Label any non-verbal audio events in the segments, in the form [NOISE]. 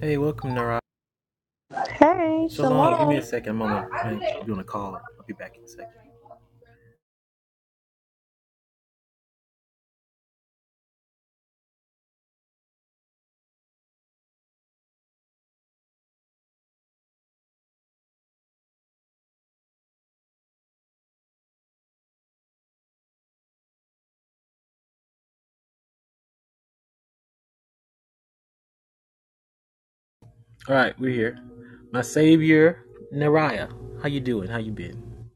Hey, welcome, Naraj. Hey, Shalom. Give me a shalom. second. I'm on a, I'm doing a call. I'll be back in a second. All right, we're here. My savior, Naraya. How you doing? How you been?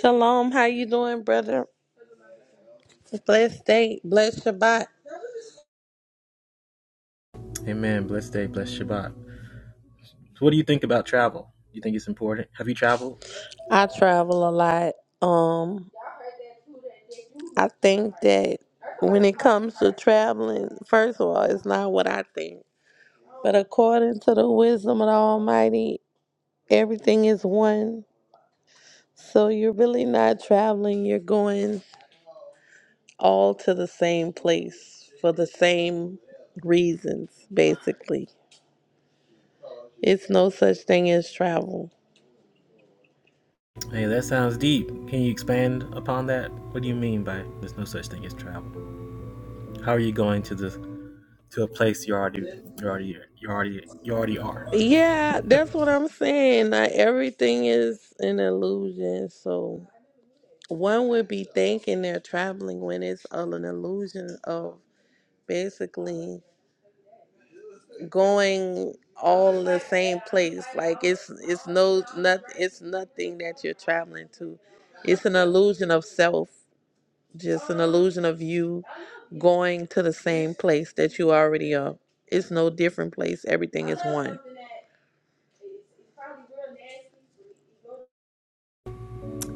Shalom, how you doing, brother? Blessed day, blessed Shabbat. Amen. Blessed day. Blessed Shabbat. So what do you think about travel? You think it's important? Have you traveled? I travel a lot. Um, I think that when it comes to traveling, first of all, it's not what I think. But according to the wisdom of the Almighty, everything is one. So you're really not traveling, you're going all to the same place for the same reasons, basically. It's no such thing as travel. Hey, that sounds deep. Can you expand upon that? What do you mean by there's no such thing as travel? How are you going to the to a place you already you already you already you already are? Yeah, that's what I'm saying. Not everything is an illusion. So one would be thinking they're traveling when it's all an illusion of basically going all the same place. Like it's it's no not it's nothing that you're traveling to. It's an illusion of self, just an illusion of you going to the same place that you already are. It's no different place. Everything is one.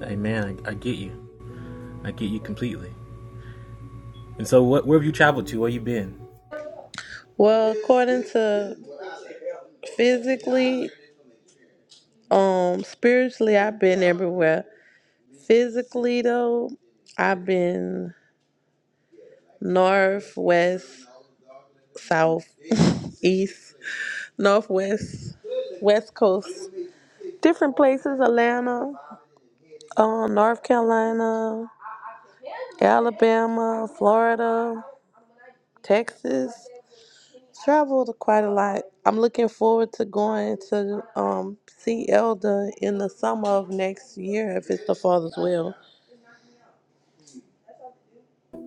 Hey, man, I, I get you. I get you completely. And so, what where have you traveled to? Where you been? Well, according to physically, Um, spiritually, I've been everywhere. Physically, though, I've been north, west, south, [LAUGHS] east, northwest, west coast, different places. Atlanta, um, North Carolina, Alabama, Florida, Texas. Traveled quite a lot. I'm looking forward to going to um, see Elder in the summer of next year, if it's the Father's will,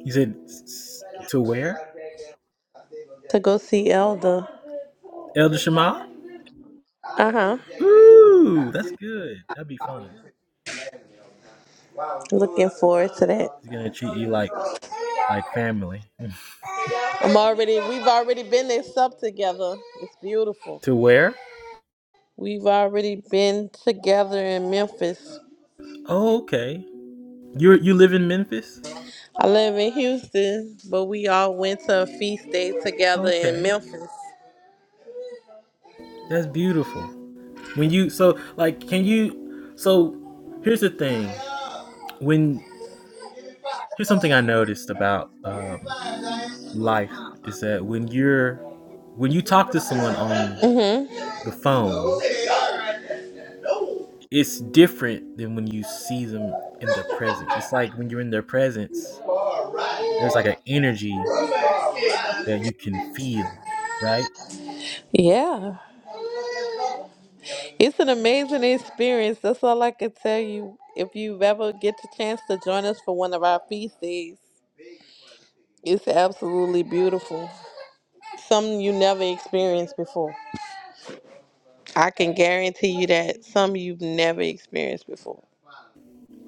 You said to where? to go see Elder. Elder Shema? Uh huh. Ooh, that's good. That'd be fun. Looking forward to that. He's gonna treat you like like family. I'm already. We've already been at sup together. It's [LAUGHS] beautiful. to where? We've already been together in Memphis. Oh, okay. You you live in Memphis? I live in Houston, but we all went to a feast day together in Okay. Memphis. That's beautiful. When you so like can you so here's the thing. When here's something I noticed about um, life is that when you're when you talk to someone on Mhm. the phone it's different than when you see them in their presence. It's like when you're in their presence, there's like an energy that you can feel, right? Yeah. It's an amazing experience. That's all I can tell you. If you ever get the chance to join us for one of our feast days, it's absolutely beautiful. Something you never experienced before. I can guarantee you that some you've never experienced before.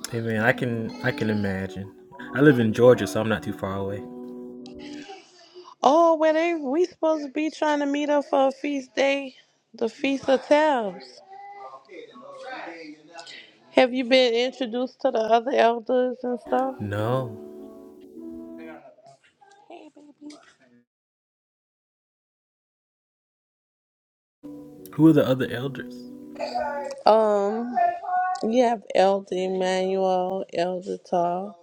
Hey man, I can I can imagine. I live in Georgia, so I'm not too far away. Oh, well, they we supposed to be trying to meet up for a feast day, the feast of tabs. Have you been introduced to the other elders and stuff? No, who are the other elders? Um, you have Elder Emmanuel, Elder Tall.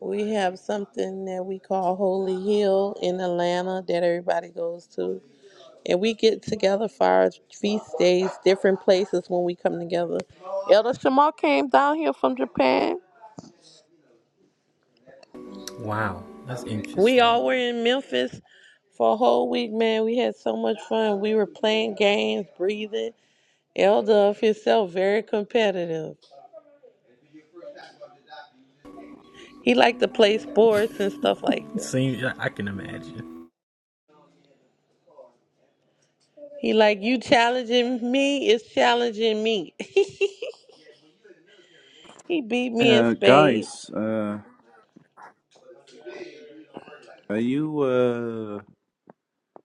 We have something that we call Holy Hill in Atlanta that everybody goes to. and we get together for our feast days, different places when we come together. Elder Shema came down here from Japan. Wow, that's We interesting. all were in Memphis for a whole week, man. We had so much fun. We were playing games, breathing. Elder of himself, very competitive. He liked to play sports and stuff like that. Seems I I can imagine. He like you challenging me is challenging me. [LAUGHS] he beat me in Uh, spades. guys, uh, are you, uh,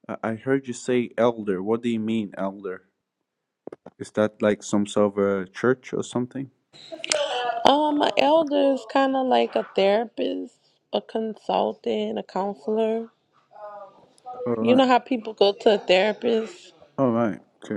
I I heard you say elder. What do you mean, elder? Is that like some sort of a church or something? Um, an elder is kind of like a therapist, a consultant, a counselor. All You right. know how people go to a therapist? All right. Okay.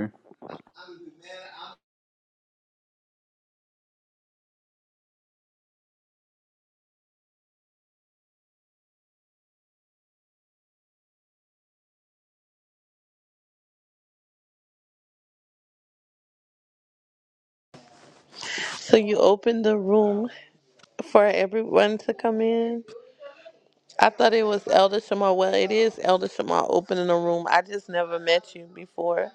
So you open the room for everyone to come in. I thought it was Elder Shamar. Well, it is Elder Shamar opening the room. I just never met you before.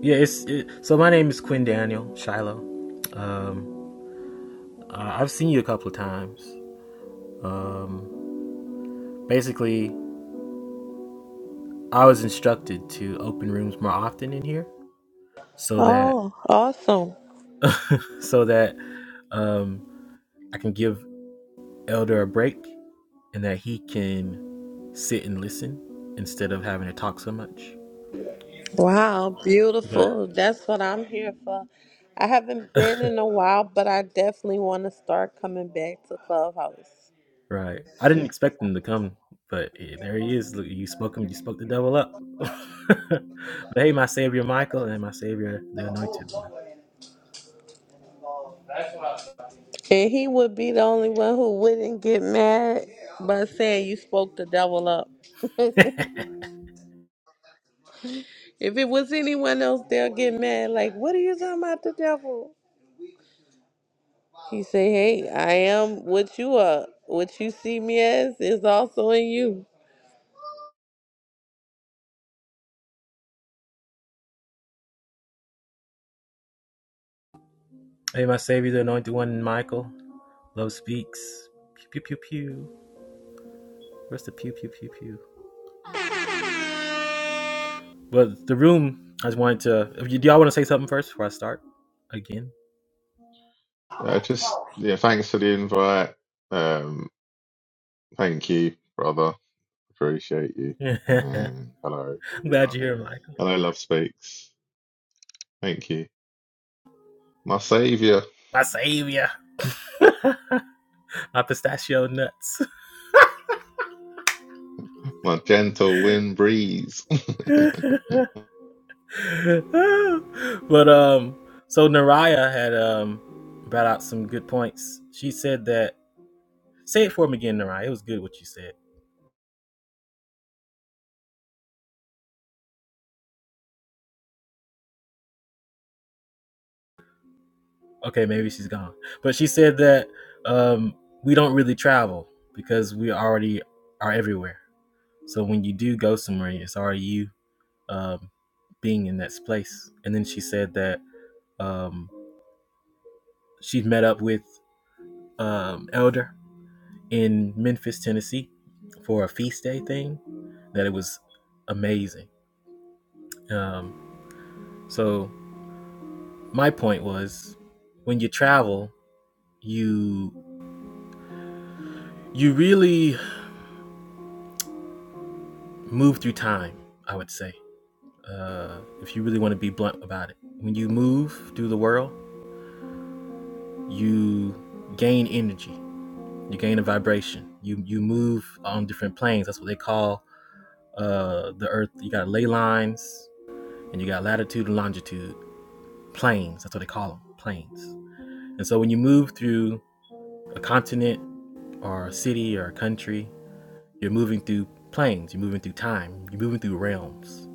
Yeah, it's it, so. My name is Quinn Daniel Shiloh. Um, uh, I've seen you a couple of times. Um, basically, I was instructed to open rooms more often in here so that Oh, awesome. so that um, I can give Elder a break and that he can sit and listen instead of having to talk so much. Wow, But beautiful. That's what I'm here for. I haven't been in a while, but I definitely want to start coming back to Clubhouse. right, I didn't expect him to come, but eh, there he is. Look, you spoke him. You spoke the devil up. [LAUGHS] but hey, my savior Michael and my savior the anointed one. And he would be the only one who wouldn't get mad by saying you spoke the devil up. [LAUGHS] if it was anyone else, they'll get mad. Like, what are you talking about the devil? He say, Hey, I am what you are. What you see me as is also in you. [LAUGHS] hey, my savior the anointed one, Michael. Love speaks. Pew pew pew pew. Where's the pew pew pew pew? Well, the room. I just wanted to. Do y'all want to say something first before I start? Again. Uh, just yeah, thanks for the invite. Um, thank you, brother. Appreciate you. [LAUGHS] I'm And hello, glad everyone. you're here, Michael. Hello, Love Speaks. Thank you, my savior, My savior. My pistachio nuts. my gentle wind breeze. [LAUGHS] but um so Naraya had um brought out some good points. She said that say it for me again, Naraya. It was good what you said. Okay, maybe she's gone. But she said that um we don't really travel because we already are everywhere. So when you do go somewhere, it's already you um being in that place. And then she said that um she met up with um, elder in Memphis, Tennessee, for a feast day thing. That it was amazing. Um, so my point was, when you travel, you you really move through time. I would say, uh, if you really want to be blunt about it, when you move through the world, you gain energy. You gain a vibration. You you move on different planes. That's what they call uh, the Earth. You got ley lines, and you got latitude and longitude planes. That's what they call them, planes. And so when you move through a continent or a city or a country, you're moving through planes, you're moving through time, you're moving through realms.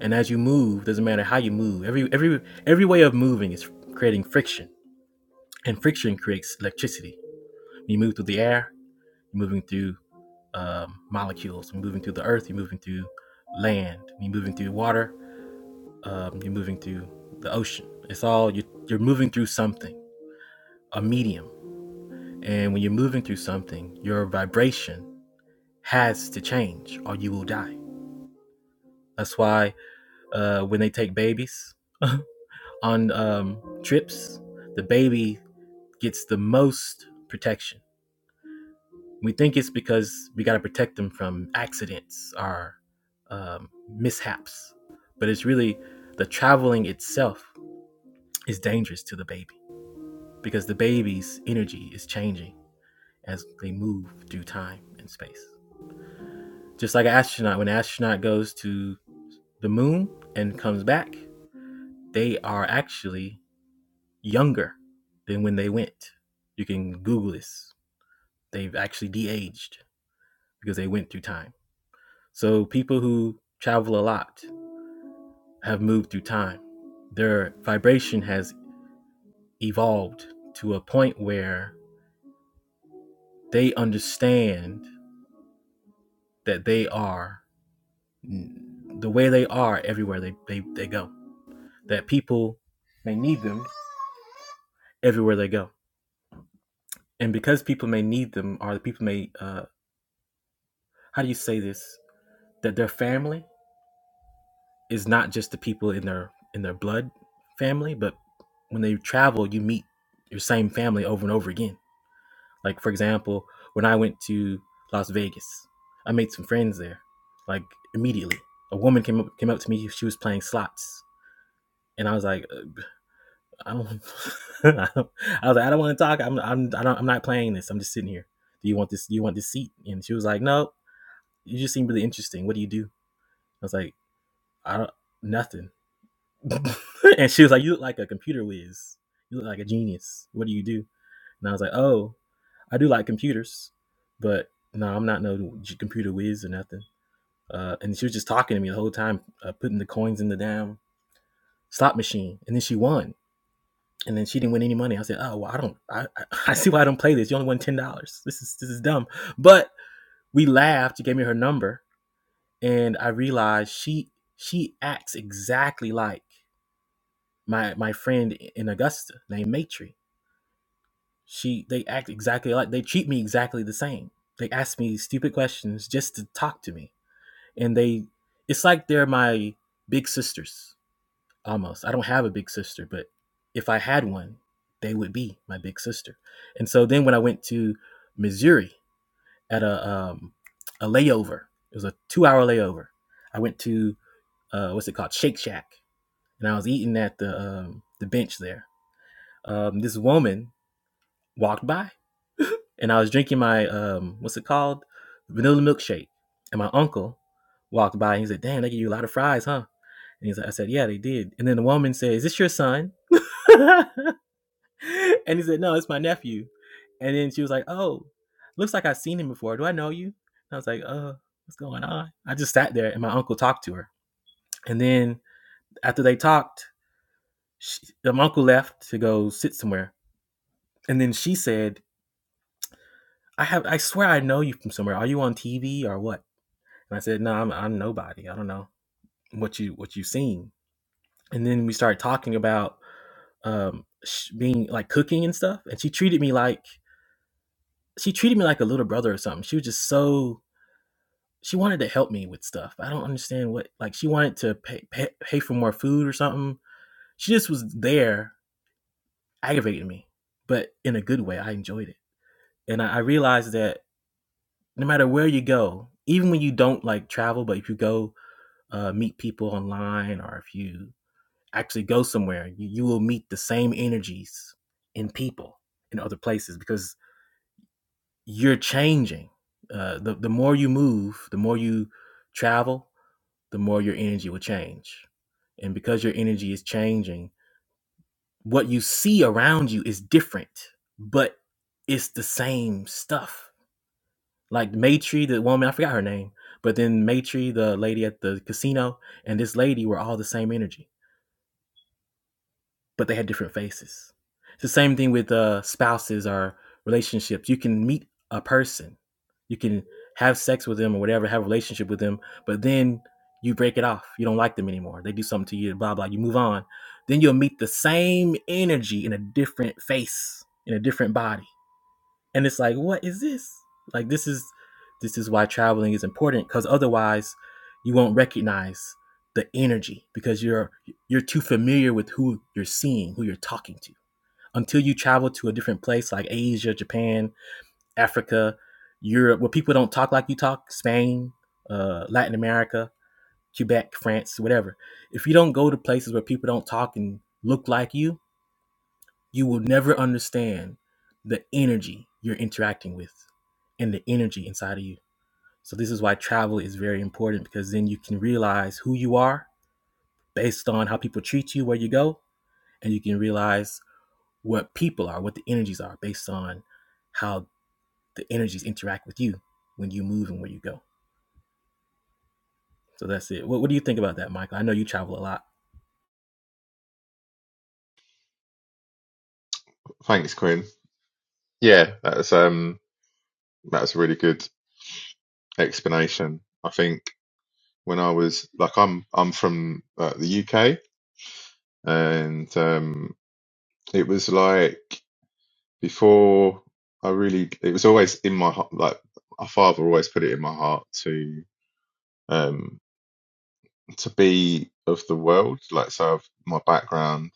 And as you move, doesn't matter how you move, every every every way of moving is creating friction, and friction creates electricity. When you move through the air, you're moving through um, molecules. When you're moving through the earth, you're moving through land. When you're moving through water, um, you're moving through the ocean. It's all you're, you're moving through something, a medium. And when you're moving through something, your vibration has to change or you will die. That's why uh, when they take babies [LAUGHS] on um, trips, the baby gets the most protection. We think it's because we got to protect them from accidents or um, mishaps, but it's really the traveling itself is dangerous to the baby because the baby's energy is changing as they move through time and space. Just like an astronaut, when an astronaut goes to the moon and comes back, they are actually younger than when they went. You can Google this. They've actually de-aged because they went through time. So people who travel a lot have moved through time. Their vibration has evolved to a point where they understand that they are the way they are everywhere they, they, they go. That people may need them everywhere they go. and because people may need them or the people may uh how do you say this that their family is not just the people in their in their blood family but when they travel you meet your same family over and over again like for example when i went to las vegas i made some friends there like immediately a woman came up came up to me she was playing slots and i was like uh, i don't [LAUGHS] i don't- I was like i don't want to talk i'm i'm I don't, i'm not playing this i'm just sitting here do you want this do you want this seat and she was like no you just seem really interesting. What do you do? I was like, I don't nothing. [LAUGHS] and she was like, You look like a computer whiz. You look like a genius. What do you do? And I was like, Oh, I do like computers, but no, I'm not no computer whiz or nothing. Uh, and she was just talking to me the whole time, uh, putting the coins in the damn slot machine. And then she won. And then she didn't win any money. I said, "Oh, well, I don't. I, I [LAUGHS] see why I don't play this. You only won ten dollars. This is this is dumb." But we laughed. She gave me her number, and I realized she she acts exactly like my my friend in Augusta named Matry. She they act exactly like they treat me exactly the same. They ask me stupid questions just to talk to me, and they it's like they're my big sisters almost. I don't have a big sister, but if I had one, they would be my big sister. And so then when I went to Missouri at a um, a layover, it was a two hour layover. I went to uh, what's it called, Shake Shack, and I was eating at the um, the bench there. Um, this woman walked by, and I was drinking my um, what's it called, vanilla milkshake. And my uncle walked by, and he said, "Damn, they give you a lot of fries, huh?" And he's like, "I said, yeah, they did." And then the woman said, "Is this your son?" [LAUGHS] and he said, "No, it's my nephew." And then she was like, "Oh, looks like I've seen him before. Do I know you?" And I was like, "Uh, what's going on?" I just sat there, and my uncle talked to her. And then after they talked, she, my uncle left to go sit somewhere. And then she said, I have I swear I know you from somewhere. Are you on TV or what? And I said, No, I'm I'm nobody. I don't know what you what you've seen. And then we started talking about um being like cooking and stuff. And she treated me like she treated me like a little brother or something. She was just so she wanted to help me with stuff. I don't understand what like she wanted to pay pay, pay for more food or something. She just was there aggravating me, but in a good way. I enjoyed it, and I, I realized that no matter where you go, even when you don't like travel, but if you go uh, meet people online or if you actually go somewhere, you, you will meet the same energies in people in other places because you're changing. Uh, the, the more you move, the more you travel, the more your energy will change. And because your energy is changing, what you see around you is different, but it's the same stuff like Maitri, the woman, I forgot her name, but then Maitri, the lady at the casino, and this lady were all the same energy, but they had different faces. It's the same thing with uh, spouses or relationships. You can meet a person, you can have sex with them or whatever, have a relationship with them, but then you break it off. You don't like them anymore. They do something to you, blah, blah. You move on. Then you'll meet the same energy in a different face, in a different body and it's like what is this like this is this is why traveling is important because otherwise you won't recognize the energy because you're you're too familiar with who you're seeing who you're talking to until you travel to a different place like asia japan africa europe where people don't talk like you talk spain uh, latin america quebec france whatever if you don't go to places where people don't talk and look like you you will never understand the energy you're interacting with and the energy inside of you. So this is why travel is very important because then you can realize who you are based on how people treat you where you go and you can realize what people are, what the energies are based on how the energies interact with you when you move and where you go. So that's it. What, what do you think about that, Michael? I know you travel a lot. [LAUGHS] thanks, Quinn. Yeah, that's um, that's a really good explanation. I think when I was like, I'm I'm from uh, the UK, and um, it was like. before I really, it was always in my heart. Like my father always put it in my heart to um to be of the world. Like so, I've, my background,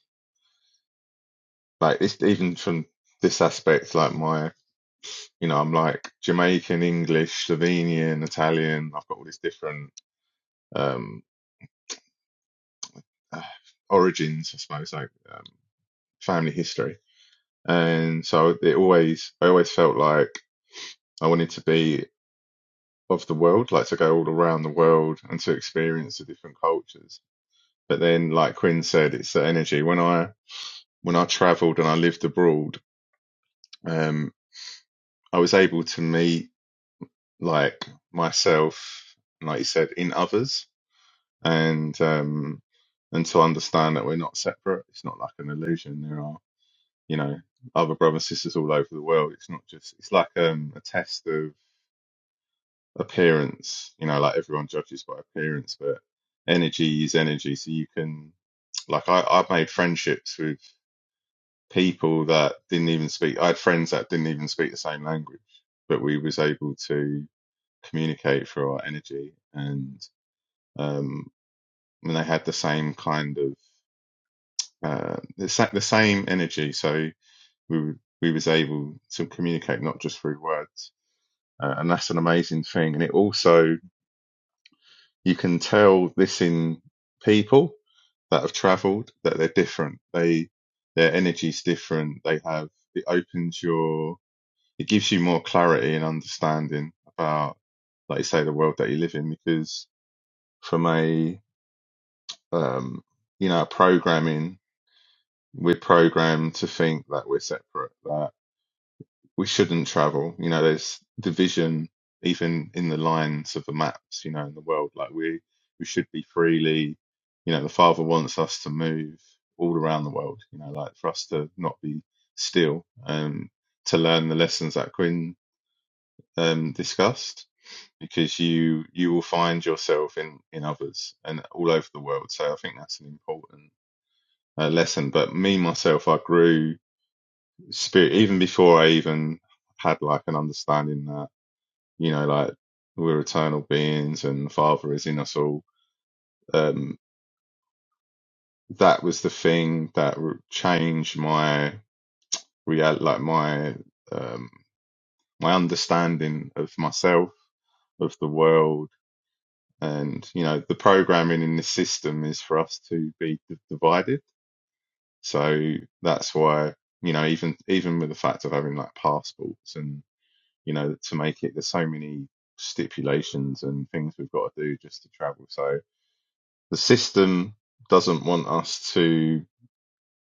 like this, even from this aspect, like my, you know, I'm like Jamaican, English, Slovenian, Italian. I've got all these different um [SIGHS] uh, origins, I suppose, like um, family history. And so it always, I always felt like I wanted to be. of the world, like to go all around the world and to experience the different cultures. But then, like Quinn said, it's the energy. When I when I travelled and I lived abroad, um, I was able to meet like myself, like you said, in others, and um, and to understand that we're not separate. It's not like an illusion. There are you know other brothers and sisters all over the world. It's not just. It's like um, a test of appearance. You know, like everyone judges by appearance, but energy is energy. So you can, like, I, I've made friendships with people that didn't even speak. I had friends that didn't even speak the same language, but we was able to communicate through our energy, and um, and they had the same kind of uh, the, sa- the same energy. So we were- we was able to communicate not just through words. Uh, and that's an amazing thing. And it also You can tell this in people that have traveled that they're different. They their energy's different. They have it opens your it gives you more clarity and understanding about like you say the world that you live in because from a um you know programming we're programmed to think that we're separate that we shouldn't travel. You know, there's division even in the lines of the maps, you know, in the world. Like we we should be freely, you know, the Father wants us to move all around the world, you know, like for us to not be still, um, to learn the lessons that Quinn um discussed. Because you you will find yourself in, in others and all over the world. So I think that's an important uh, lesson. But me myself, I grew spirit even before I even had like an understanding. that you know, like we're eternal beings and the Father is in us all. Um, that was the thing that changed my real, like my um, my understanding of myself, of the world, and you know, the programming in this system is for us to be divided. So that's why you know, even even with the fact of having like passports and you know, to make it, there's so many stipulations and things we've got to do just to travel. So the system doesn't want us to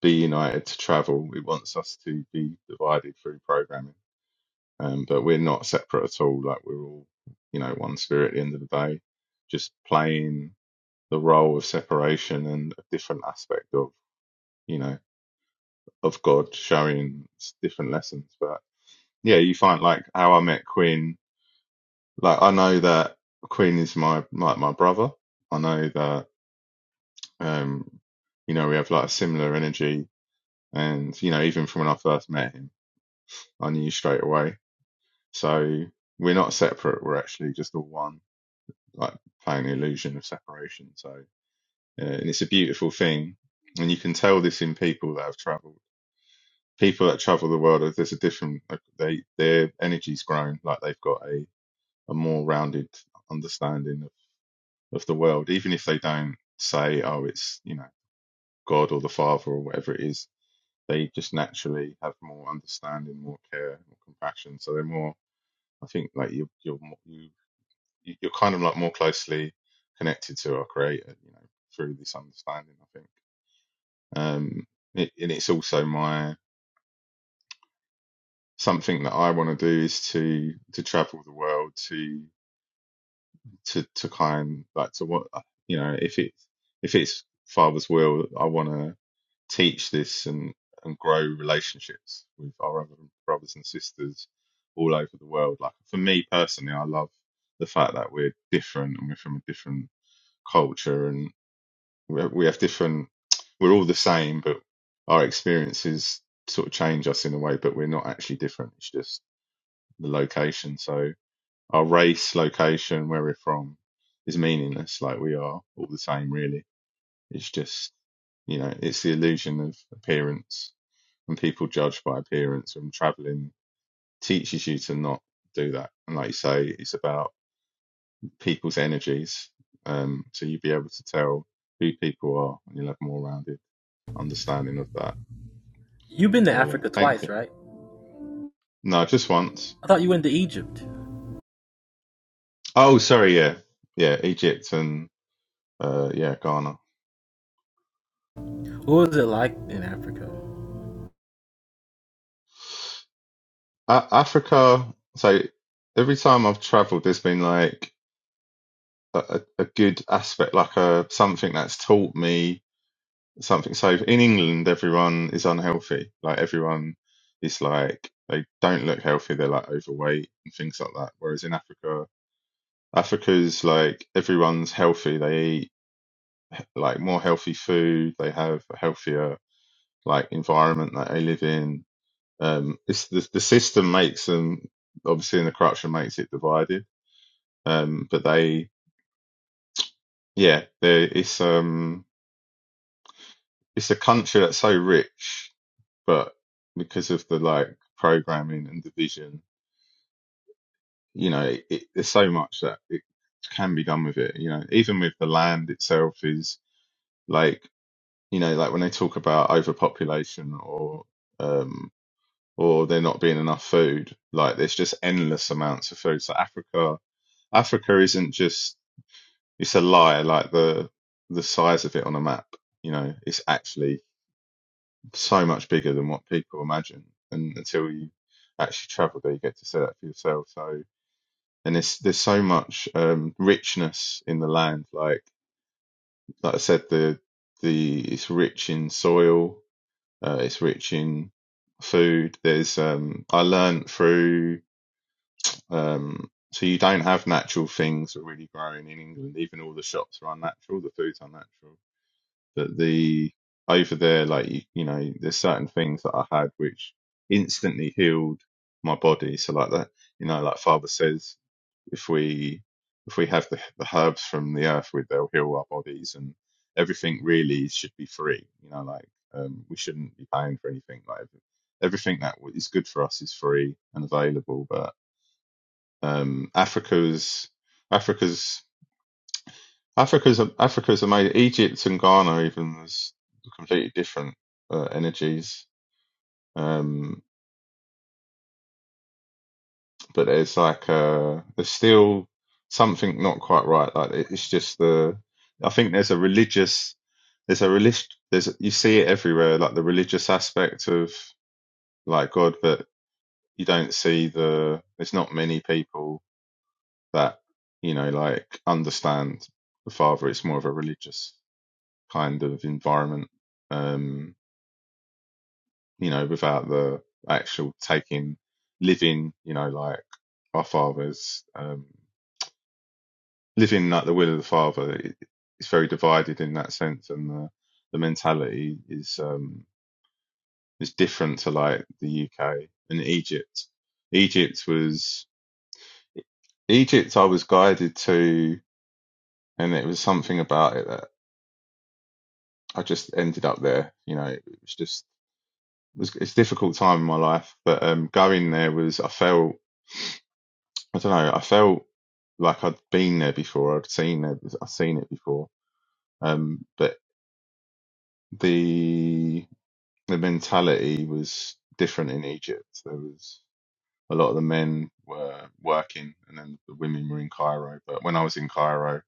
be united to travel. It wants us to be divided through programming. Um, but we're not separate at all. Like we're all, you know, one spirit at the end of the day, just playing the role of separation and a different aspect of, you know, of God showing different lessons. But yeah, you find like how I met Quinn. Like I know that Quinn is my, my, my brother. I know that, um, you know, we have like a similar energy And, you know, even from when I first met him, I knew straight away. So we're not separate. We're actually just all one, like playing the illusion of separation. So, uh, and it's a beautiful thing. And you can tell this in people that have traveled. People that travel the world, there's a different, like, they, their energy's grown, like they've got a, a more rounded understanding of, of the world, even if they don't say, oh, it's, you know, God or the Father or whatever it is they just naturally have more understanding, more care, more compassion. So they're more, I think, like you're you're more, you you- are kind of like more closely connected to our creator, you know, through this understanding. I think, um, it, and it's also my something that I want to do is to to travel the world to to to kind like to what you know if it's if it's father's will, I want to. teach this and, and grow relationships with our other brothers and sisters all over the world. Like for me personally, I love the fact that we're different and we're from a different culture and we have we have different, we're all the same, but our experiences sort of change us in a way, but we're not actually different. It's just the location. So our race, location, where we're from is meaningless. Like we are all the same, really. It's just, you know, it's the illusion of appearance and people judge by appearance and traveling teaches you to not do that and like you say it's about people's energies um so you'll be able to tell who people are and you'll have more rounded understanding of that You've been to so yeah Africa thank twice, you right? no just once I thought you went to Egypt. oh sorry yeah yeah egypt and uh yeah ghana What was it like in Africa? A- africa so every time i've traveled there's been like a, a a good aspect like a something that's taught me something. So in England, everyone is unhealthy. Like everyone is like they don't look healthy. They're like overweight and things like that. Whereas in Africa, Africa's like everyone's healthy. They eat like more healthy food. They have a healthier like environment that they live in. Um, it's the the system makes them obviously, and the corruption makes it divided. Um, but they, yeah, they it's um it's a country that's so rich but because of the like programming and division, you know, it, it, there's so much that it can be done with it. You know, even with the land itself is like, you know, like when they talk about overpopulation or um or there not being enough food, like there's just endless amounts of food. So Africa, Africa isn't just it's a lie like the the size of it on a map. You know, it's actually so much bigger than what people imagine. And until you actually travel there, you get to see that for yourself. So, and there's there's so much um, richness in the land. Like like I said, the the it's rich in soil. Uh, it's rich in food. There's um, I learned through um, so you don't have natural things that are really growing in England. Even all the shops are unnatural. The food's unnatural. But the over there, like you, you know, there's certain things that I had which instantly healed my body. So like that, you know, like Father says, if we if we have the, the herbs from the earth, we, they'll heal our bodies, and everything really should be free. You know, like um, we shouldn't be paying for anything. Like every- everything that is good for us is free and available. But um, Africa's Africa's Africa's Africa's amazing. Egypt and Ghana even was completely different uh, energies. Um, but there's like uh, there's still something not quite right. Like it- it's just the I think there's a religious there's a religious there's you see it everywhere like the religious aspect of like God, but you don't see the there's not many people that you know like understand the Father. It's more of a religious kind of environment. Um, you know, without the actual taking, living, you know, like our fathers, um, living like the will of the father. It, it's very divided in that sense, and the, the mentality is um, is different to like the UK and Egypt. Egypt was Egypt. I was guided to, and it was something about it that I just ended up there. You know, it was just it was it's a difficult time in my life, but um, going there was I felt I don't know. I felt like I'd been there before. I'd seen it. I'd seen it before. Um, but the the mentality was different in Egypt. There was a lot of the men were working, and then the women were in Cairo. But when I was in Cairo,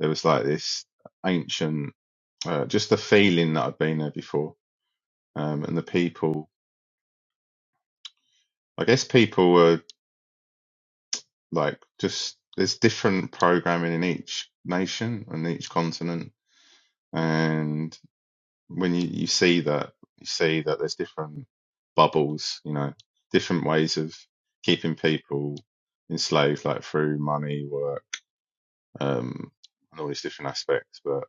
there was like this ancient, uh, just the feeling that I'd been there before, um, and the people. I guess people were like just there's different programming in each nation and each continent, and when you, you see that you see that there's different bubbles, you know, different ways of keeping people enslaved, like through money, work, um, and all these different aspects. But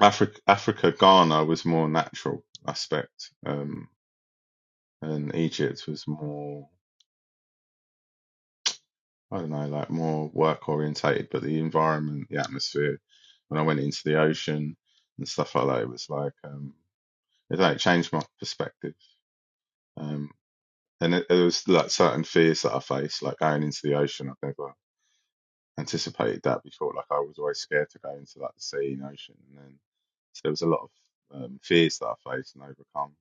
Africa, Africa, Ghana was more natural aspect, um, and Egypt was more, I don't know, like more work orientated. But the environment, the atmosphere, when I went into the ocean and stuff like that, it was like um, it like changed my perspective Um, And it, it was like certain fears that I faced, like going into the ocean. I've never anticipated that before. Like I was always scared to go into like the sea and ocean. And then so there was a lot of um, fears that I faced and overcome.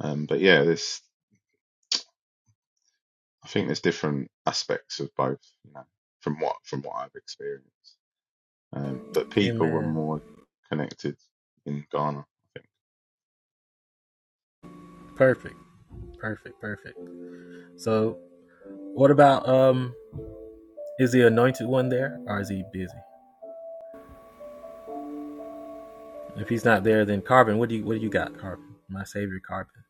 Um, but yeah, there's I think there's different aspects of both, you know, from what from what I've experienced. Um, but people were Amen. more connected in Ghana, I think. Perfect. Perfect. Perfect. So, what about um? Is the anointed one there, or is he busy? If he's not there, then Carbon. What do you What do you got, Carbon? My savior, Carbon.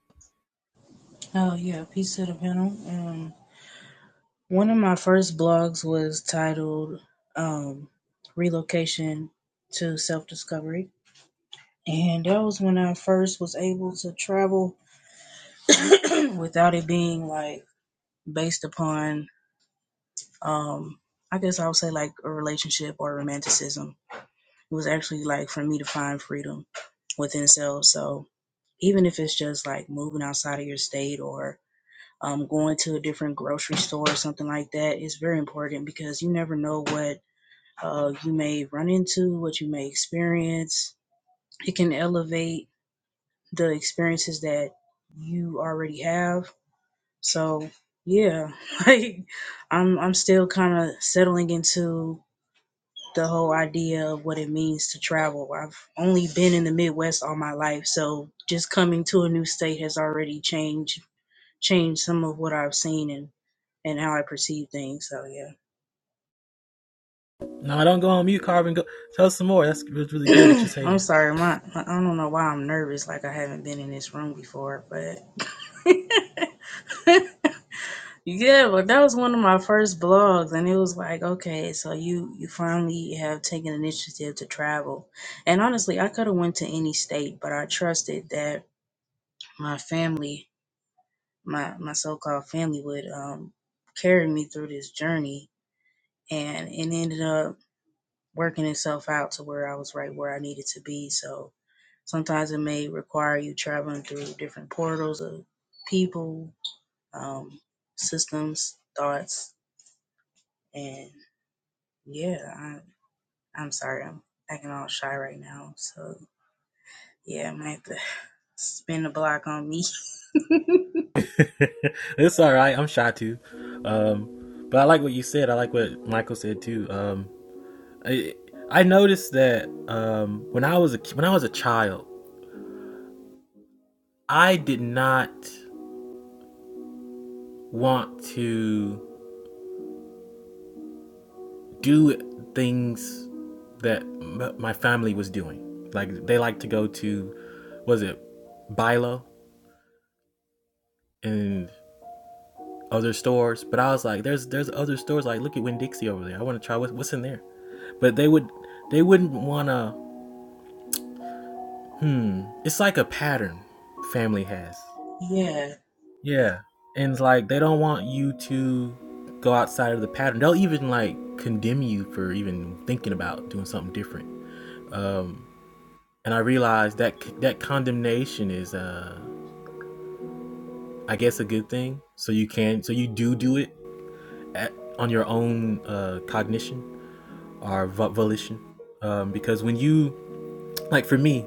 Oh yeah, peace to the panel. Um, one of my first blogs was titled um, "Relocation to Self Discovery," and that was when I first was able to travel [COUGHS] [CLEARS THROAT] without it being like based upon, um, I guess I would say like a relationship or romanticism. It was actually like for me to find freedom within self. So even if it's just like moving outside of your state or um, going to a different grocery store or something like that is very important because you never know what uh, you may run into, what you may experience. It can elevate the experiences that you already have. So yeah, [LAUGHS] like I'm I'm still kind of settling into the whole idea of what it means to travel. I've only been in the Midwest all my life, so just coming to a new state has already changed changed some of what I've seen and. and how I perceive things. So No, don't go on mute, Carbon. Go tell us some more. That's really good what yeah, you're [CLEARS THROAT] I'm saying. sorry. My I don't know why I'm nervous. Like I haven't been in this room before, but [LAUGHS] yeah. But that was one of my first blogs, and it was like, okay, so you you finally have taken initiative to travel. And honestly, I could have went to any state, but I trusted that my family, my my so called family, would um carry me through this journey. And it ended up working itself out to where I was right where I needed to be. So sometimes it may require you traveling through different portals of people, um, systems, thoughts, and yeah, I, I'm sorry, I'm acting all shy right now. So yeah, I might have to [LAUGHS] spin the block on me. [LAUGHS] [LAUGHS] it's all right. I'm shy too, um, but I like what you said. I like what Michael said too. Um, I, I noticed that um, when I was a when I was a child, I did not want to do things that m- my family was doing. Like they like to go to was it Bilo and other stores, but I was like, there's there's other stores like look at Winn Dixie over there. I want to try what, what's in there. But they would they wouldn't want to. Hmm, it's like a pattern family has. yeah. yeah, Yeah, and it's like they don't want you to go outside of the pattern. They'll even like condemn you for even thinking about doing something different. Um, and I realized that that condemnation is, uh, I guess, a good thing. So you can, so you do do it at, on your own uh, cognition. our volition um, because when you like for me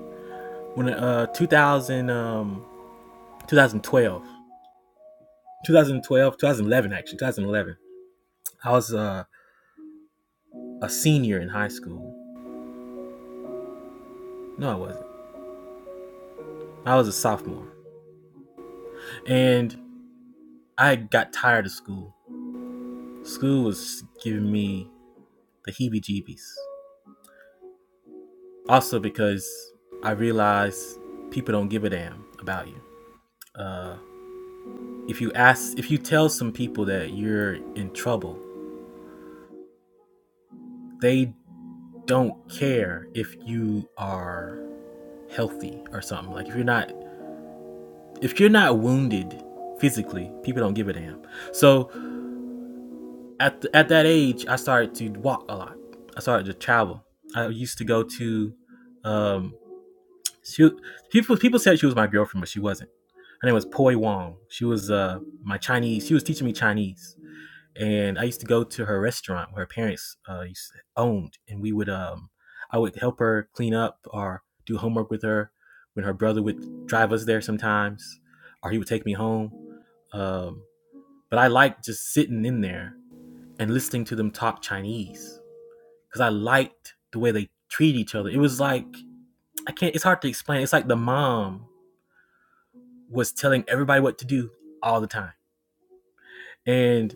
when uh 2000 um 2012 actually 2011 i was uh, a senior in high school no i wasn't i was a sophomore and i got tired of school school was giving me the heebie jeebies also because i realized people don't give a damn about you uh, if you ask if you tell some people that you're in trouble they don't care if you are healthy or something. Like if you're not if you're not wounded physically, people don't give a damn. So at th- at that age, I started to walk a lot. I started to travel. I used to go to um she people people said she was my girlfriend, but she wasn't. Her name was Poi Wong. She was uh my Chinese. She was teaching me Chinese. and I used to go to her restaurant where her parents uh, used to, owned, and we would um, I would help her clean up or do homework with her. When her brother would drive us there sometimes, or he would take me home. Um, but I liked just sitting in there and listening to them talk Chinese because I liked the way they treat each other. It was like I can't. It's hard to explain. It's like the mom was telling everybody what to do all the time, and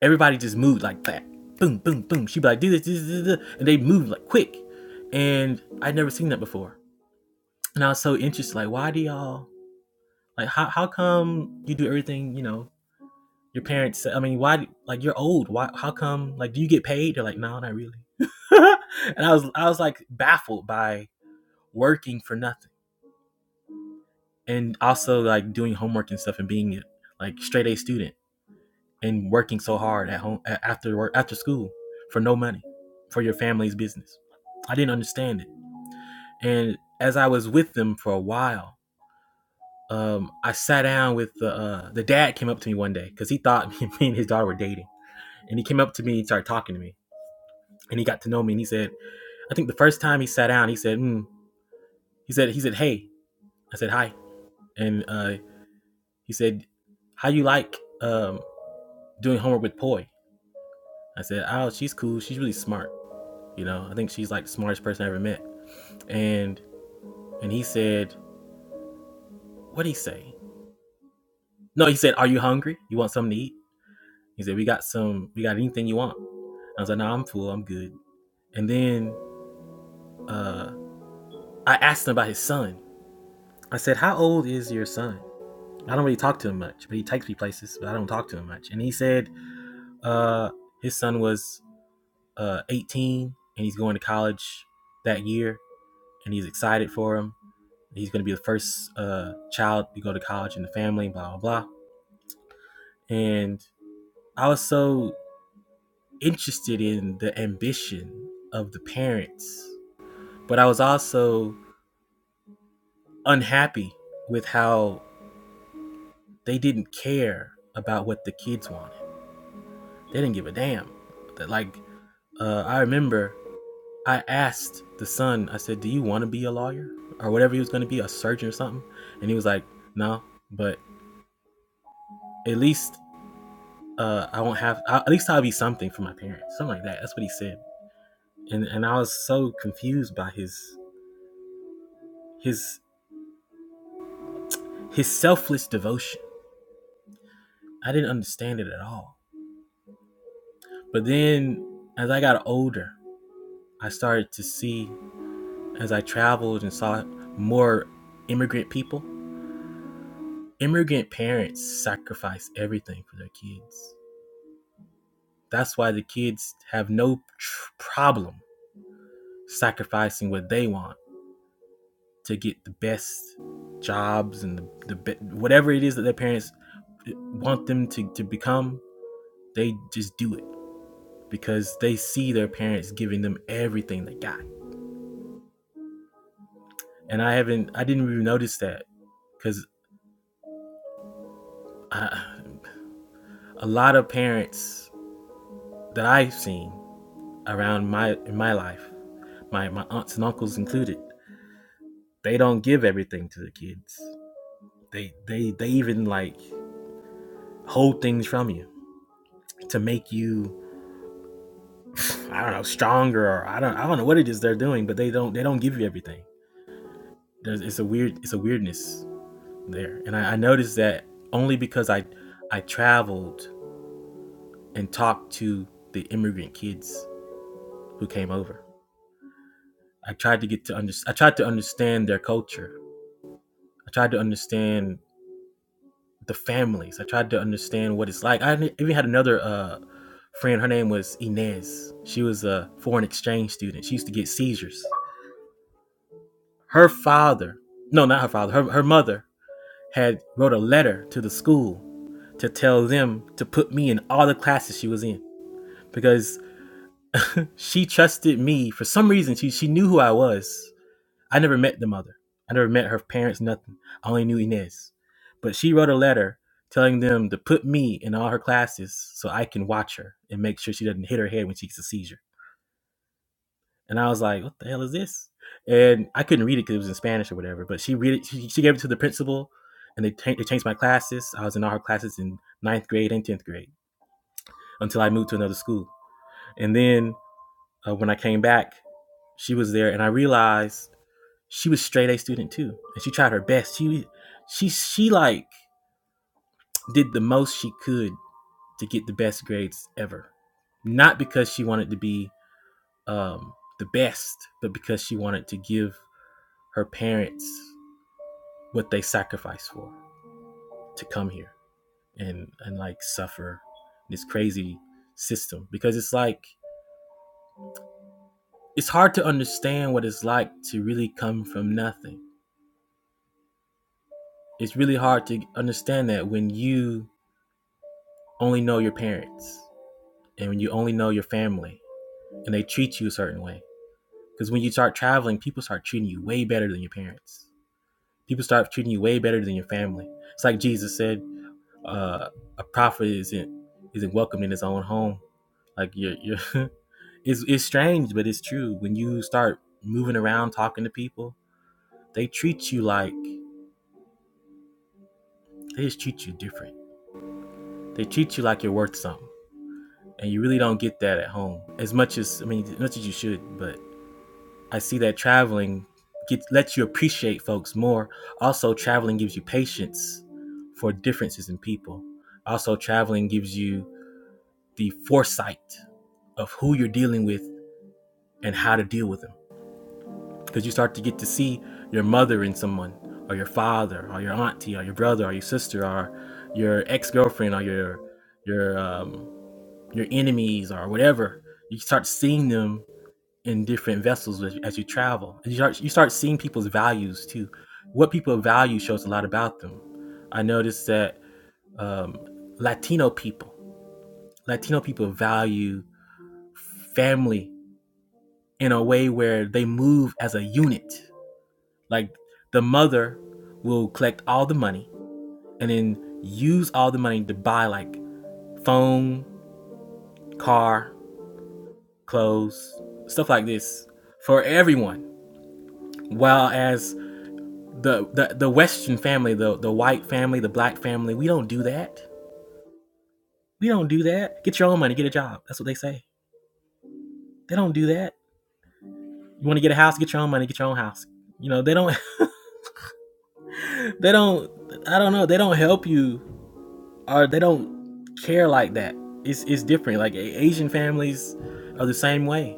Everybody just moved like that. Boom, boom, boom. She'd be like, do this, do this, do this, and they moved like quick. And I'd never seen that before. And I was so interested, like, why do y'all like how how come you do everything, you know, your parents I mean, why like you're old. Why how come like do you get paid? They're like, No, not really. [LAUGHS] and I was I was like baffled by working for nothing. And also like doing homework and stuff and being like straight A student and working so hard at home after work after school for no money for your family's business. I didn't understand it, and as I was with them for a while, um, I sat down with the uh, the dad came up to me one day because he thought [LAUGHS] me and his daughter were dating, and he came up to me and started talking to me, and he got to know me, and he said, I think the first time he sat down, he said, mm. he said he said hey, I said hi, and uh, he said, how you like um, doing homework with Poi? I said, oh, she's cool, she's really smart. You know, I think she's like the smartest person I ever met. And and he said, what did he say? No, he said, are you hungry? You want something to eat? He said, we got some, we got anything you want. I was like, no, nah, I'm full, I'm good. And then uh, I asked him about his son. I said, how old is your son? I don't really talk to him much, but he takes me places, but I don't talk to him much. And he said, uh, his son was uh, 18 and he's going to college that year and he's excited for him. He's going to be the first uh, child to go to college in the family, blah, blah, blah. And I was so interested in the ambition of the parents, but I was also unhappy with how they didn't care about what the kids wanted. They didn't give a damn. like uh, I remember I asked the son, I said, "Do you want to be a lawyer or whatever he was going to be, a surgeon or something?" And he was like, "No, but at least uh, I won't have. I, at least I'll be something for my parents, something like that." That's what he said, and and I was so confused by his his his selfless devotion. I didn't understand it at all. But then as I got older, I started to see as I traveled and saw more immigrant people, immigrant parents sacrifice everything for their kids. That's why the kids have no tr- problem sacrificing what they want to get the best jobs and the, the be- whatever it is that their parents want them to, to become. They just do it because they see their parents giving them everything they got. And I haven't, I didn't even notice that because a lot of parents that I've seen around my in my life, my my aunts and uncles included, they don't give everything to the kids. They they they even like hold things from you to make you I don't know stronger or I don't I don't know what it is they're doing, but they don't they don't give you everything. There's it's a weird it's a weirdness there, and I, I noticed that only because I I traveled and talked to the immigrant kids who came over. I tried to get to under, I tried to understand their culture. I tried to understand the families. I tried to understand what it's like. I even had another uh, friend. Her name was Inez. She was a foreign exchange student. She used to get seizures. Her father, no, not her father. Her her mother had wrote a letter to the school to tell them to put me in all the classes she was in because she trusted me for some reason. She she knew who I was I never met the mother. I never met her parents, nothing. I only knew Inez. But she wrote a letter telling them to put me in all her classes so I can watch her and make sure she doesn't hit her head when she gets a seizure. And I was like, what the hell is this? And I couldn't read it because it was in Spanish or whatever. But she read it. She, she gave it to the principal, and they, cha- they changed my classes. I was in all her classes in ninth grade and tenth grade until I moved to another school. And then uh, when I came back, she was there, and I realized she was straight A student too, and she tried her best. She she she like did the most she could to get the best grades ever, not because she wanted to be um, the best, but because she wanted to give her parents what they sacrificed for to come here and and like suffer this crazy system because it's like it's hard to understand what it's like to really come from nothing. It's really hard to understand that when you only know your parents and when you only know your family and they treat you a certain way. Because when you start traveling, people start treating you way better than your parents. People start treating you way better than your family. It's like Jesus said, uh, a prophet isn't isn't welcomed in his own home. Like you're, you're [LAUGHS] it's it's strange, but it's true. When you start moving around talking to people, they treat you like they just treat you different. They treat you like you're worth something, and you really don't get that at home as much as I mean, as much as you should. But I see that traveling gets lets you appreciate folks more. Also, traveling gives you patience for differences in people. Also, traveling gives you the foresight of who you're dealing with and how to deal with them. Because you start to get to see your mother in someone, or your father, or your auntie, or your brother, or your sister, or your ex-girlfriend, or your your um, your enemies, or whatever. You start seeing them in different vessels as, you travel. And you start you start seeing people's values too. What people value shows a lot about them. I noticed that um, Latino people, Latino people value family in a way where they move as a unit. Like the mother will collect all the money and then use all the money to buy like phone, car, clothes, stuff like this for everyone. While as the the, the Western family, the the white family, the black family, we don't do that. We don't do that. Get your own money, get a job. That's what they say. They don't do that. You want to get a house, get your own money, get your own house. You know, they don't [LAUGHS] they don't I don't know, they don't help you or they don't care like that. It's it's different. Like Asian families are the same way.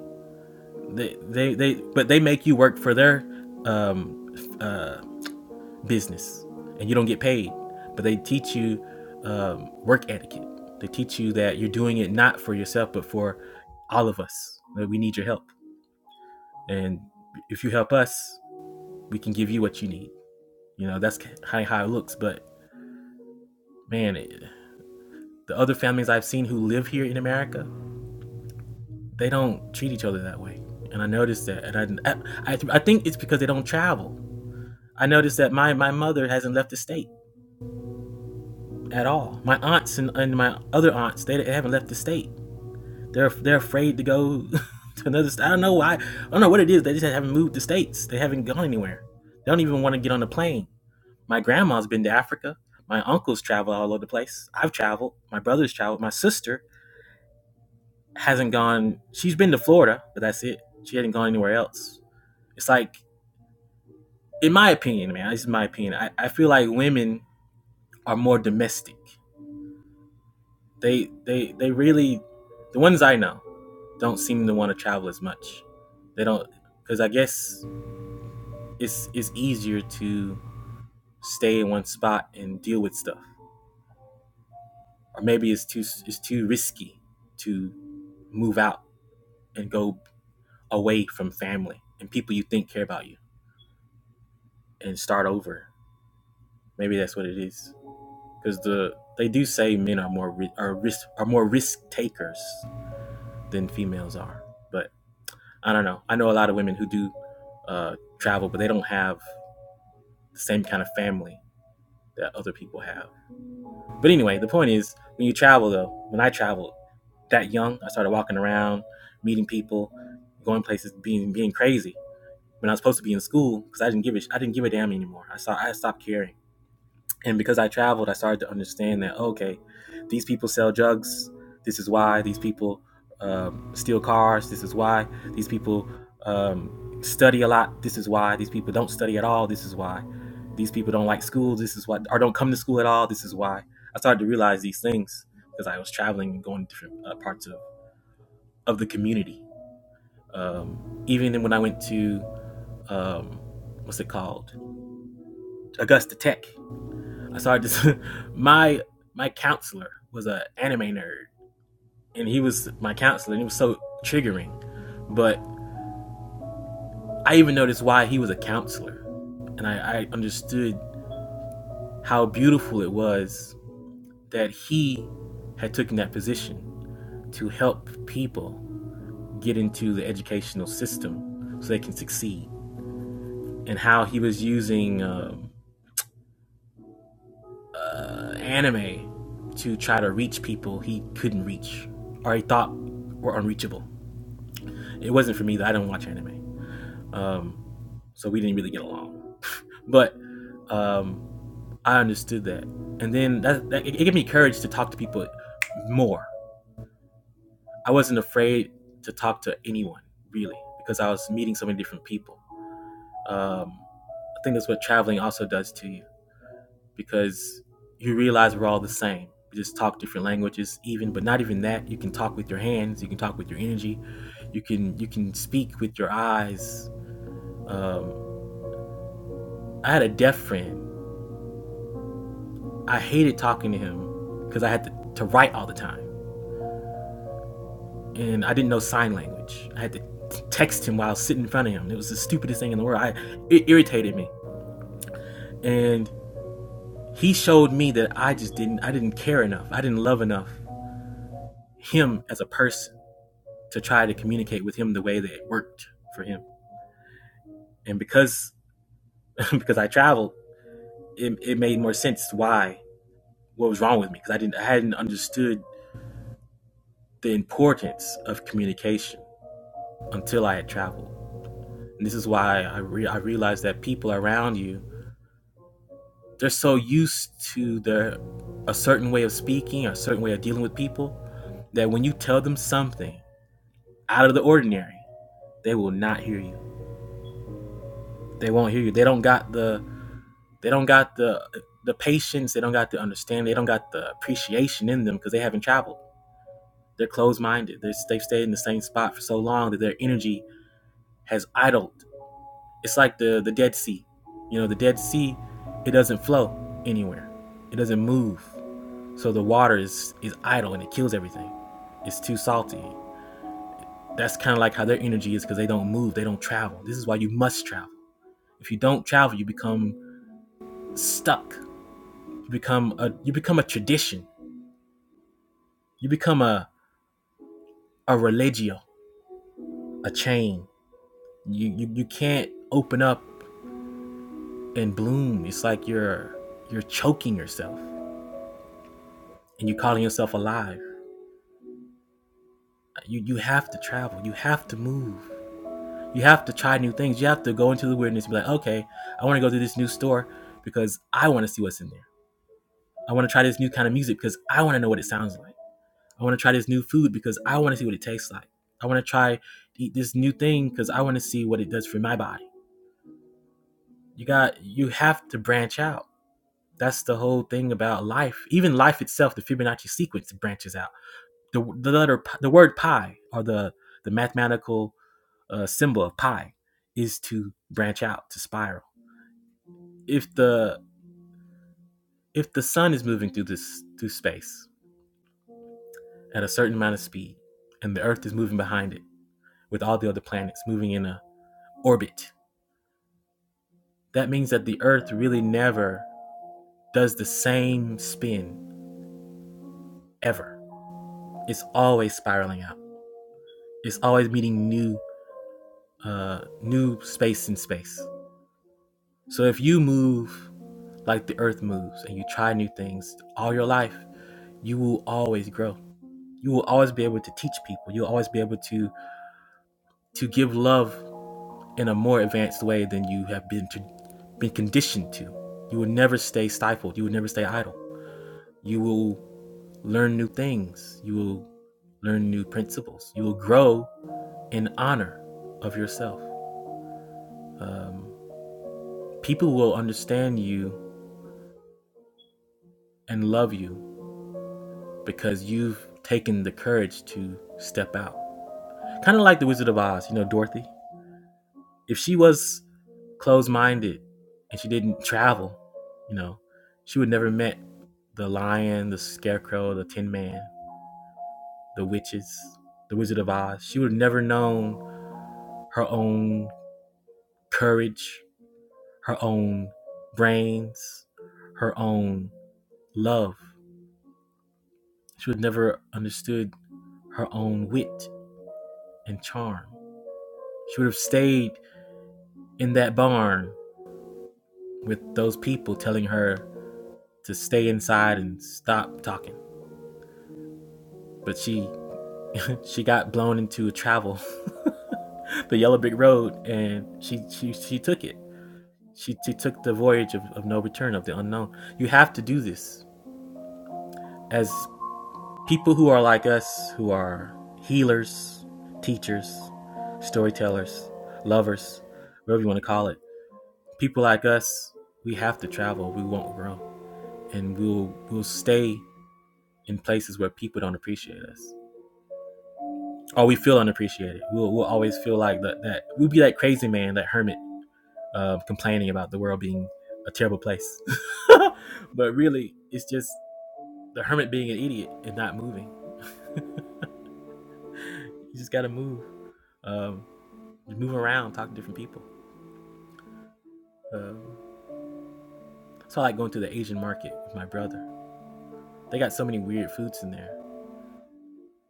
They they, they but they make you work for their um uh business and you don't get paid, but they teach you um, work etiquette. They teach you that you're doing it not for yourself, but for all of us. That we need your help, and if you help us, we can give you what you need. You know, that's kind of how it looks. But man, it, the other families I've seen who live here in America, they don't treat each other that way. And I noticed that, and I, I, I think it's because they don't travel. I noticed that my, my mother hasn't left the state at all. My aunts and, and my other aunts, they, they haven't left the state. They're they're afraid to go [LAUGHS] to another. st- I don't know why. I don't know what it is. They just haven't moved to states. They haven't gone anywhere. They don't even want to get on a plane. My grandma's been to Africa. My uncles travel all over the place. I've traveled. My brother's traveled. My sister hasn't gone. She's been to Florida, but that's it. She hasn't gone anywhere else. It's like, in my opinion, man. This is my opinion. I, I feel like women are more domestic. They they they really, the ones I know, don't seem to want to travel as much. They don't because I guess it's it's easier to stay in one spot and deal with stuff, or maybe it's too it's too risky to move out and go away from family and people you think care about you and start over. Maybe that's what it is because the they do say men are more are risk are more risk takers than females are. But I don't know. I know a lot of women who do uh, travel, but they don't have the same kind of family that other people have. But anyway, the point is, when you travel though, when I traveled that young, I started walking around, meeting people, going places, being being crazy. When I was supposed to be in school, because I didn't give a I didn't give a damn anymore. I saw I stopped caring. And because I traveled, I started to understand that okay, these people sell drugs. This is why these people um, steal cars. This is why these people um, study a lot. This is why these people don't study at all. This is why these people don't like school. This is why or don't come to school at all. This is why I started to realize these things because I was traveling and going to different uh, parts of of the community. Um, even when I went to um, what's it called Augusta Tech, So I just [LAUGHS] my my counselor was an anime nerd, and he was my counselor, and he was so triggering. But I even noticed why he was a counselor, and I, I understood how beautiful it was that he had taken that position to help people get into the educational system so they can succeed, and how he was using um, anime to try to reach people he couldn't reach or he thought were unreachable. It wasn't for me though. I don't watch anime. Um, so we didn't really get along. But um, I understood that, and then that, that it, it gave me courage to talk to people more. I wasn't afraid to talk to anyone really because I was meeting so many different people. Um, I think that's what traveling also does to you because you realize we're all the same. We just talk different languages, even, but not even that. You can talk with your hands. You can talk with your energy. You can you can speak with your eyes. Um, I had a deaf friend I hated talking to him because I had to, to write all the time and I didn't know sign language. I had to t- text him while I was sitting in front of him. It was the stupidest thing in the world. I, it irritated me. And he showed me that I just didn't I didn't care enough. I didn't love enough him as a person to try to communicate with him the way that it worked for him. And because [LAUGHS] because I traveled, it, it made more sense why what was wrong with me because I didn't I hadn't understood the importance of communication until I had traveled. And this is why I, re- I realized that people around you, they're so used to their a certain way of speaking, a certain way of dealing with people, that when you tell them something out of the ordinary, they will not hear you. They won't hear you. They don't got the they don't got the the patience. They don't got the understanding. They don't got the appreciation in them because they haven't traveled. They're closed minded. They're, they've stayed in the same spot for so long that their energy has idled It's like the the Dead Sea. You know, the Dead Sea, it doesn't flow anywhere. It doesn't move. So the water is is idle and it kills everything. It's too salty. That's kind of like how their energy is because they don't move, they don't travel. This is why you must travel. If you don't travel, you become stuck. You become a you become a tradition. You become a a religio, a chain. You you, you can't open up and bloom. It's like you're you're choking yourself and you're calling yourself alive. you you have to travel you have to move you have to try new things you have to go into the weirdness and be like okay i want to go to this new store because i want to see what's in there i want to try this new kind of music because i want to know what it sounds like i want to try this new food because i want to see what it tastes like i want to try to eat this new thing because i want to see what it does for my body you got you have to branch out that's the whole thing about life even life itself the fibonacci sequence branches out the, the letter the word pi or the the mathematical uh, symbol of pi is to branch out to spiral if the if the sun is moving through this through space at a certain amount of speed and the earth is moving behind it with all the other planets moving in a orbit that means that the earth really never does the same spin ever it's always spiraling out it's always meeting new uh new space in space so if you move like the earth moves and you try new things all your life you will always grow you will always be able to teach people. You'll always be able to to give love in a more advanced way than you have been to been conditioned to. You will never stay stifled. You will never stay idle. You will learn new things. You will learn new principles. You will grow in honor of yourself. Um, people will understand you and love you because you've taken the courage to step out. Kind of like the Wizard of Oz, you know, Dorothy. If she was closed minded and she didn't travel, you know, she would never met the lion, the scarecrow, the tin man, the witches, the Wizard of Oz. She would have never known her own courage, her own brains, her own love. She would have never understood her own wit and charm. She would have stayed in that barn with those people telling her to stay inside and stop talking. But she She got blown into travel, [LAUGHS] the yellow brick road, and she she she took it. She she took the voyage of, of no return of the unknown. You have to do this as people who are like us, who are healers, teachers, storytellers, lovers, whatever you want to call it. People like us, we have to travel. We won't grow, and we'll we'll stay in places where people don't appreciate us, or we feel unappreciated. We'll we'll always feel like that. that we'll be that crazy man, that hermit uh, complaining about the world being a terrible place. [LAUGHS] but really, it's just the hermit being an idiot and not moving. You just gotta move, um, move around, talk to different people. Um, so I like going to the Asian market with my brother. They got so many weird foods in there,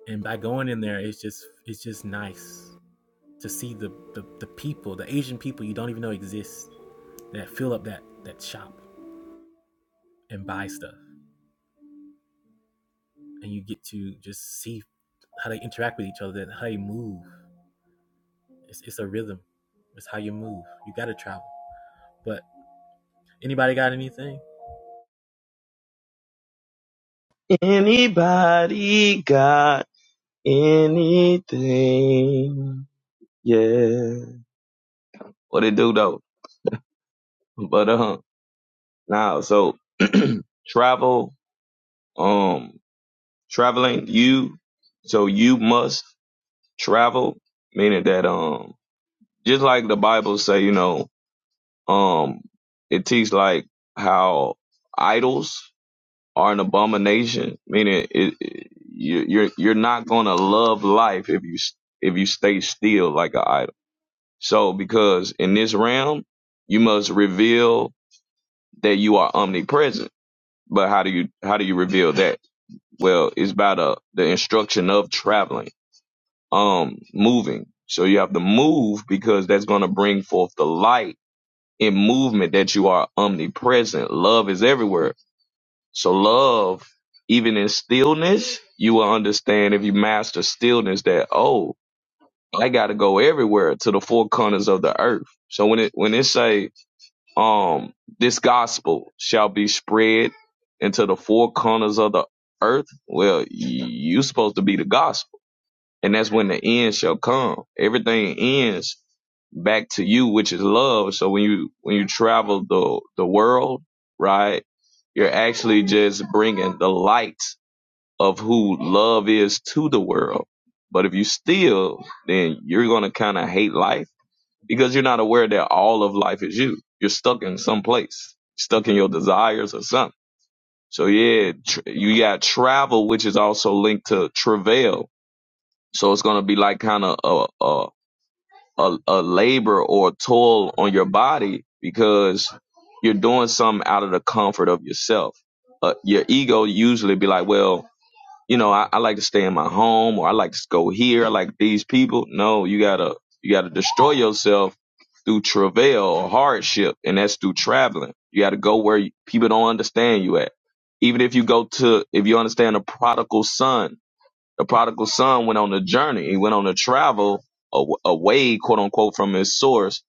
and by going in there, it's just it's just nice to see the the, the people, the Asian people you don't even know exist that fill up that that shop and buy stuff, and you get to just see how they interact with each other, how they move, It's it's a rhythm. It's how you move. You gotta travel. But anybody got anything? Anybody got anything? Yeah. What it do though? But uh now so [CLEARS THROAT] travel, um traveling, you so you must travel, meaning that um just like the Bible say, you know, um it teaches like how idols are an abomination. Meaning, it, it, you- you're you're not gonna love life if you s- if you stay still like an idol. So, because in this realm, you must reveal that you are omnipresent. But how do you how do you reveal that? Well, it's by the the instruction of traveling, um, moving. So you have to move because that's gonna bring forth the light in movement that you are omnipresent. Love is everywhere So love, even in stillness, you will understand if you master stillness that oh, I gotta go everywhere to the four corners of the earth. So when it when it say um this gospel shall be spread into the four corners of the earth, well, y- you supposed to be the gospel. And that's when the end shall come. Everything ends back to you, which is love. So when you, when you travel the, the world, right, you're actually just bringing the light of who love is to the world. But if you steal, then you're going to kind of hate life because you're not aware that all of life is you. You're stuck in some place, stuck in your desires or something. So yeah, tr- you got travel, which is also linked to travail so it's gonna be like kind of a, a a a labor or a toil on your body because you're doing something out of the comfort of yourself. Uh, your ego usually be like, well, you know, I, I like to stay in my home or I like to go here. I like these people. No, you gotta you gotta destroy yourself through travail or hardship, and that's through traveling. You gotta go where people don't understand you at. Even if you go to, if you understand a prodigal son, the prodigal son went on a journey. He went on a travel aw- away, quote unquote, from his source.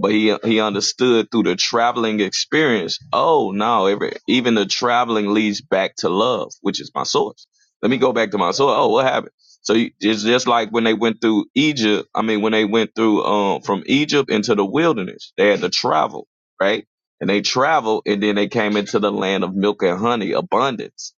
But he he understood through the traveling experience. Oh no, every, even the traveling leads back to love, which is my source. Let me go back to my source. Oh, what happened? So you, it's just like when they went through Egypt. I mean, when they went through um from Egypt into the wilderness, they had to travel, right? And they traveled, and then they came into the land of milk and honey, abundance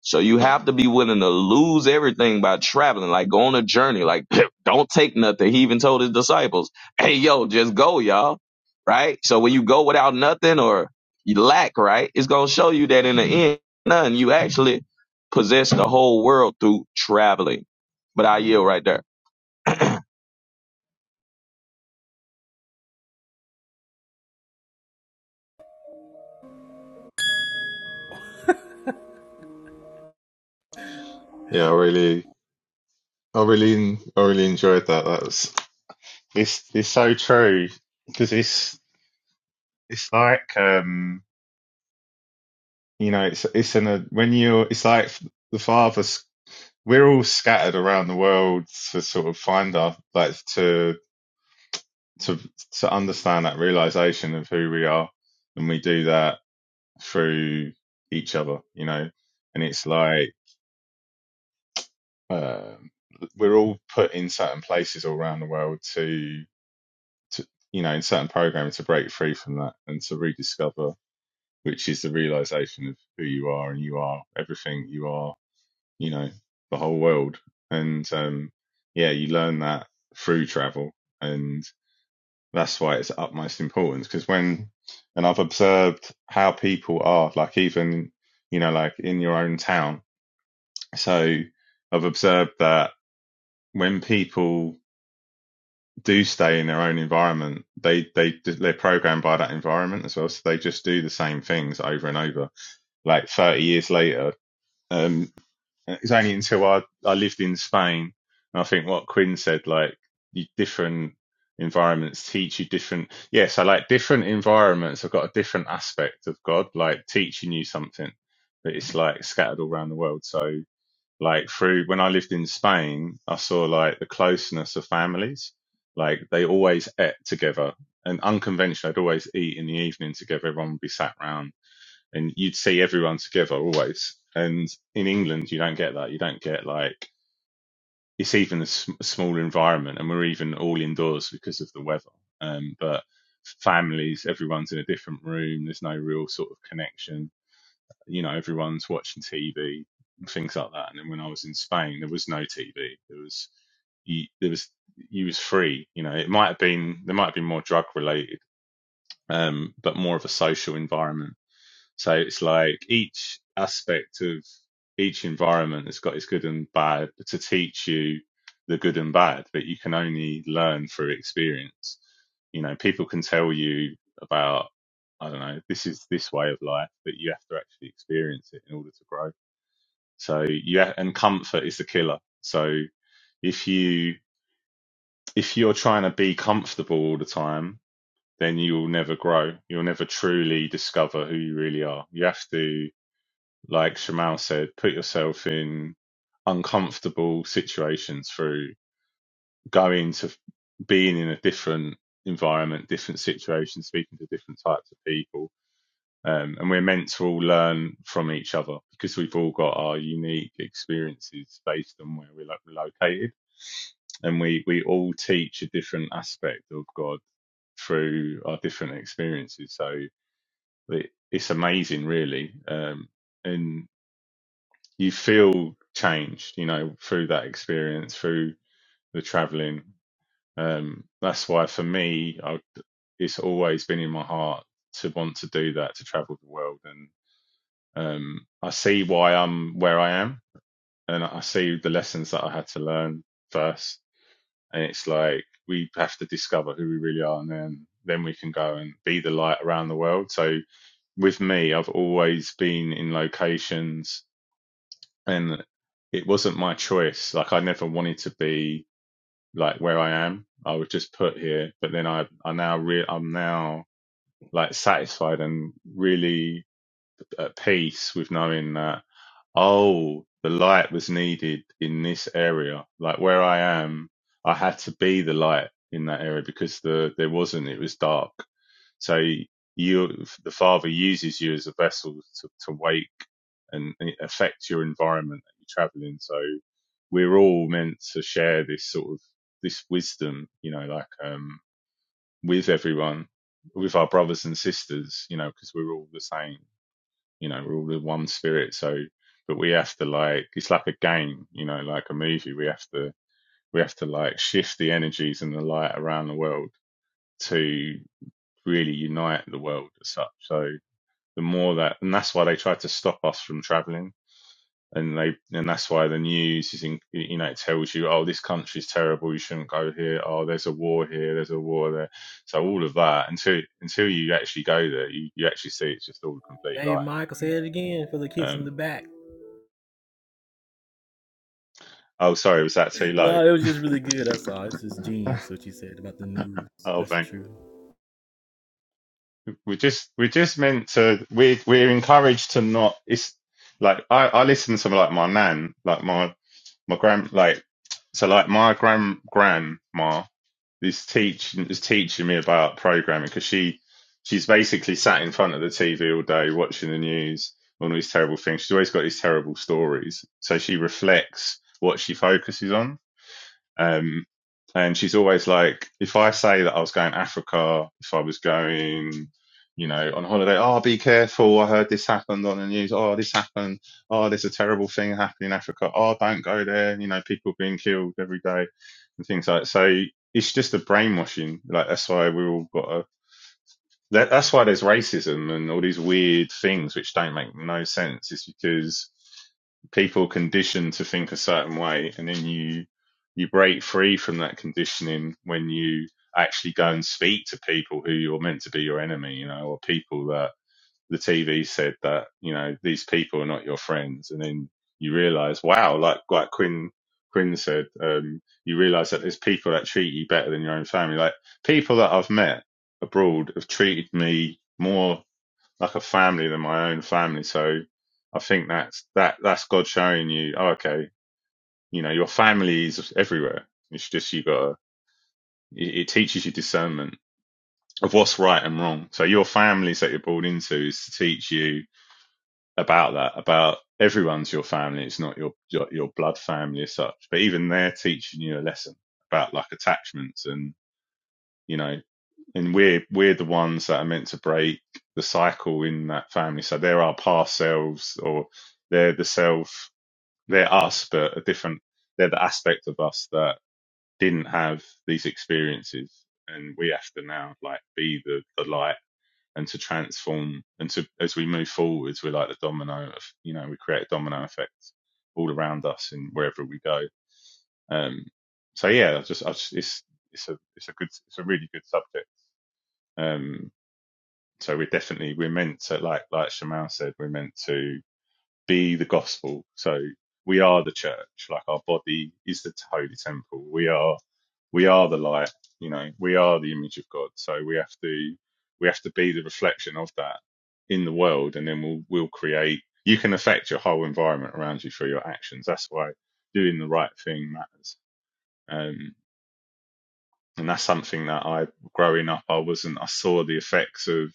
so you have to be willing to lose everything by traveling, like go on a journey, like [CLEARS THROAT] don't take nothing. He even told his disciples, Hey, yo, just go, y'all. Right. So when you go without nothing or you lack, right, it's going to show you that in the end, none, you actually possess the whole world through traveling. But I yield right there. Yeah, I really, I really, I really enjoyed that. That was it's it's so true because it's it's like um you know it's it's in a when you're it's like the fathers we're all scattered around the world to sort of find our like to to to understand that realization of who we are and we do that through each other you know and it's like um we're all put in certain places all around the world to to you know in certain programming to break free from that and to rediscover which is the realization of who you are and you are everything you are you know the whole world and um yeah you learn that through travel and that's why it's utmost importance because when and i've observed how people are like even you know like in your own town so i've observed that when people do stay in their own environment they they they're programmed by that environment as well so they just do the same things over and over like 30 years later um And it was only until I, I lived in Spain, and I think what Quinn said, like you, different environments teach you different. Yeah, so like different environments have got a different aspect of God, like teaching you something, but it's like scattered all around the world. So like through when I lived in Spain, I saw like the closeness of families, like they always ate together and unconventional. I'd always eat in the evening together. Everyone would be sat round and you'd see everyone together always. And in England, you don't get that. You don't get like it's even a, sm- a small environment, and we're even all indoors because of the weather. Um, but families, everyone's in a different room. There's no real sort of connection. You know, everyone's watching TV, things like that. And then when I was in Spain, there was no TV. There was you, there was you was free. You know, it might have been there might have been more drug related, um, but more of a social environment so it's like each aspect of each environment has got its good and bad to teach you the good and bad, but you can only learn through experience. You know, people can tell you about, I don't know, this is this way of life, but you have to actually experience it in order to grow. So you ha- and comfort is the killer. So if you if you're trying to be comfortable all the time, then you'll never grow. You'll never truly discover who you really are. You have to like Shamal said, put yourself in uncomfortable situations through going to being in a different environment, different situations, speaking to different types of people. Um, and we're meant to all learn from each other because we've all got our unique experiences based on where we're located. And we, we all teach a different aspect of God through our different experiences. So it, it's amazing, really. Um, and you feel changed, you know, through that experience, through the traveling. Um, that's why for me, I, it's always been in my heart to want to do that, to travel the world. And um, I see why I'm where I am, and I see the lessons that I had to learn first. And it's like we have to discover who we really are, and then then we can go and be the light around the world. So with me, I've always been in locations and it wasn't my choice. Like I never wanted to be like where I am. I was just put here, but then I I now re- I'm now like satisfied and really at peace with knowing that Oh, the light was needed in this area. Like where I am, I had to be the light in that area because the there wasn't. It was dark. So you, the Father uses you as a vessel to, to wake and it affects your environment that you travel in. So we're all meant to share this sort of this wisdom, you know, like um, with everyone, with our brothers and sisters, you know, because we're all the same you know we're all the one spirit so but we have to like it's like a game you know like a movie we have to we have to like shift the energies and the light around the world to really unite the world as such so the more that and that's why they tried to stop us from traveling and they and that's why the news is in, you know it tells you oh this country's terrible you shouldn't go here oh there's a war here there's a war there so all of that until until you actually go there you, you actually see it's just all a complete Hey, lie Michael, say and it again for the kids in um, the back. [LAUGHS] Oh, sorry, was that too low? No, it was just really good. That's all. It's just genius what you said about the news. Oh, That's thank. true. we just we just meant to. we we're encouraged to not. It's like I I listen to like my nan, like my my grand, like so like my grand grandma is teaching is teaching me about programming because she she's basically sat in front of the TV all day watching the news on all these terrible things. She's always got these terrible stories, so she reflects what she focuses on Um, and she's always like, if I say that I was going to Africa, if I was going, you know, on holiday, oh, be careful. I heard this happened on the news. Oh, this happened. Oh, there's a terrible thing happening in Africa. Oh, don't go there. You know, people being killed every day and things like that. So it's just a brainwashing. Like, that's why we all got to that, that's why there's racism and all these weird things which don't make no sense. It's because people conditioned to think a certain way, and then you you break free from that conditioning when you actually go and speak to people who you're meant to be your enemy, you know, or people that the TV said that you know these people are not your friends, and then you realise, wow, like like Quinn Quinn said, um, you realise that there's people that treat you better than your own family. Like people that I've met abroad have treated me more like a family than my own family. So I think that's that that's God showing you, oh, okay, you know, your family is everywhere. It's just you gotta. It, it teaches you discernment of what's right and wrong. So your families that you're born into is to teach you about that about everyone's your family it's not your, your your blood family as such but even they're teaching you a lesson about like attachments and you know and we're we're the ones that are meant to break the cycle in that family so they're our past selves or they're the self they're us but a different they're the aspect of us that didn't have these experiences and we have to now like be the, the light and to transform and to as we move forwards we're like the domino of you know we create a domino effect all around us and wherever we go um so yeah I just, I just it's it's a it's a good it's a really good subject um so we're definitely we're meant to like like shamal said we're meant to be the gospel. So we are the church, like our body is the holy temple. We are we are the light, you know, we are the image of God. So we have to we have to be the reflection of that in the world and then we'll we'll create you can affect your whole environment around you through your actions. That's why doing the right thing matters. Um and that's something that I growing up I wasn't I saw the effects of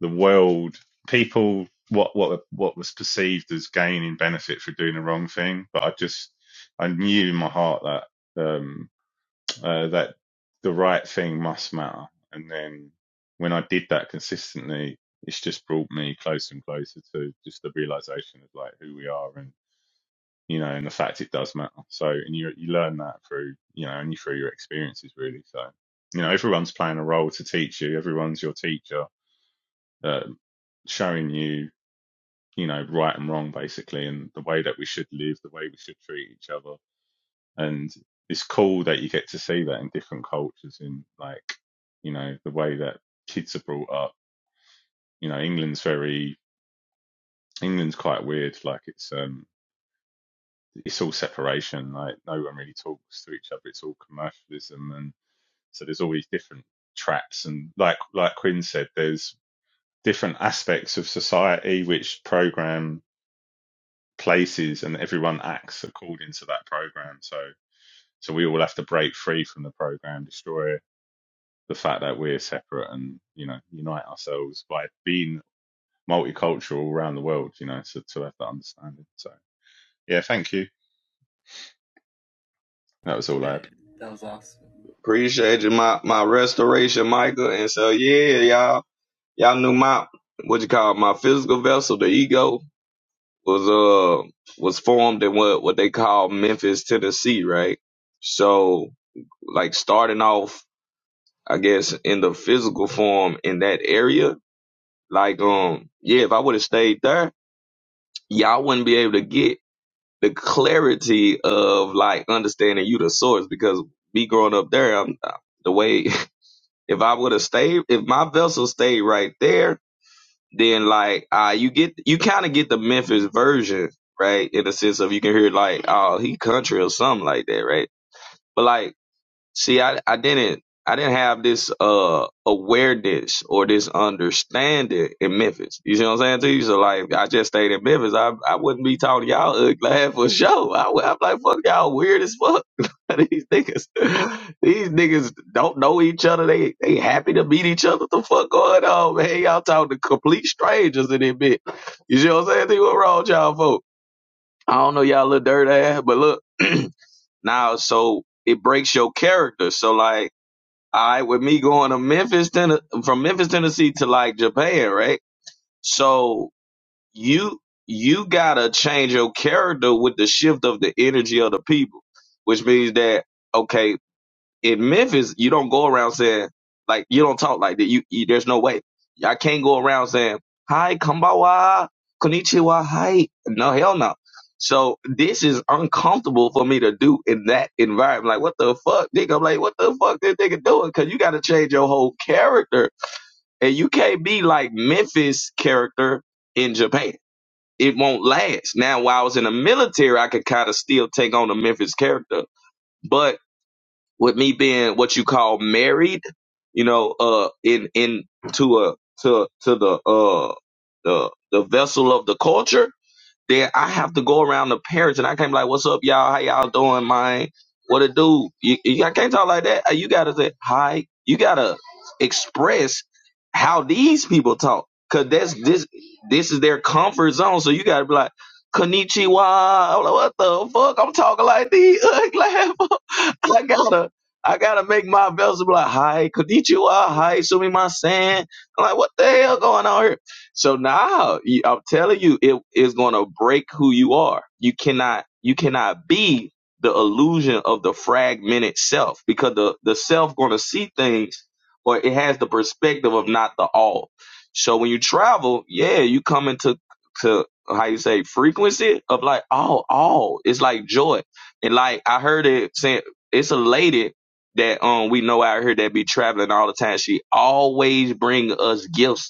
the world, people, what what what was perceived as gain and benefit for doing the wrong thing. But I just, I knew in my heart that um, uh, that the right thing must matter. And then when I did that consistently, it's just brought me closer and closer to just the realization of like who we are and you know and the fact it does matter. So and you you learn that through you know only through your experiences really. So you know everyone's playing a role to teach you. Everyone's your teacher. Um, showing you you know, right and wrong basically, and the way that we should live, the way we should treat each other. And it's cool that you get to see that in different cultures, in like, you know, the way that kids are brought up. You know, England's very England's quite weird. Like it's um it's all separation. Like no one really talks to each other. It's all commercialism, and so there's all these different traps. And like like Quinn said, there's different aspects of society which program places and everyone acts according to that program. So so we all have to break free from the program, destroy the fact that we're separate and, you know, unite ourselves by being multicultural all around the world, you know, so to have that understanding. So yeah, thank you. That was all Yeah, I had. that was awesome. Appreciate you, my, my restoration, Michael. And so, yeah, y'all, y'all knew my, what you call it, my physical vessel, the ego was uh was formed in what what they call Memphis, Tennessee, right? So like starting off, I guess in the physical form in that area, like um yeah, if I would have stayed there, y'all wouldn't be able to get the clarity of like understanding you the source because me growing up there, I'm uh, the way [LAUGHS] if I would have stayed, if my vessel stayed right there, then like uh you get you kind of get the Memphis version, right? In the sense of you can hear like oh he country or something like that, right? But like See, I, I didn't I didn't have this uh awareness or this understanding in Memphis. You see what I'm saying to you? So like I just stayed in Memphis. I I wouldn't be talking to y'all ugly ass for sure. I, would- I'm like fuck y'all weird as fuck. [LAUGHS] These niggas these niggas don't know each other. They they happy to meet each other. What the fuck going on, man? Hey, Y'all talking to complete strangers in that bit. You see what I'm saying to you? What wrong with y'all folks? I don't know y'all little dirt ass, but look [CLEARS THROAT] now so it breaks your character. So like all right, with me going to Memphis, Tennessee, from Memphis, Tennessee to like Japan, right? So you you gotta change your character with the shift of the energy of the people, which means that okay, in Memphis, you don't go around saying like you don't talk like that. You, you there's no way. I can't go around saying hi, kambawa, konnichiwa, hi. No hell no. So this is uncomfortable for me to do in that environment. Like what the fuck, nigga? I'm like what the fuck this nigga doing? Cause you got to change your whole character, and you can't be like Memphis character in Japan. It won't last. Now, while I was in the military, I could kind of still take on the Memphis character, but with me being what you call married, you know, uh, in in to a to to the uh the the vessel of the culture, then I have to go around the parents, and I can't be like, "What's up, y'all? How y'all doing, man? What a do?" You, you, I can't talk like that. Uh, You gotta say hi. You gotta express how these people talk, cause that's this. This is their comfort zone. So you gotta be like, "Konnichiwa." I'm like, what the fuck? I'm talking like these. [LAUGHS] Like, I gotta. I gotta make my vessel be like, hi, konnichiwa, hi, sumi masen. I'm like, what the hell going on here? So now I'm telling you, it is going to break who you are. You cannot, you cannot be the illusion of the fragmented self because the, the self going to see things or it has the perspective of not the all. So when you travel, yeah, you come into, to how you say frequency of like, oh, all it's like joy. And like, I heard it saying it's a lady that, um, we know out here that be traveling all the time. She always bring us gifts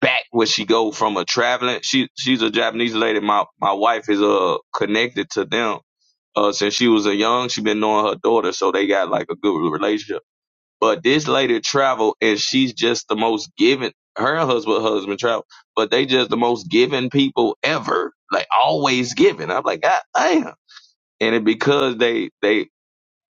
back where she go from a traveling. She she's a Japanese lady. My my wife is uh connected to them uh since she was a young. She been knowing her daughter, so they got like a good relationship. But this lady travel and she's just the most giving. Her and husband husband travel, but they just the most giving people ever. Like always giving. I'm like God damn. And it because they they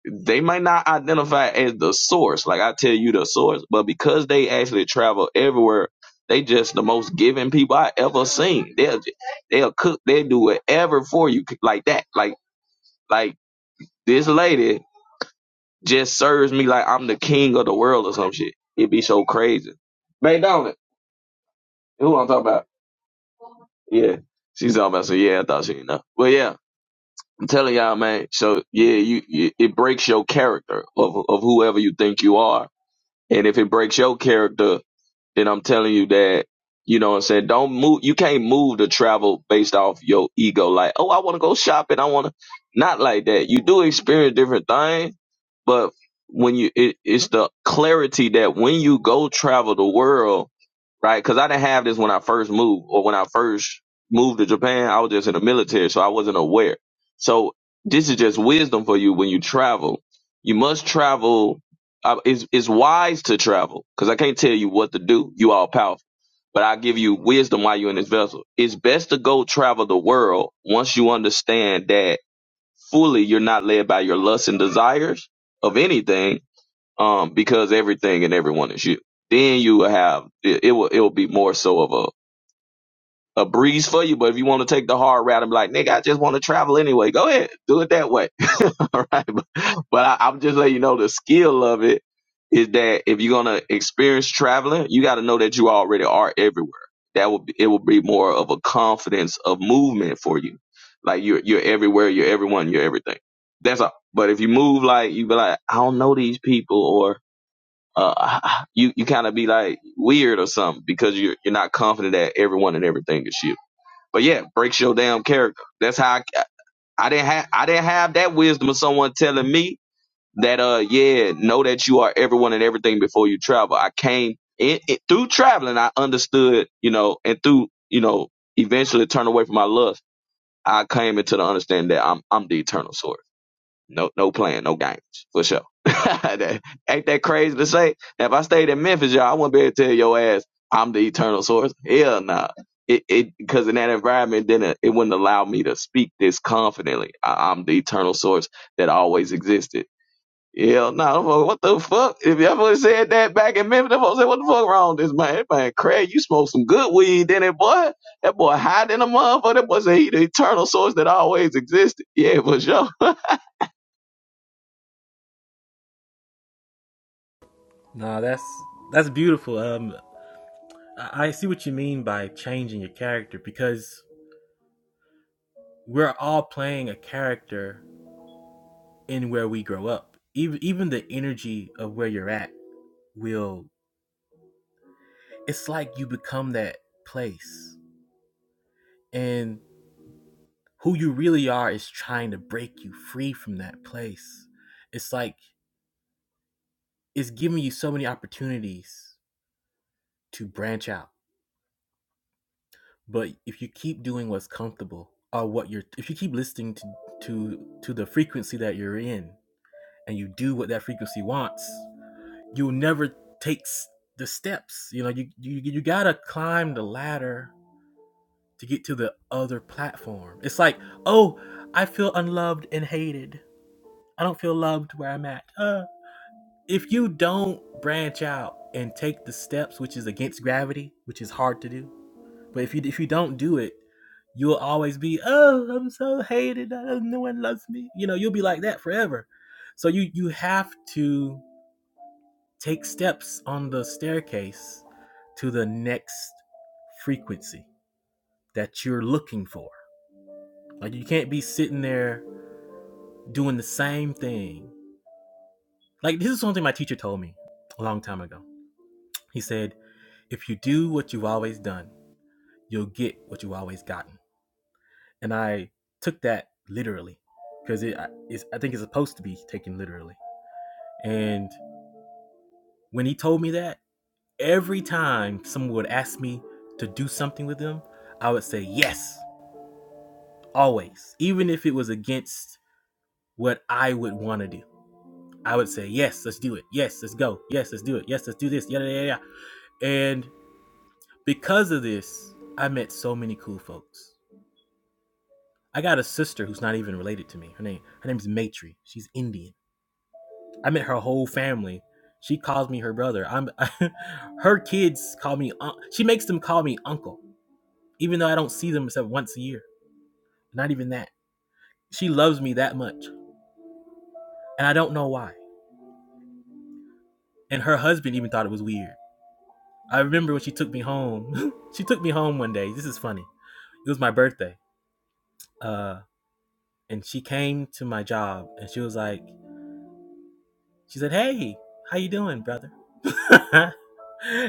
they might not identify as the source, like I tell you the source, but because they actually travel everywhere, they just the most giving people I ever seen. They'll ju- they'll cook, they'll do whatever for you like that. Like like this lady just serves me like I'm the king of the world or some shit. It'd be so crazy. Babe Dolan, who I'm talking about? Yeah. She's talking about so yeah, I thought she didn't know. But yeah, I'm telling y'all, man. So yeah, you, you it breaks your character of of whoever you think you are And if it breaks your character, then I'm telling you that, you know what I'm saying? Don't move. You can't move to travel based off your ego. Like, oh, I want to go shopping. I want to not like that. You do experience different things but when you it, it's the clarity that when you go travel the world right because i didn't have this when i first moved or when i first moved to japan i was just in the military so i wasn't aware so this is just wisdom for you when you travel you must travel uh, it's, it's wise to travel because i can't tell you what to do you all powerful but i give you wisdom while you're in this vessel it's best to go travel the world once you understand that fully you're not led by your lusts and desires of anything, um, because everything and everyone is you. Then you will have it, it will it will be more so of a breeze for you. But if you want to take the hard route and be like, nigga, I just want to travel anyway, go ahead, do it that way. [LAUGHS] All right. But, but I, I'm just letting you know the skill of it is that if you're going to experience traveling, you got to know that you already are everywhere. That will be, it will be more of a confidence of movement for you. Like you're, you're everywhere, you're everyone, you're everything. That's all. But if you move like you be like, I don't know these people or, uh, you, you kind of be like weird or something because you're, you're not confident that everyone and everything is shit. But yeah, breaks your damn character. That's how I, I didn't have I didn't have that wisdom of someone telling me that uh yeah know that you are everyone and everything before you travel. I came in, in- through traveling. I understood you know and through you know eventually turn away from my lust. I came into the understanding that I'm I'm the eternal source. No, no playing, no games for sure. [LAUGHS] that, ain't that crazy to say? Now, if I stayed in Memphis, y'all, I wouldn't be able to tell your ass I'm the eternal source. Hell nah. It it because in that environment, then it, it wouldn't allow me to speak this confidently. I, I'm the eternal source that always existed. Hell no, nah, I'm like, what the fuck? If y'all would said that back in Memphis, them folks say "What the fuck wrong with this man? That man, Craig, you smoke some good weed, didn't it, boy? That boy hiding a motherfucker. That boy said he the eternal source that always existed. Yeah, for sure. [LAUGHS] No, that's that's beautiful. Um, I, I see what you mean by changing your character because we're all playing a character in where we grow up. Even even the energy of where you're at will. It's like you become that place, and who you really are is trying to break you free from that place. It's like it's giving you so many opportunities to branch out. But if you keep doing what's comfortable or what you're if you keep listening to to to the frequency that you're in and you do what that frequency wants, you'll never take the steps. You know, you you you got to climb the ladder to get to the other platform. It's like, "Oh, I feel unloved and hated. I don't feel loved where I'm at." Uh, if you don't branch out and take the steps which is against gravity which is hard to do but if you if you don't do it you'll always be oh i'm so hated oh, no one loves me you know you'll be like that forever so you you have to take steps on the staircase to the next frequency that you're looking for like you can't be sitting there doing the same thing like this is something my teacher told me a long time ago he said If you do what you've always done, you'll get what you've always gotten. And I took that literally because it, it's, I think it's supposed to be taken literally. And when he told me that, every time someone would ask me to do something with them, I would say yes, always. Even if it was against what I would want to do, I would say yes, let's do it. Yes, let's go. Yes, let's do it. Yes, let's do this. Yeah, yeah, yeah. And because of this, I met so many cool folks. I got a sister who's not even related to me. Her name her name's Matri. She's Indian. I met her whole family. She calls me her brother. I'm [LAUGHS] her kids call me. un- She makes them call me uncle, even though I don't see them except once a year. Not even that. She loves me that much, and I don't know why. And her husband even thought it was weird. I remember when she took me home. [LAUGHS] she took me home one day. This is funny. It was my birthday. Uh, and she came to my job, and she was like, She said, "Hey, how you doing, brother?" [LAUGHS] and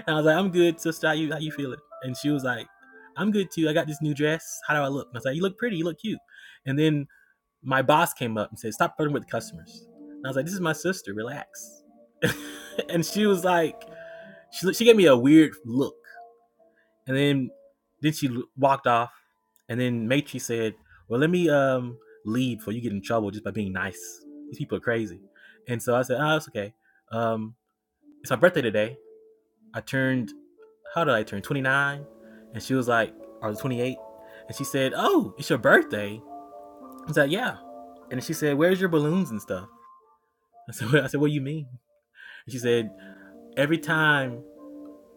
I was like, "I'm good, sister. How you how you feeling?" And she was like, "I'm good too. I got this new dress. How do I look?" And I was like, "You look pretty. You look cute." And then my boss came up and said, "Stop flirting with the customers." And I was like, "This is my sister. Relax." [LAUGHS] and she was like, she she gave me a weird look, and then then she walked off. And then Matri said, "Well, let me um leave before you get in trouble just by being nice. These people are crazy." And so I said, "Oh, it's okay." Um it's my birthday today. I turned, how did I turn? 29. And she was like, or 28. And she said, oh, it's your birthday. I was like, yeah. And she said, where's your balloons and stuff? [LAUGHS] I said, I said, what do you mean? And she said, every time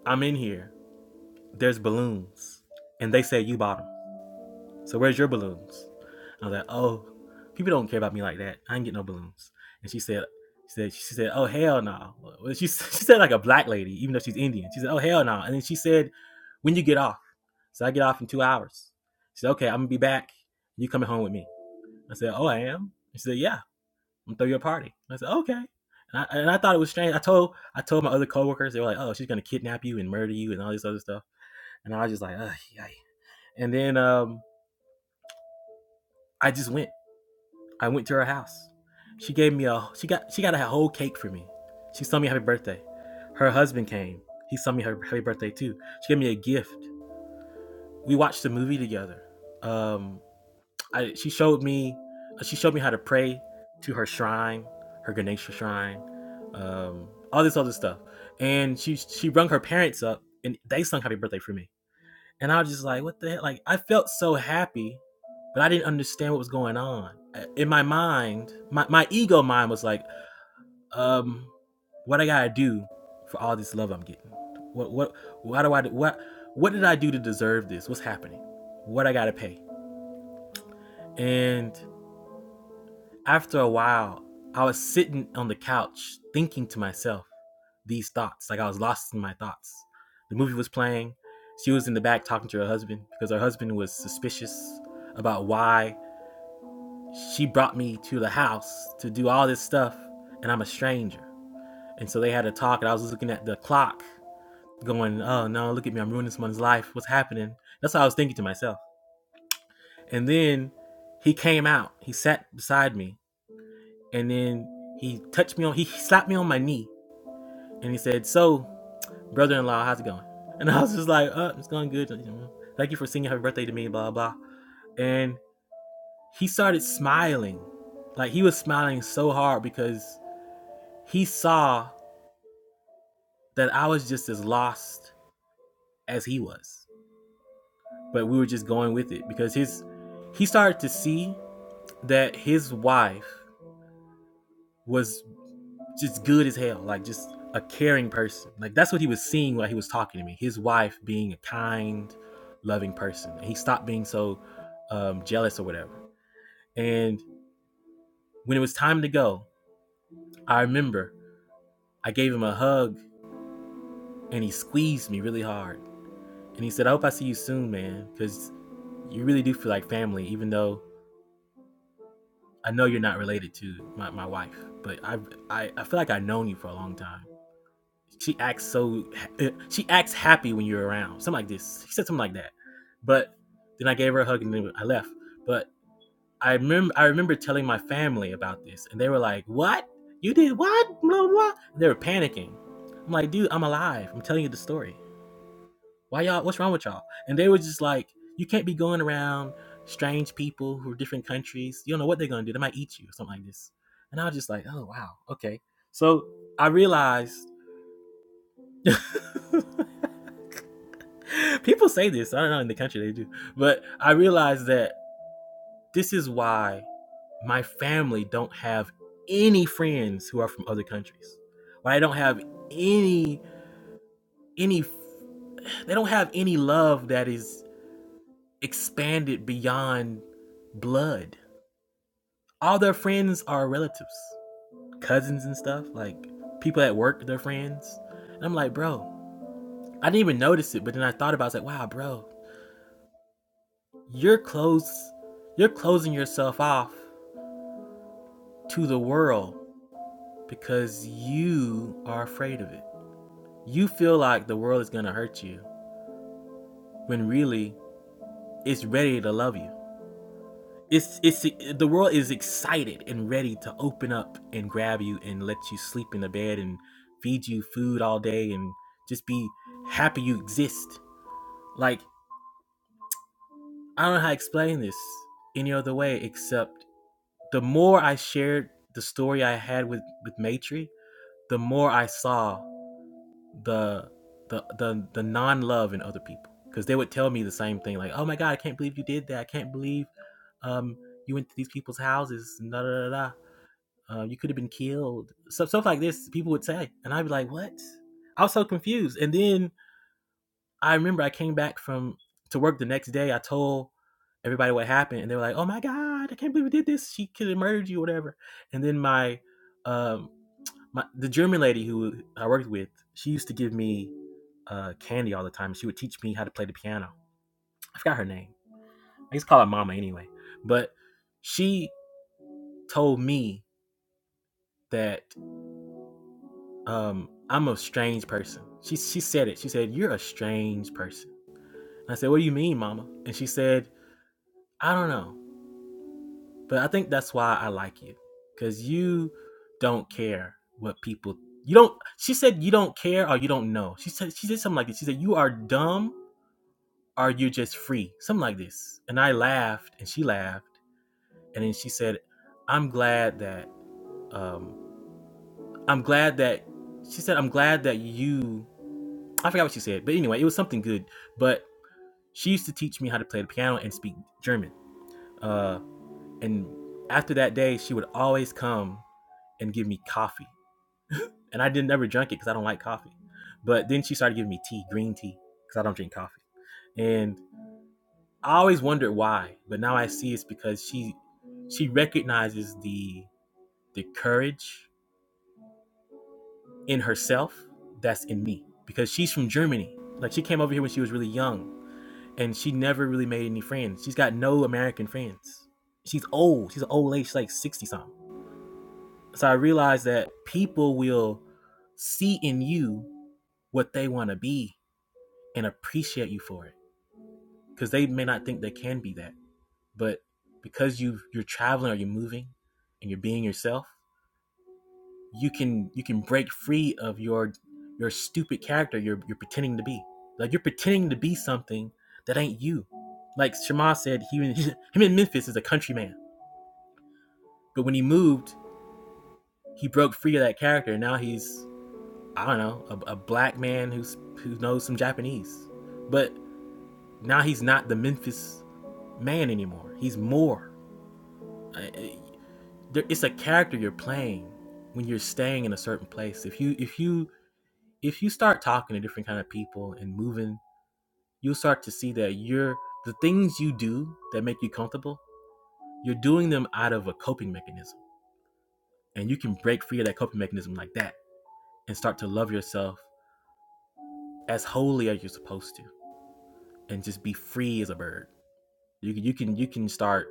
I'm in here, there's balloons. And they say you bought them. So where's your balloons? I was like, oh, people don't care about me like that. I ain't get no balloons. And she said, she said, she said, oh hell no. Nah. Well, she, [LAUGHS] she said like a black lady, even though she's Indian. She said, oh hell no. Nah. And then she said, when you get off. So I get off in two hours. She said, okay, I'm gonna be back. You coming home with me? I said, oh, I am. She said, yeah, I'm gonna throw you a party. I said, okay. And I, and I thought it was strange. I told I told my other coworkers they were like, oh, she's gonna kidnap you and murder you and all this other stuff. And I was just like, Ugh, yay. and then um, I just went. I went to her house. She gave me a she got she got a whole cake for me. She sung me happy birthday. Her husband came. He sung me her happy birthday too. She gave me a gift. We watched the movie together. Um, I she showed me uh, she showed me how to pray to her shrine, her Ganesha shrine, um, all this other stuff. And she she rung her parents up and they sung happy birthday for me. And I was just like, what the heck? Like I felt so happy, but I didn't understand what was going on. In my mind, my, my ego mind was like, um, what I gotta do for all this love I'm getting? What what why do I do what what did I do to deserve this? What's happening? What I gotta pay? And After a while, I was sitting on the couch thinking to myself these thoughts. Like I was lost in my thoughts. The movie was playing. She was in the back talking to her husband because her husband was suspicious about why she brought me to the house to do all this stuff and I'm a stranger. And so they had a talk and I was looking at the clock going, oh no, look at me. I'm ruining someone's life. What's happening? That's what I was thinking to myself. And then he came out. He sat beside me and then he touched me on he slapped me on my knee and he said so brother-in-law how's it going and i was just like uh it's going good thank you for singing happy birthday to me blah blah and he started smiling like he was smiling so hard because he saw that i was just as lost as he was but we were just going with it because his he started to see that his wife was just good as hell, like just a caring person. Like that's what he was seeing while he was talking to me. His wife being a kind, loving person. And he stopped being so um, jealous or whatever. And when it was time to go, I remember I gave him a hug and he squeezed me really hard. And he said, "I hope I see you soon, man, because you really do feel like family, even though I know you're not related to my, my wife, but I, I I feel like I've known you for a long time." she acts so eh, she acts happy when you're around. Something like this. She said something like that. But then I gave her a hug and then I left. But I remember I remember telling my family about this, and they were like, "What? You did what? Blah blah." And they were panicking. I'm like, "Dude, I'm alive. I'm telling you the story. Why y'all? What's wrong with y'all?" And they were just like, "You can't be going around strange people who are different countries. You don't know what they're gonna do. They might eat you or something like this." And I was just like, "Oh wow, okay." So I realized [LAUGHS] People say this. I don't know in the country they do, but I realize that this is why my family don't have any friends who are from other countries. Why I don't have any any they don't have any love that is expanded beyond blood. All their friends are relatives, cousins and stuff, like people at work, they're friends. And I'm like, bro, I didn't even notice it, but then I thought about it, I was like, wow, bro, you're close you're closing yourself off to the world because you are afraid of it. You feel like the world is going to hurt you when really it's ready to love you. It's it's the world is excited and ready to open up and grab you and let you sleep in the bed and feed you food all day and just be happy you exist. Like I don't know how to explain this any other way except the more I shared the story I had with with Maitri, the more I saw the the the, the non love in other people because they would tell me the same thing like, "Oh my god, I can't believe you did that. I can't believe um you went to these people's houses. Da da da da. Uh, you could have been killed." Stuff stuff like this people would say, and I'd be like, "What?" I was so confused. And then I remember I came back from to work the next day. I told everybody what happened, and they were like, "Oh my god, I can't believe we did this. She could have murdered you, whatever." And then my um my the German lady who I worked with, she used to give me uh, Candy all the time. She would teach me how to play the piano. I forgot her name. I used to call her Mama anyway. But she told me that um, I'm a strange person. She she said it. She said you're a strange person. And I said, what do you mean, Mama? And she said, I don't know, but I think that's why I like you, cause you don't care what people. You don't. She said you don't care or you don't know. She said she said something like this. She said you are dumb or you're just free, something like this. And I laughed and she laughed and then she said, "I'm glad that um, I'm glad that she said I'm glad that you I forgot what she said, but anyway, it was something good. But she used to teach me how to play the piano and speak German. Uh, and after that day, she would always come and give me coffee, and I didn't never drink it because I don't like coffee. But then she started giving me tea, green tea, because I don't drink coffee. And I always wondered why, but now I see it's because she she recognizes the the courage in herself that's in me because she's from Germany. Like she came over here when she was really young and she never really made any friends. She's got no American friends. She's old. She's an old lady. She's like 60 something. So I realized that people will see in you what they want to be and appreciate you for it because they may not think they can be that. But because you you're traveling or you're moving and you're being yourself, you can you can break free of your your stupid character you're you're pretending to be. Like you're pretending to be something that ain't you. Like Shema said, he [LAUGHS] him in Memphis is a country man but when he moved, he broke free of that character. Now he's I don't know a, a black man who's who knows some Japanese, but now he's not the Memphis man anymore. He's more. It's a character you're playing when you're staying in a certain place. If you if you if you start talking to different kind of people and moving, you'll start to see that you're the things you do that make you comfortable, you're doing them out of a coping mechanism. And you can break free of that coping mechanism like that and start to love yourself as wholly as you're supposed to and just be free as a bird. You can you can you can start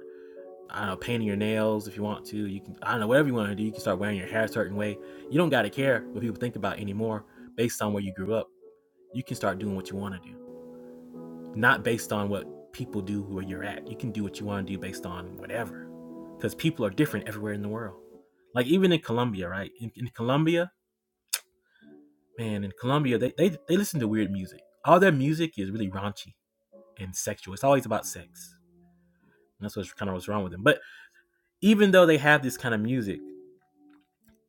I don't know, painting your nails if you want to. You can I don't know, whatever you want to do, you can start wearing your hair a certain way. You don't gotta care what people think about anymore based on where you grew up. You can start doing what you want to do. not based on what people do where you're at. You can do what you want to do based on whatever, because people are different everywhere in the world. Like even in Colombia, right? In, in Colombia, man, in Colombia, they, they they listen to weird music. All their music is really raunchy and sexual. It's always about sex. And that's what's kind of what's wrong with them. But even though they have this kind of music,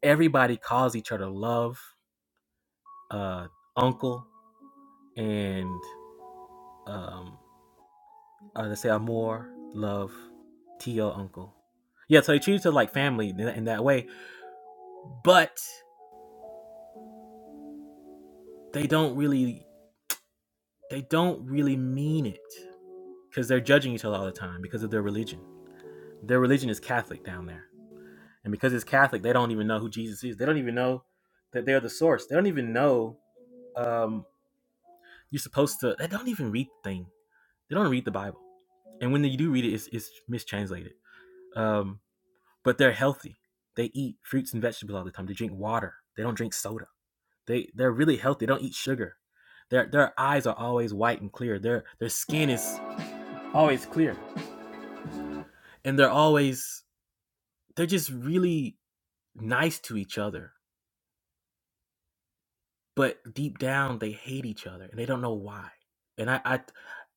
everybody calls each other love, uh, uncle, and um, uh, let's say I more love Tio uncle. Yeah, so they treat it to like family in that in that way, but they don't really they don't really mean it because they're judging each other all the time because of their religion. Their religion is Catholic down there, and because it's Catholic, they don't even know who Jesus is. They don't even know that they're the source. They don't even know um, you're supposed to. They don't even read the thing. They don't read the Bible, and when they do read it, it's, it's mistranslated. Um, but they're healthy. They eat fruits and vegetables all the time. They drink water. They don't drink soda. They they're really healthy. They don't eat sugar. Their their eyes are always white and clear. Their their skin is always clear. And they're always they're just really nice to each other. But deep down they hate each other and they don't know why. And I, I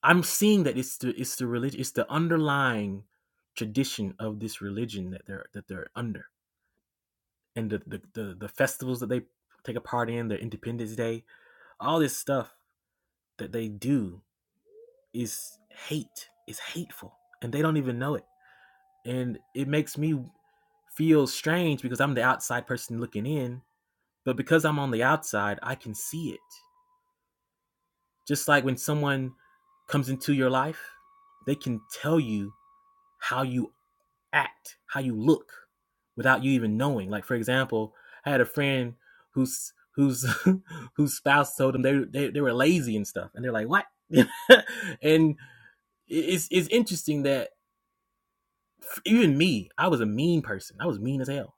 I'm seeing that it's the it's the religion it's the underlying tradition of this religion that they're that they're under. And the the, the, the festivals that they take a part in, their independence day, all this stuff that they do is hate It's hateful and they don't even know it and it makes me feel strange because i'm the outside person looking in but because i'm on the outside i can see it just like when someone comes into your life they can tell you how you act, how you look without you even knowing. Like for example, I had a friend who's whose [LAUGHS] whose spouse told them they, they they were lazy and stuff, and they're like, "What?" [LAUGHS] and it's it's interesting that even me, I was a mean person. I was mean as hell,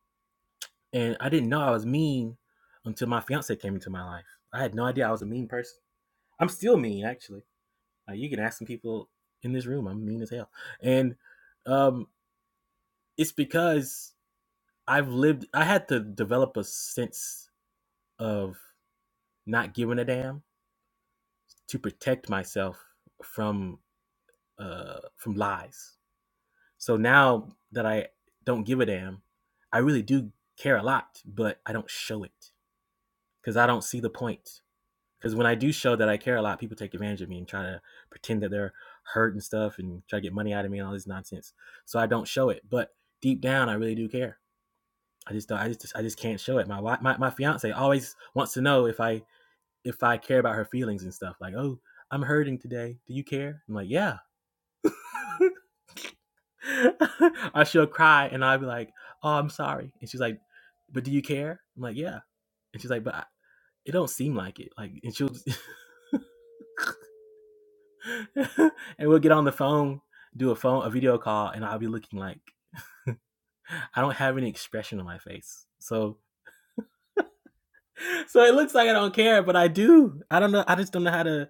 and I didn't know I was mean until my fiance came into my life. I had no idea I was a mean person. I'm still mean, actually. Like, you can ask some people in this room. I'm mean as hell, and um, it's because I've lived I had to develop a sense of not giving a damn to protect myself from uh from lies. So now that I don't give a damn, I really do care a lot, but I don't show it cuz I don't see the point. Cuz when I do show that I care a lot, people take advantage of me and try to pretend that they're hurt and stuff and try to get money out of me and all this nonsense. So I don't show it, but deep down I really do care I just don't. I just I just can't show it. My my my fiance always wants to know if I if I care about her feelings and stuff. Like, oh, I'm hurting today. Do you care? I'm like, yeah. [LAUGHS] or she'll cry and I'll be like, oh, I'm sorry. And she's like, but do you care? I'm like, yeah. And she's like, but I, it don't seem like it. Like, and she'll just [LAUGHS] and we'll get on the phone, do a phone a video call, and I'll be looking like I don't have any expression on my face. So [LAUGHS] so it looks like I don't care, but I do. I don't know. I just don't know how to.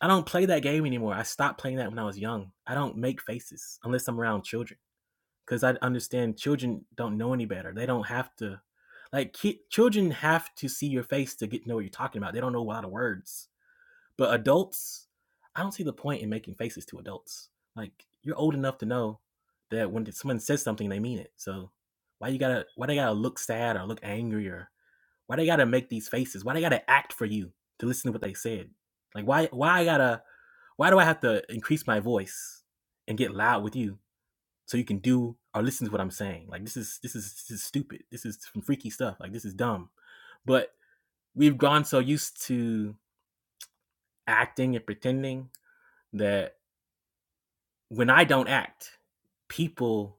I don't play that game anymore. I stopped playing that when I was young. I don't make faces unless I'm around children because I understand children don't know any better. They don't have to, like, ki- children have to see your face to get to know what you're talking about. They don't know a lot of words. But adults, I don't see the point in making faces to adults. Like, you're old enough to know that when someone says something, they mean it. So why you gotta, why they gotta look sad or look angry or why they gotta make these faces? Why they gotta act for you to listen to what they said? Like why why I gotta why do I have to increase my voice and get loud with you so you can do or listen to what I'm saying? Like this is this is this is stupid. This is some freaky stuff. Like this is dumb. But we've gone so used to acting and pretending that when I don't act, people,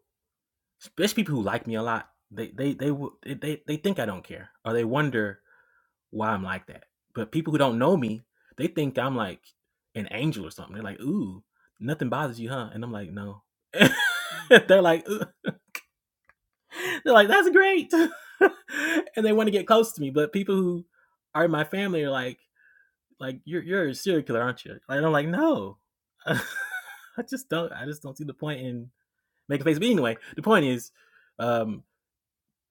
especially people who like me a lot, they they they w- they they think I don't care or they wonder why I'm like that. But people who don't know me, they think I'm like an angel or something. They're like, "Ooh, nothing bothers you, huh?" And I'm like, "No." [LAUGHS] They're like, "Ooh." "They're like, that's great," [LAUGHS] and they want to get close to me. But people who are in my family are like, "Like you're you're a serial killer, aren't you?" And I'm like, "No." [LAUGHS] I just don't. I just don't see the point in making a face. But anyway, the point is, um,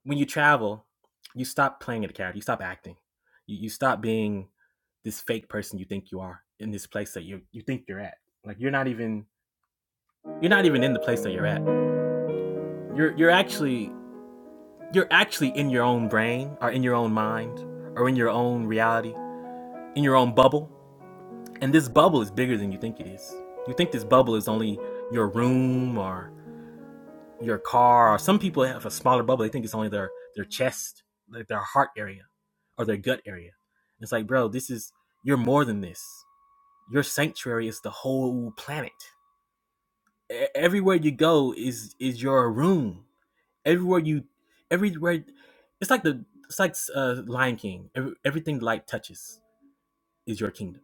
when you travel, you stop playing at a character, you stop acting, you, you stop being this fake person you think you are in this place that you you think you're at. Like you're not even you're not even in the place that you're at. You're you're actually you're actually in your own brain or in your own mind or in your own reality, in your own bubble. And this bubble is bigger than you think it is. You think this bubble is only your room or your car. Or some people have a smaller bubble. They think it's only their their chest, like their heart area, or their gut area. It's like, bro, this is you're more than this. Your sanctuary is the whole planet. E- everywhere you go is is your room. Everywhere you, everywhere, it's like the it's like uh, Lion King. Every, everything light touches is your kingdom.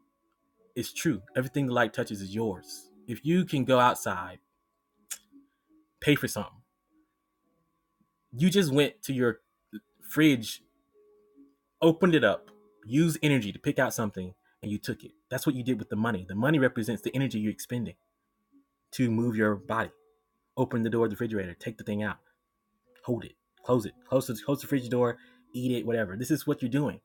It's true. Everything the light touches is yours. If you can go outside, pay for something. You just went to your fridge opened it up, used energy to pick out something, and you took it. That's what you did with the money. The money represents the energy you're expending to move your body. Open the door of the refrigerator, take the thing out, hold it, close it, close the, close the fridge door, eat it, whatever. This is what you're doing.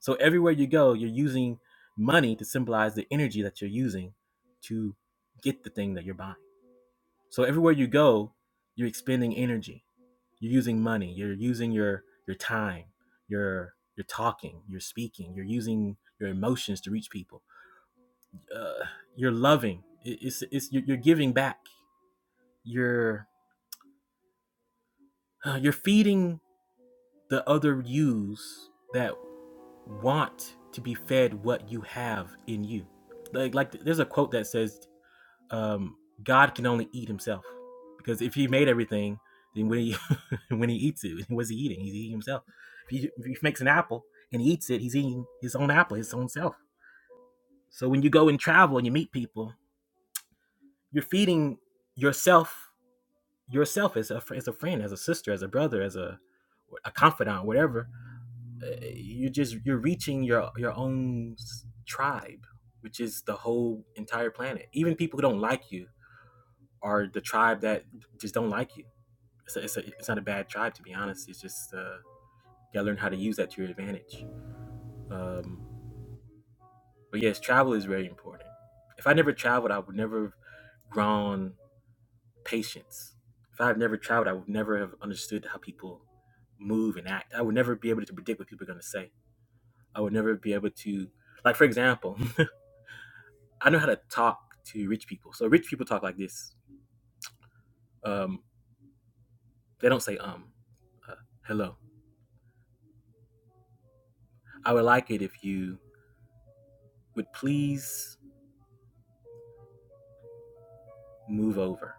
So everywhere you go, you're using money to symbolize the energy that you're using to get the thing that you're buying. So everywhere you go, you're expending energy. You're using money. You're using your your time. You're you're talking. You're speaking. You're using your emotions to reach people. Uh, you're loving. It- It's it's you're giving back. You're uh, you're feeding the other yous that want to be fed what you have in you. Like like there's a quote that says um, God can only eat himself. Because if he made everything, then when he [LAUGHS] when he eats it, what's he eating? He's eating himself. If he, if he makes an apple and he eats it, he's eating his own apple, his own self. So when you go and travel and you meet people, you're feeding yourself yourself as a as a friend, as a sister, as a brother, as a a confidant, whatever. Uh, You're just you're reaching your your own tribe, which is the whole entire planet. Even people who don't like you, are the tribe that just don't like you. It's, a, it's, a, it's not a bad tribe, to be honest. It's just uh, you gotta learn how to use that to your advantage. Um, but yes, travel is very important. If I never traveled, I would never have grown patience. If I had never traveled, I would never have understood how people move and act. I would never be able to predict what people are gonna say. I would never be able to, like, for example, [LAUGHS] I know how to talk to rich people. So rich people talk like this. Um, they don't say um, uh, hello. I would like it if you would please move over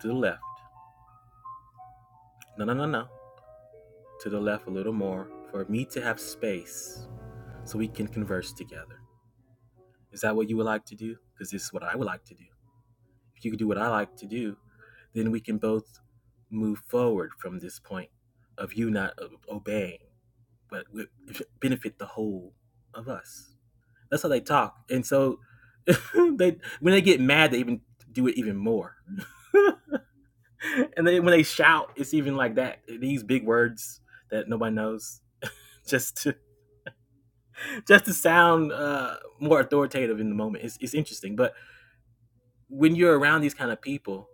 to the left. No, no, no, no. To the left a little more for me to have space so we can converse together. Is that what you would like to do? Because this is what I would like to do. If you could do what I like to do, then we can both move forward from this point of you not obeying, but it should [LAUGHS] benefit the whole of us. That's how they talk. And so [LAUGHS] they when they get mad, they even do it even more. [LAUGHS] and then when they shout, it's even like that. These big words that nobody knows, [LAUGHS] just to just to sound uh, more authoritative in the moment. It's it's interesting, but when you're around these kind of people,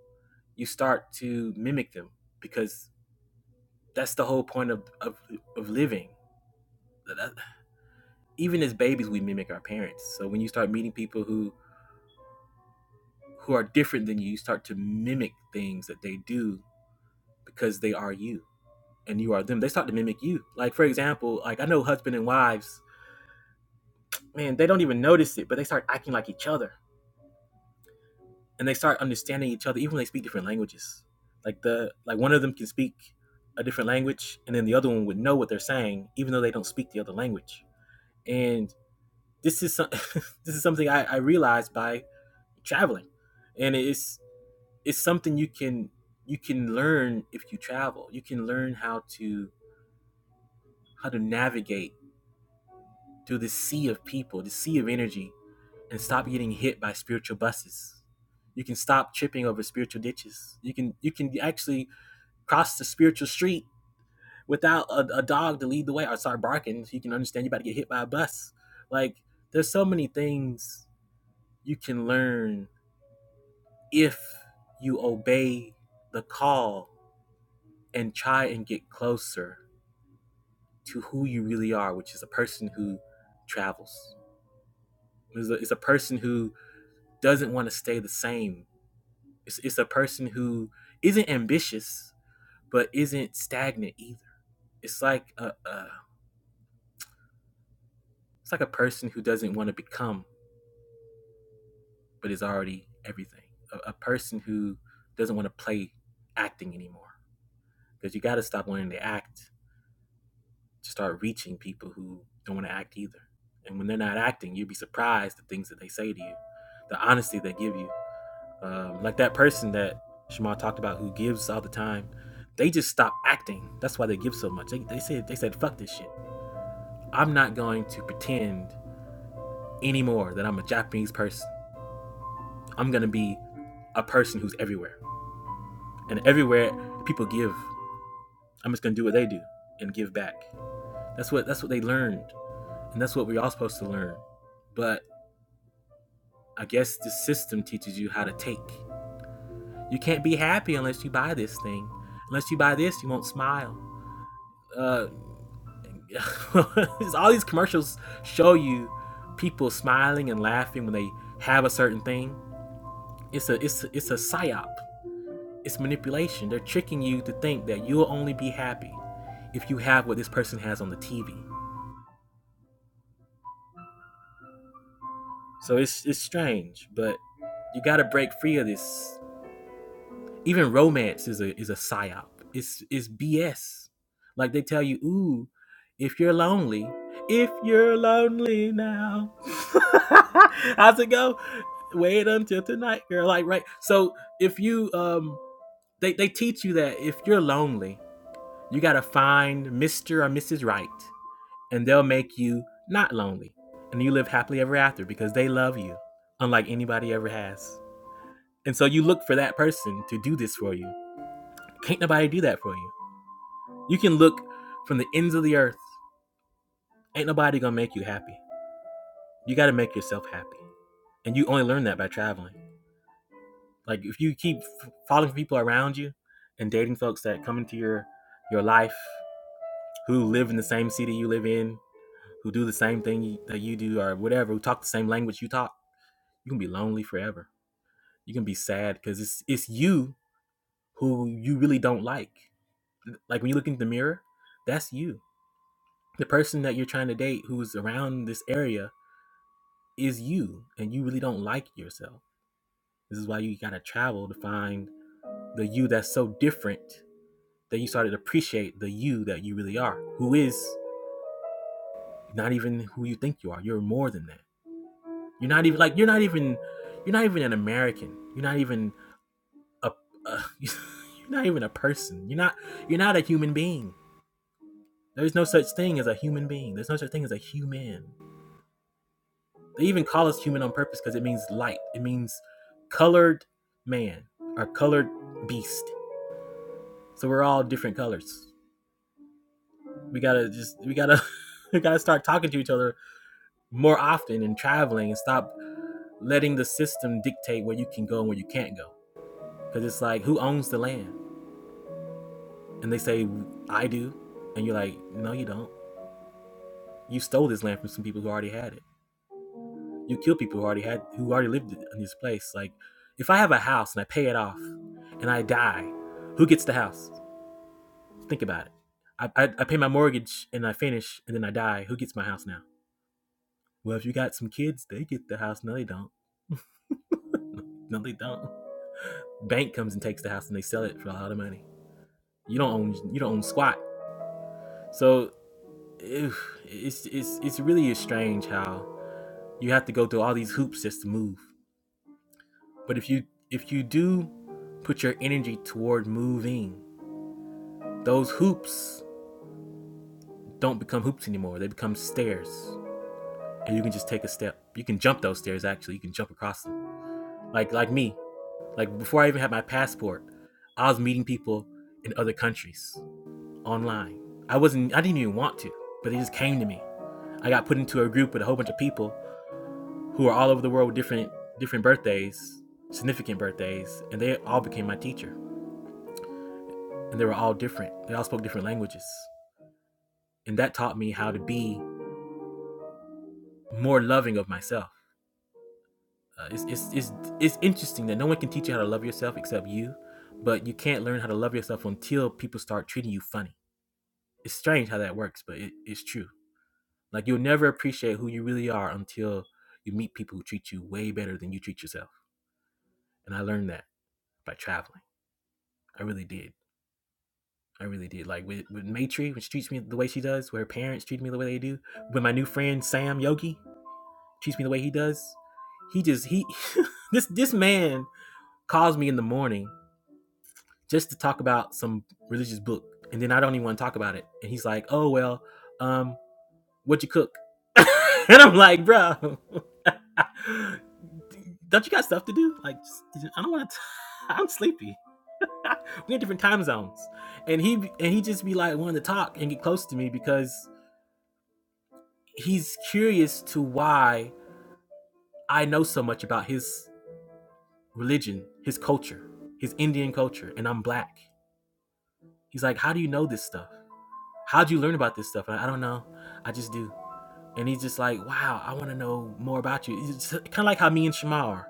you start to mimic them because that's the whole point of of, of living. Even as babies, we mimic our parents. So when you start meeting people who who are different than you, you start to mimic things that they do because they are you and you are them. They start to mimic you. Like for example, like I know husband and wives man, they don't even notice it, but they start acting like each other, and they start understanding each other, even when they speak different languages. Like the like one of them can speak a different language, and then the other one would know what they're saying, even though they don't speak the other language. And this is some, [LAUGHS] this is something I, I realized by traveling, and it's it's something you can you can learn if you travel. You can learn how to how to navigate through this sea of people, the sea of energy and stop getting hit by spiritual buses. You can stop tripping over spiritual ditches. You can you can actually cross the spiritual street without a, a dog to lead the way or start barking. So you can understand you're about to get hit by a bus. Like there's so many things you can learn if you obey the call and try and get closer to who you really are, which is a person who travels. Is a, is a person who doesn't want to stay the same It's, it's a person who isn't ambitious but isn't stagnant either. It's like a, a it's like a person who doesn't want to become but is already everything. A, a person who doesn't want to play acting anymore because you got to stop wanting to act to start reaching people who don't want to act either. And when they're not acting, you'd be surprised the things that they say to you, the honesty they give you. Um, like that person that Shema talked about who gives all the time, they just stop acting. That's why they give so much. They, they said they said fuck this shit. I'm not going to pretend anymore that I'm a Japanese person. I'm gonna be a person who's everywhere, and everywhere people give. I'm just gonna do what they do and give back. That's what that's what they learned, and that's what we're all supposed to learn. But I guess the system teaches you how to take. You can't be happy unless you buy this thing. Unless you buy this, you won't smile. Uh, [LAUGHS] all these commercials show you people smiling and laughing when they have a certain thing. It's a it's a, it's a psyop. It's manipulation. They're tricking you to think that you'll only be happy if you have what this person has on the TV. So it's it's strange, but you got to break free of this even romance is a is a psyop. It's it's BS. Like they tell you, ooh, if you're lonely, if you're lonely now, [LAUGHS] how's it go? Wait until tonight, girl. Like right. So if you um, they they teach you that if you're lonely, you gotta find Mister or Mrs. Right, and they'll make you not lonely, and you live happily ever after because they love you, unlike anybody ever has. And so you look for that person to do this for you. Can't nobody do that for you. You can look from the ends of the earth. Ain't nobody gonna make you happy. You gotta make yourself happy. And you only learn that by traveling. Like if you keep f- falling for people around you and dating folks that come into your your life who live in the same city you live in, who do the same thing that you do or whatever, who talk the same language you talk, you can be lonely forever. You can be sad because it's it's you who you really don't like. Like when you look in the mirror, that's you. the person that you're trying to date who's around this area is you and you really don't like yourself this is why you got to travel to find the you that's so different that you started to appreciate the you that you really are who is not even who you think you are you're more than that you're not even like you're not even you're not even an american you're not even a, a [LAUGHS] you're not even a person you're not you're not a human being there's no such thing as a human being there's no such thing as a human They even call us human on purpose because it means light. It means colored man or colored beast. So we're all different colors. We gotta just we gotta [LAUGHS] we gotta start talking to each other more often and traveling and stop letting the system dictate where you can go and where you can't go. Because it's like who owns the land? And they say I do, and you're like, no, you don't. You stole this land from some people who already had it. you kill people who already had who already lived in this place. Like, if I have a house and I pay it off, and I die, who gets the house? Think about it. I, I, I pay my mortgage and I finish and then I die. Who gets my house now? Well, if you got some kids, they get the house. No, they don't. No, they don't. Bank comes and takes the house and they sell it for a lot of money. You don't own you don't own squat. So it's it's it's really strange how you have to go through all these hoops just to move. But if you if you do put your energy toward moving, those hoops don't become hoops anymore. They become stairs. And you can just take a step. You can jump those stairs actually. You can jump across them. Like like me. Like before I even had my passport, I was meeting people in other countries online. I wasn't I didn't even want to, but they just came to me. I got put into a group with a whole bunch of people who are all over the world with different different birthdays, significant birthdays, and they all became my teacher. And they were all different. They all spoke different languages. And that taught me how to be more loving of myself uh, it's, it's, it's, it's interesting that no one can teach you how to love yourself except you, but you can't learn how to love yourself until people start treating you funny. It's strange how that works, but it, it's true. Like you'll never appreciate who you really are until you meet people who treat you way better than you treat yourself. And I learned that by traveling. I really did. I really did. Like with, with Maitri, when she treats me the way she does, where her parents treat me the way they do, when my new friend Sam Yogi treats me the way he does, he just he [LAUGHS] this this man calls me in the morning just to talk about some religious book, and then I don't even want to talk about it. And he's like, "Oh well, um, what you cook?" [LAUGHS] and I'm like, "Bro, [LAUGHS] don't you got stuff to do? Like, I don't want to. I'm sleepy. [LAUGHS] we in different time zones." And he and he just be like wanting to talk and get close to me because he's curious to why I know so much about his religion, his culture, his Indian culture, and I'm black. He's like, "How do you know this stuff?" how'd you learn about this stuff? And I don't know. I just do. And he's just like, wow, I want to know more about you. It's kind of like how me and Shema are.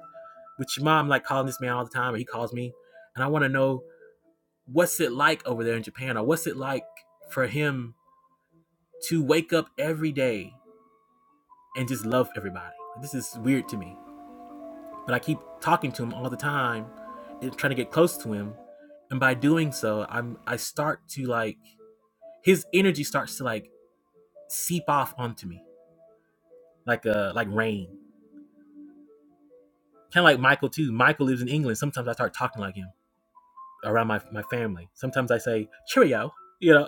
With Shema, I'm like calling this man all the time, or he calls me, and I want to know what's it like over there in Japan, or what's it like for him to wake up every day and just love everybody. This is weird to me, but I keep talking to him all the time and trying to get close to him. And by doing so, I'm I start to like his energy starts to like seep off onto me like a like rain Kind of like Michael too. Michael lives in England. Sometimes I start talking like him around my, my family. Sometimes I say cheerio, you know,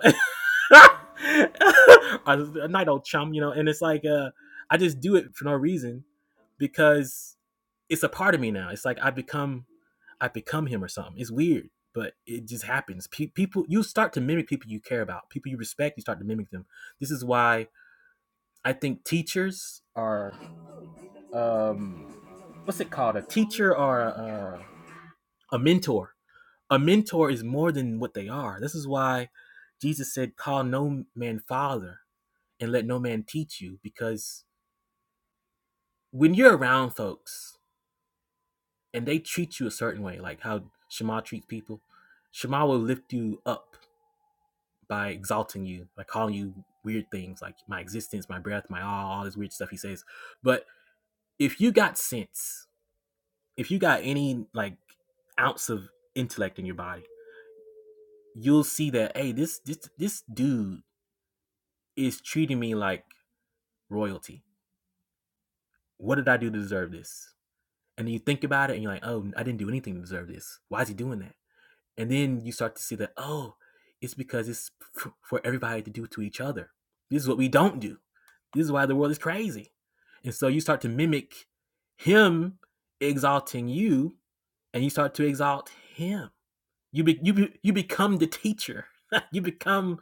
[LAUGHS] a night old chum, you know, and it's like uh, I just do it for no reason because it's a part of me now. It's like I become I become him or something. It's weird, but it just happens. Pe- people you start to mimic people you care about, people you respect. You start to mimic them. This is why I think teachers are um, what's it called? A teacher or a, a mentor a mentor is more than what they are. This is why Jesus said, Call no man father and let no man teach you. Because when you're around folks and they treat you a certain way, like how Shema treats people, Shema will lift you up by exalting you, by calling you weird things like my existence, my breath, my all, all this weird stuff he says. But if you got sense, if you got any like ounce of intellect in your body, you'll see that, hey, this this this dude is treating me like royalty. What did I do to deserve this? And then you think about it and you're like, oh, I didn't do anything to deserve this. Why is he doing that? And then you start to see that, oh, it's because it's for everybody to do to each other. This is what we don't do. This is why the world is crazy. And so you start to mimic him exalting you and you start to exalt him. You, be, you, be, you become the teacher. [LAUGHS] you become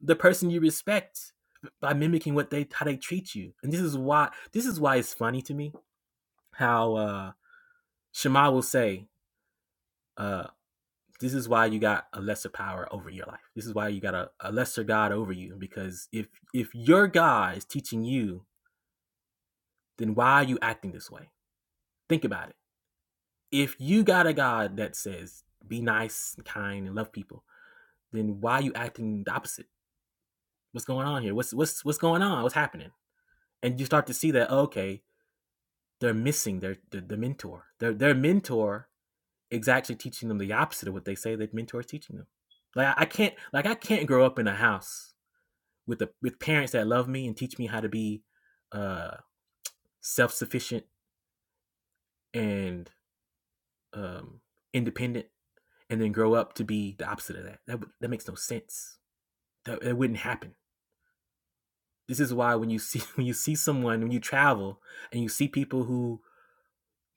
the person you respect by mimicking what they how they treat you. And this is why this is why it's funny to me how uh Shema will say, uh, this is why you got a lesser power over your life. This is why you got a, a lesser God over you. Because if if your God is teaching you, then why are you acting this way? Think about it. If you got a God that says be nice and kind and love people, then why are you acting the opposite? What's going on here? What's what's what's going on? What's happening? And you start to see that okay, they're missing their the, the mentor. Their their mentor is actually teaching them the opposite of what they say that mentor is teaching them. Like I, can't like I can't grow up in a house with the with parents that love me and teach me how to be uh self sufficient and um independent and then grow up to be the opposite of that. That that makes no sense. That, that wouldn't happen. This is why when you see [LAUGHS] when you see someone when you travel and you see people who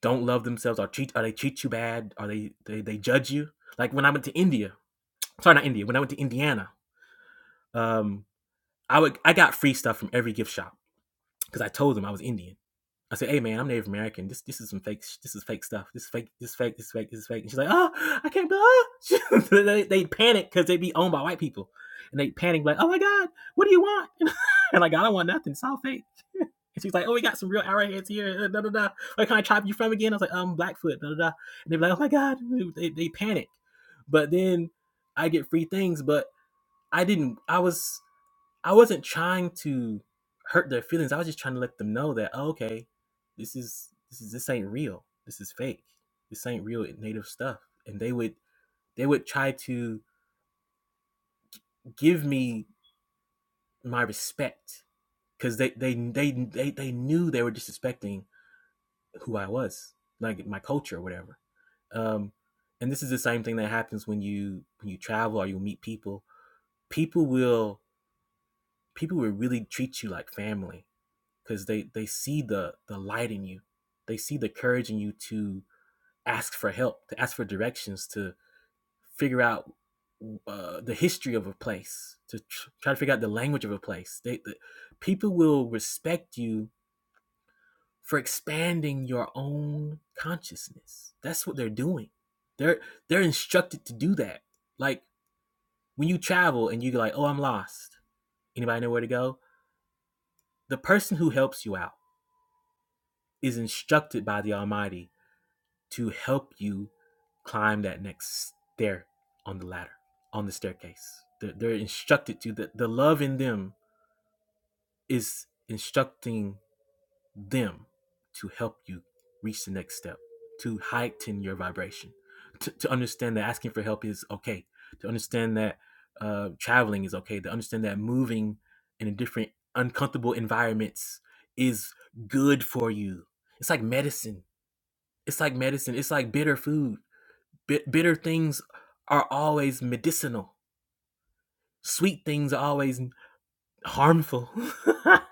don't love themselves or treat or they treat you bad or they they, they judge you. Like when I went to India, sorry not India, when I went to Indiana, um, I would I got free stuff from every gift shop because I told them I was Indian. I said, "Hey man, I'm Native American. This this is some fake. This is fake stuff. This is fake. This is fake. This is fake. This is fake." And she's like, "Oh, I can't believe." [LAUGHS] they they panic because they be owned by white people, and they panic like, "Oh my God, what do you want?" [LAUGHS] and like, "I don't want nothing. It's all fake." [LAUGHS] And she's like, "Oh, we got some real arrowheads here. uh, Da da da. Where can I tribe you from again?" I was like, "Um, Blackfoot." Da da da. And they are like, "Oh my God," they they panic. But then I get free things, but I didn't. I was I wasn't trying to hurt their feelings. I was just trying to let them know that oh, okay, this is this is this ain't real. This is fake. This ain't real native stuff. And they would they would try to give me my respect because they, they they they they knew they were disrespecting who I was, like my culture or whatever. Um, and this is the same thing that happens when you when you travel or you meet people. People will people will really treat you like family because they they see the the light in you they see the courage in you to ask for help to ask for directions to figure out uh, the history of a place to tr- try to figure out the language of a place they, the, people will respect you for expanding your own consciousness that's what they're doing they're they're instructed to do that like when you travel and you're like oh i'm lost anybody know where to go the person who helps you out is instructed by the almighty to help you climb that next stair on the ladder, on the staircase. They're, they're instructed to, the, the love in them is instructing them to help you reach the next step, to heighten your vibration, to, to understand that asking for help is okay, to understand that uh, traveling is okay, to understand that moving in a different, uncomfortable environments is good for you. It's like medicine. It's like medicine. It's like bitter food. Bit bitter things are always medicinal. Sweet things are always harmful. [LAUGHS]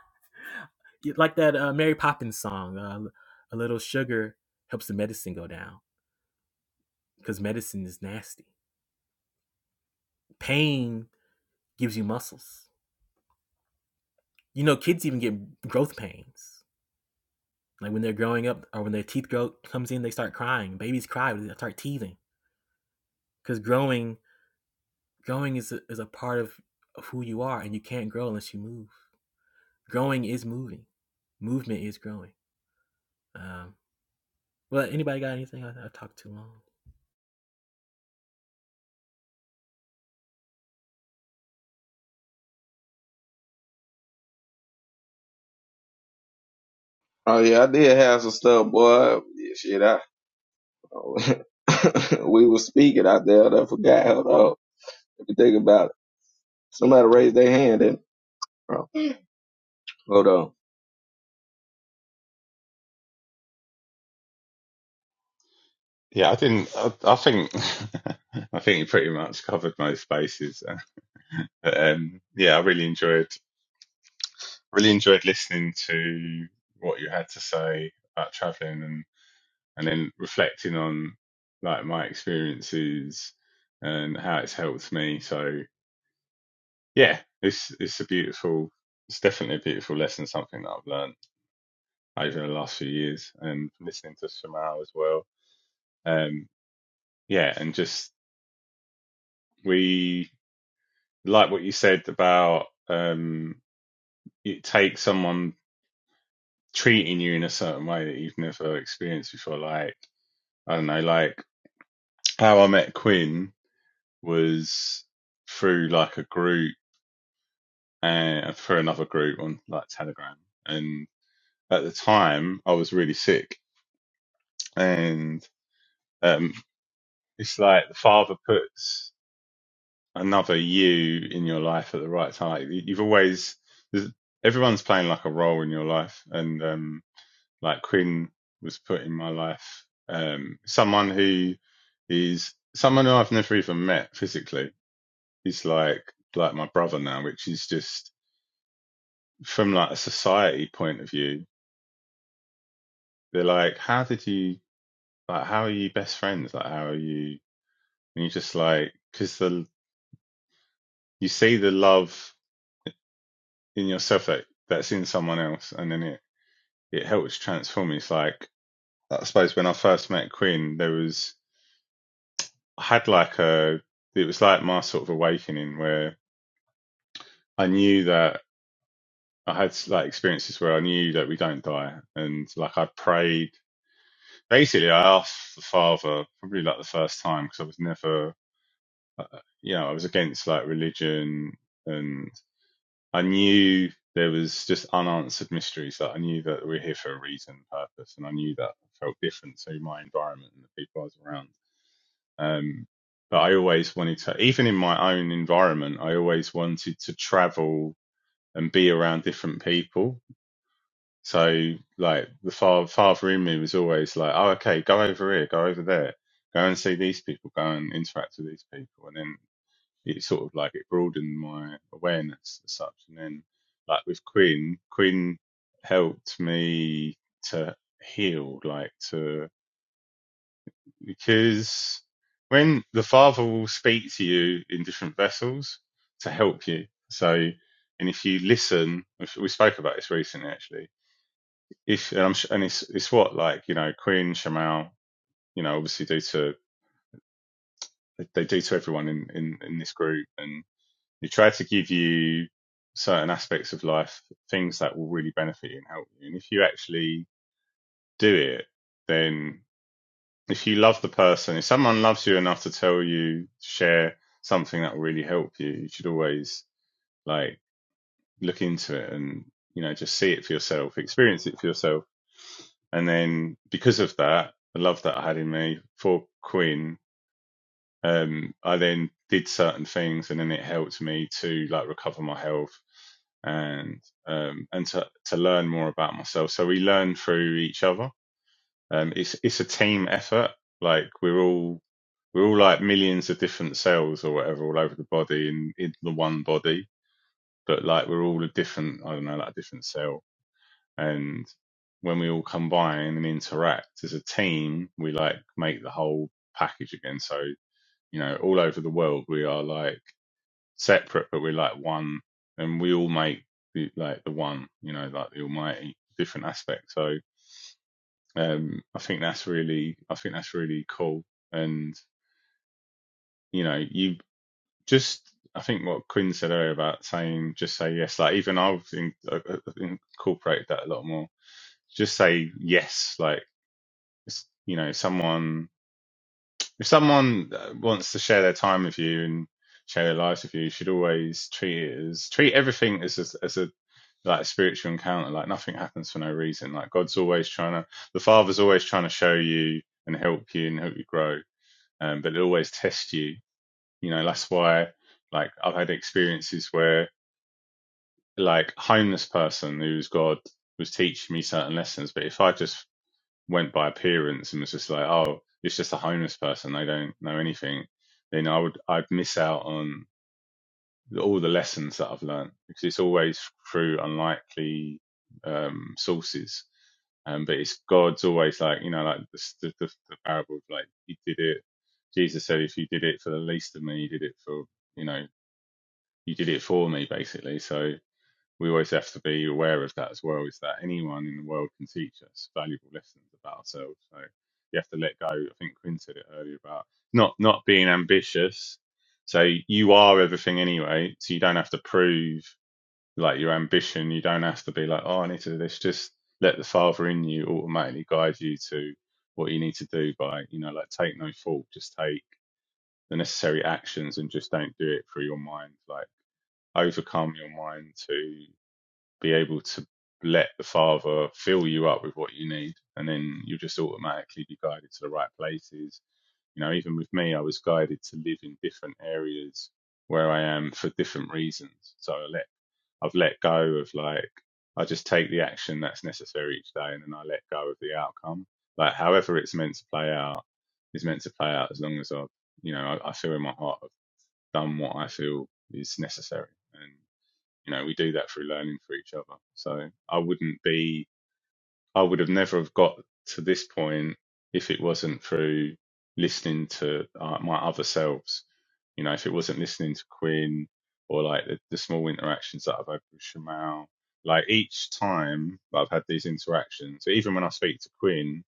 like that uh, Mary Poppins song, uh, "A little sugar helps the medicine go down," because medicine is nasty. Pain gives you muscles. You know, kids even get growth pains. Like when they're growing up, or when their teeth grow comes in, they start crying. Babies cry; they start teething because growing, growing is a, is a part of, of who you are, and you can't grow unless you move. growing is moving. Movement is growing. Um, well, anybody got anything? I, I talked too long. Oh yeah, I did have some stuff, boy. Yeah, shit, I [LAUGHS] we was speaking out there. and I forgot. Hold on, let me think about it. Somebody raised their hand. And oh, hold on. Yeah, I didn't I, I think [LAUGHS] I think you pretty much covered most bases. [LAUGHS] But, Um yeah, I really enjoyed Really enjoyed listening to what you had to say about traveling and, and then reflecting on like my experiences and how it's helped me. So yeah, it's it's a beautiful it's definitely a beautiful lesson, something that I've learned over the last few years and listening to Samal as well. Um yeah, and just we like what you said about um it takes someone treating you in a certain way that you've never experienced before, like I don't know, like how I met Quinn was through like a group and uh, through another group on like Telegram. And at the time, I was really sick, and um, it's like the father puts another you in your life at the right time. You- You've always there's- everyone's playing like a role in your life, and um, like Quinn was put in my life, um, someone who is someone who I've never even met physically is like like my brother now, which is just from like a society point of view. They're like, how did you like? How are you best friends? Like, how are you? And you just like because the you see the love in yourself that that's in someone else, and then it it helps transform. It's like I suppose when I first met Quinn, there was I had like a it was like my sort of awakening where I knew that I had like experiences where I knew that we don't die, and like I prayed basically I asked the father probably like the first time because I was never uh, uh, you know I was against like religion and I knew there was just unanswered mysteries that I knew that we we're here for a reason purpose and I knew that I felt different to my environment and the people I was around um but I always wanted to even in my own environment I always wanted to travel and be around different people so like the father, father in me was always like, oh, okay, go over here, go over there, go and see these people, go and interact with these people. And then it sort of like it broadened my awareness as such. And then like with Quinn, Quinn helped me to heal, like to, because when the father will speak to you in different vessels to help you. So, and if you listen, we spoke about this recently actually if and, I'm, and it's it's what like you know Queen Shamal, you know, obviously do to they do to everyone in in in this group, and they try to give you certain aspects of life, things that will really benefit you and help you. And if you actually do it, then if you love the person, if someone loves you enough to tell you share something that will really help you, you should always like look into it and you know just see it for yourself, experience it for yourself And then because of that, the love that I had in me for Quinn, um, I then did certain things and then it helped me to like recover my health and um, and to, to learn more about myself. So we learn through each other. Um, it's it's a team effort. Like we're all we're all like millions of different cells or whatever all over the body in, in the one body, but like we're all a different I don't know like a different cell and when we all combine and interact as a team, we like make the whole package again. So you know, all over the world, we are like separate, but we're like one, and we all make the, like the one. You know, like the Almighty, different aspect. So um, I think that's really, I think that's really cool. And you know, you just. I think what Quinn said earlier about saying just say yes, like even I've in, uh, uh, incorporated that a lot more. Just say yes, like you know someone if someone uh, wants to share their time with you and share their lives with you, you should always treat it as treat everything as a, as a like a spiritual encounter. Like nothing happens for no reason. Like God's always trying to, the Father's always trying to show you and help you and help you grow. Um, but it always tests you. You know that's why like I've had experiences where like homeless person who's God was teaching me certain lessons, but if I just went by appearance and was just like, oh, it's just a homeless person. They don't know anything. Then I would I'd miss out on all the lessons that I've learned because it's always through unlikely um, sources. Um, but it's God's always like you know like the, the, the, the parable of like he did it. Jesus said, if you did it for the least of me, you did it for you know you did it for me basically. So we always have to be aware of that as well is that anyone in the world can teach us valuable lessons about ourselves so you have to let go i think quinn said it earlier about not not being ambitious so you are everything anyway so you don't have to prove like your ambition you don't have to be like oh i need to do this just let the father in you automatically guide you to what you need to do by you know like take no fault just take the necessary actions and just don't do it through your mind like overcome your mind to be able to let the Father fill you up with what you need, and then you'll just automatically be guided to the right places. You know, even with me, I was guided to live in different areas where I am for different reasons. So I let I've let go of like I just take the action that's necessary each day, and then I let go of the outcome. Like however it's meant to play out is meant to play out as long as I, you know, I, I feel in my heart I've done what I feel is necessary, and. You know, we do that through learning for each other. So I wouldn't be, I would have never have got to this point if it wasn't through listening to uh, my other selves. You know, if it wasn't listening to Quinn or like the, the small interactions that I've had with Shamal, like each time that I've had these interactions, even when I speak to Quinn,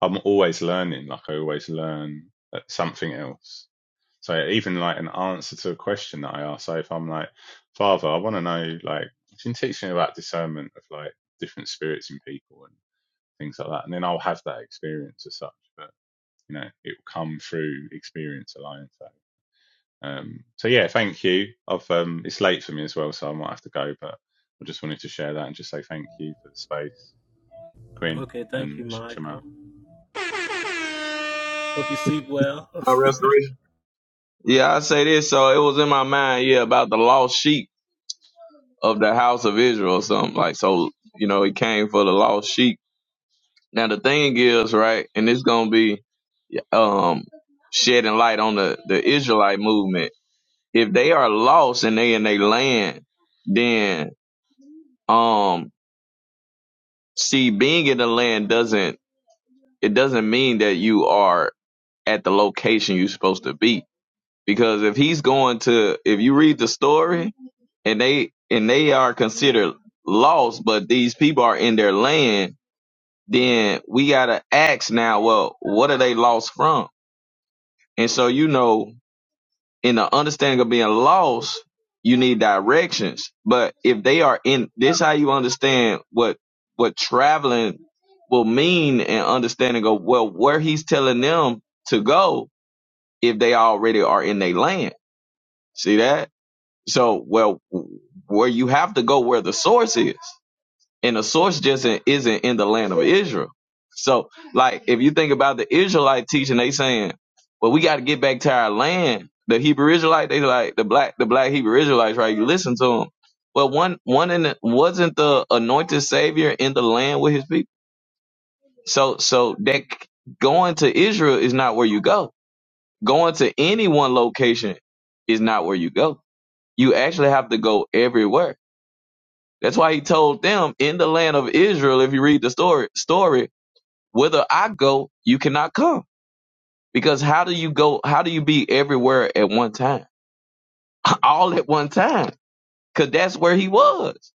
I'm always learning. Like I always learn uh, something else so even like an answer to a question that I ask. So if I'm like, Father, I want to know, like, you can teach me about discernment of like different spirits in people and things like that. And then I'll have that experience as such. But, you know, it will come through experience alone. So, um, so yeah, thank you. I've, um, it's late for me as well, so I might have to go, but I just wanted to share that and just say thank you for the space, Quinn Okay, thank you, and Shema. Michael. Hope you sleep well. My restoration. Yeah, I say this. So it was in my mind. Yeah, about the lost sheep of the house of Israel or something like. So you know, he came for the lost sheep. Now the thing is, right, and it's gonna be um shedding light on the the Israelite movement. If they are lost and they in their land, then um. See, being in the land doesn't it doesn't mean that you are at the location you're supposed to be. Because if he's going to if you read the story and they and they are considered lost, but these people are in their land, then we gotta ask now, well, what are they lost from? And so you know in the understanding of being lost, you need directions. But if they are in this, how you understand what what traveling will mean and understanding of well where he's telling them to go if they already are in their land. See that? So well, where you have to go where the source is and the source just in- isn't in the land of Israel. So, like, if you think about the Israelite teaching, they saying, "Well, we got to get back to our land." The Hebrew Israelite, they like the black, the black Hebrew Israelites, right? You listen to them. Well, one, one in the, wasn't the anointed Savior in the land with His people. So, so that c- going to Israel is not where you go. Going to any one location is not where you go. You actually have to go everywhere that's why he told them in the land of Israel, if you read the story, story, whither I go, you cannot come. Because how do you go? How do you be everywhere at one time? [LAUGHS] All at one time. Cause that's where he was.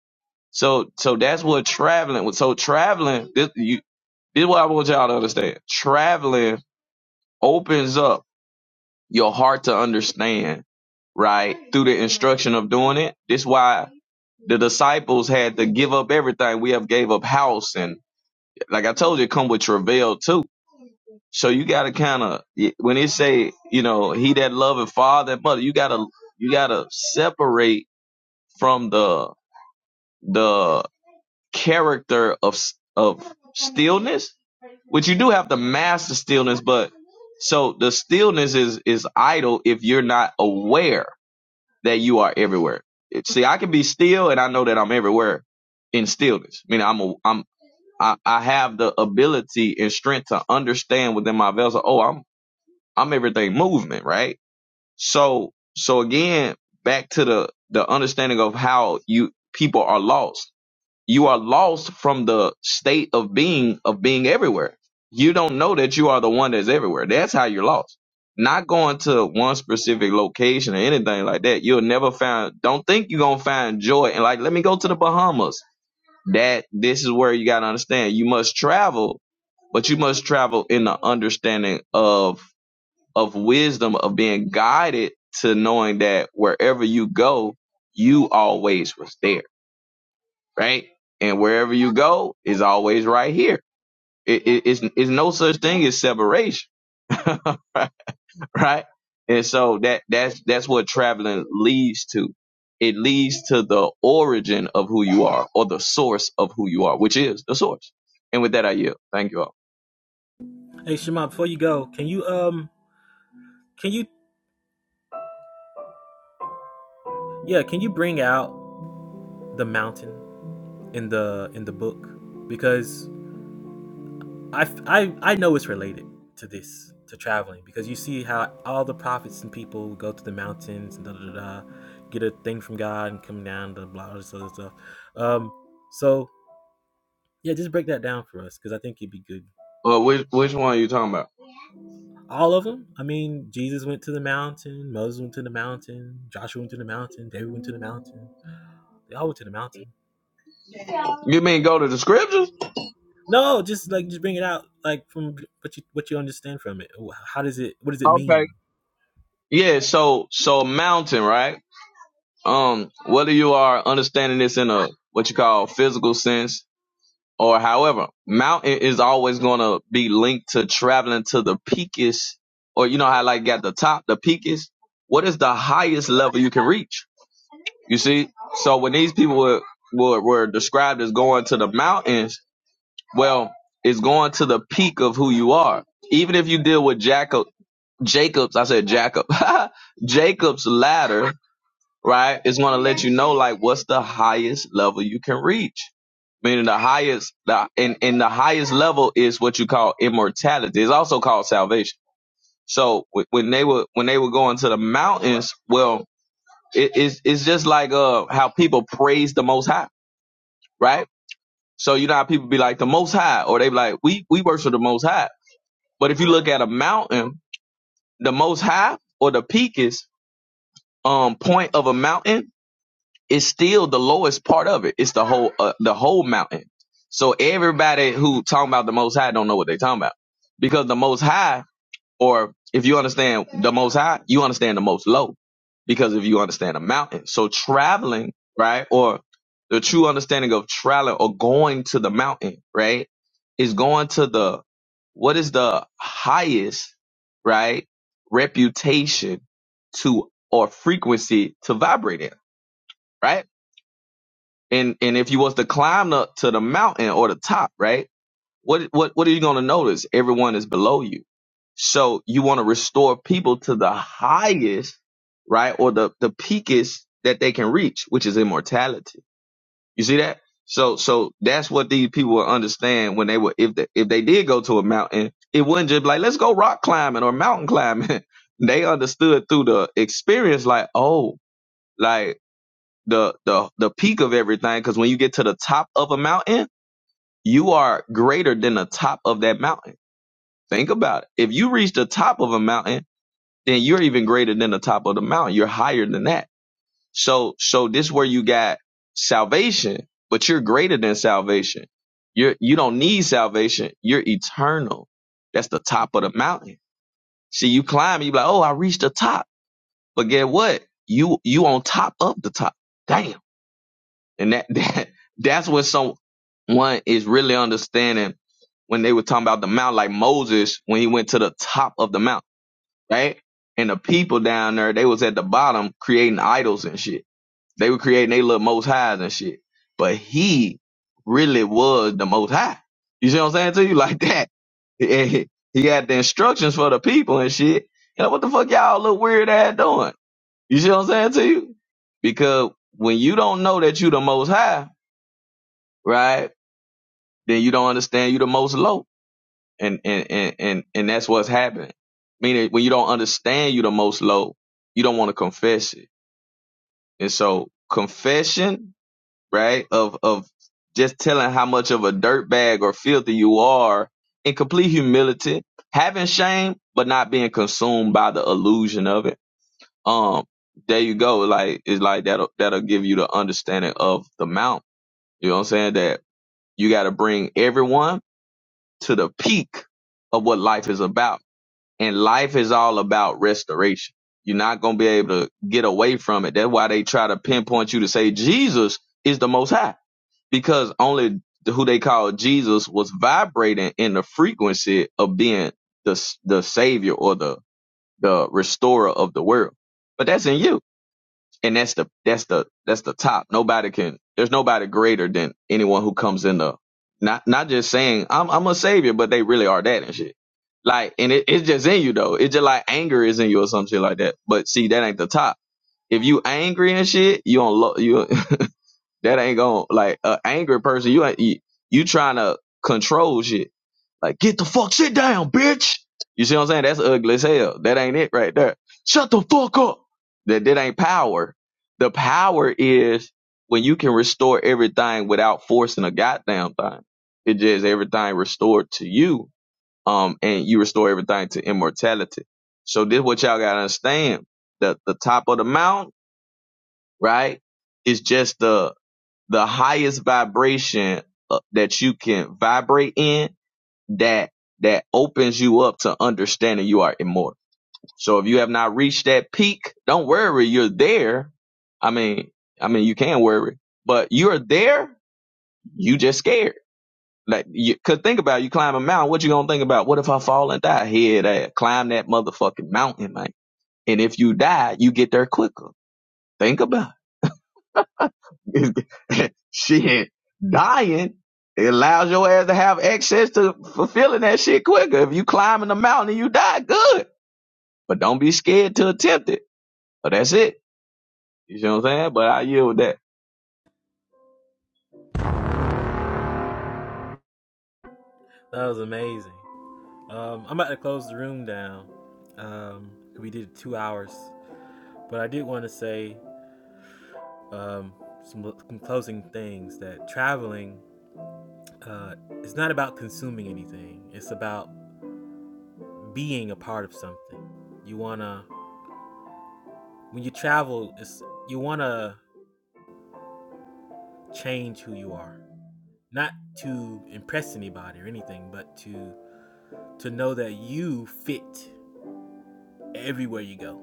So, so that's what traveling was. So traveling, this, you, this is what I want y'all to understand. Traveling opens up your heart to understand, right? Through the instruction of doing it. This is why the disciples had to give up everything. We have gave up house and. like I told you, it come with travail too. So you gotta kind of when it say, you know, he that loveth father and mother, you gotta you gotta separate from the the character of s- of stillness, which you do have to master stillness. But so the stillness is is idle if you're not aware that you are everywhere. It- See, I can be still and I know that I'm everywhere in stillness. I mean, I'm a, I'm I, I have the ability and strength to understand within my vessel. Oh, I'm I'm everything movement, right? So so again, back to the the understanding of how you people are lost. You are lost from the state of being of being everywhere. You don't know that you are the one that's everywhere. That's how you're lost. Not going to one specific location or anything like that. You'll never find. Don't think you're gonna find joy. And like, let me go to the Bahamas that this is where you gotta understand. You must travel, but you must travel in the understanding of of wisdom of being guided to knowing that wherever you go, you always was there, right? And wherever you go is always right here. It, it, it's, it's no such thing as separation. [LAUGHS] right? And so that that's that's what traveling leads to. It leads to the origin of who you are, or the source of who you are, which is the source. And with that, I yield. Thank you all. [LAUGHS] hey, Shema, before you go, can you um, can you Yeah, can you bring out the mountain in the in the book? Because I I I know it's related to this to traveling because you see how all the prophets and people go to the mountains and da da da, da get a thing from God and come down to blah blah blah, blah, blah. Um, so Yeah, just break that down for us because I think it'd be good. Well, which which one are you talking about? All of them. I mean, Jesus went to the mountain, Moses went to the mountain, Joshua went to the mountain, David went to the mountain. They all went to the mountain. You mean go to the scriptures? No, just like just bring it out, like from what you what you understand from it. How does it? What does it Okay. mean? Yeah. So so mountain, right? Um, whether you are understanding this in a what you call physical sense or however, mountain is always going to be linked to traveling to the peakest, or you know how like at the top, the peakest. What is the highest level you can reach? You see, so when these people were were, were described as going to the mountains, well, it's going to the peak of who you are. Even if you deal with Jacob, Jacob's, I said Jacob, [LAUGHS] Jacob's ladder right? It's going to let you know like what's the highest level you can reach. Meaning the highest, the, and, and the highest level is what you call immortality. It's also called salvation. So wh- when they were, when they were going to the mountains, well, it, it's, it's just like, uh, how people praise the most high, right? So you know how people be like the most high or they be like, we, we worship the most high. But if you look at a mountain, the most high or the peak is, um, point of a mountain it's still the lowest part of it. It's the whole uh, the whole mountain. So everybody who talking about the Most High don't know what they talking about because the Most High, or if you understand the Most High, you understand the Most Low because if you understand the mountain. So traveling, right, or the true understanding of traveling or going to the mountain, right, is going to the what is the highest, right, reputation to or frequency to vibrate in, right? and and if you was to climb up to the mountain or the top, right? What what what are you gonna notice? Everyone is below you. So you want to restore people to the highest, right, or the the peakest that they can reach, which is immortality. You see that? So so that's what these people will understand when they were if they, if they did go to a mountain, it wouldn't just be like let's go rock climbing or mountain climbing. [LAUGHS] they understood through the experience, like oh, like the the the peak of everything because when you get to the top of a mountain you are greater than the top of that mountain think about it if you reach the top of a mountain then you're even greater than the top of the mountain you're higher than that so so this where you got salvation but you're greater than salvation you're you don't need salvation you're eternal that's the top of the mountain see you climb you be like oh i reached the top but get what you you on top of the top damn And that, [LAUGHS] that that's when someone is really understanding when they were talking about the mount, like Moses when he went to the top of the mount, right? And the people down there, they was at the bottom creating idols and shit. They were creating they little most highs and shit. But he really was the most high. You see what I'm saying to you? [LAUGHS] Like that. And he he had the instructions for the people and shit. You know, what the fuck y'all look weird at doing? You see what I'm saying to you? Because when you don't know that you the most high, right? Then you don't understand you the most low. And and and and, and that's what's happening. Meaning when you don't understand you the most low, you don't want to confess it. And so confession, right, of of just telling how much of a dirtbag or filthy you are in complete humility, having shame, but not being consumed by the illusion of it. Um, there you go. Like it's like that'll that'll give you the understanding of the mount. You know what I'm saying? That you gotta bring everyone to the peak of what life is about. And life is all about restoration. You're not going to be able to get away from it. That's why they try to pinpoint you to say Jesus is the most high because only who they call Jesus was vibrating in the frequency of being the, the savior or the, the restorer of the world. But that's in you and that's the that's the that's the top. Nobody can. There's nobody greater than anyone who comes in the not not just saying I'm I'm a savior, but they really are that and shit. Like, and it, it's just in you though. It's just like anger is in you or some shit like that. But see, that ain't the top. If you angry and shit, you don't love you. [LAUGHS] That ain't going to like an angry person. You ain't you, you trying to control shit. Like get the fuck shit down, bitch. You see what I'm saying? That's ugly as hell. That ain't it right there. Shut the fuck up. That that ain't power. The power is when you can restore everything without forcing a goddamn thing. It just everything restored to you. Um, and you restore everything to immortality. So this what y'all gotta understand. The the top of the mountain, right? Is just the the highest vibration uh, that you can vibrate in that that opens you up to understanding you are immortal. So if you have not reached that peak, don't worry, you're there. I mean, I mean you can worry, but you're there, you just scared. Like you could think about it, you climb a mountain, what you going to think about? What if I fall and die? Head ass, climb that motherfucking mountain, man. And if you die, you get there quicker. Think about it. [LAUGHS] shit, dying it allows your ass to have access to fulfilling that shit quicker. If you climbing the mountain and you die, good. But don't be scared to attempt it. But that's it. You see what I'm saying? But I yield with that. That was amazing. Um, I'm about to close the room down. Um, we did two hours, but I did want to say um, some, some closing things that traveling uh, is not about consuming anything, it's about being a part of something. You want to, when you travel, it's, you want to change who you are, not to impress anybody or anything, but to to know that you fit everywhere you go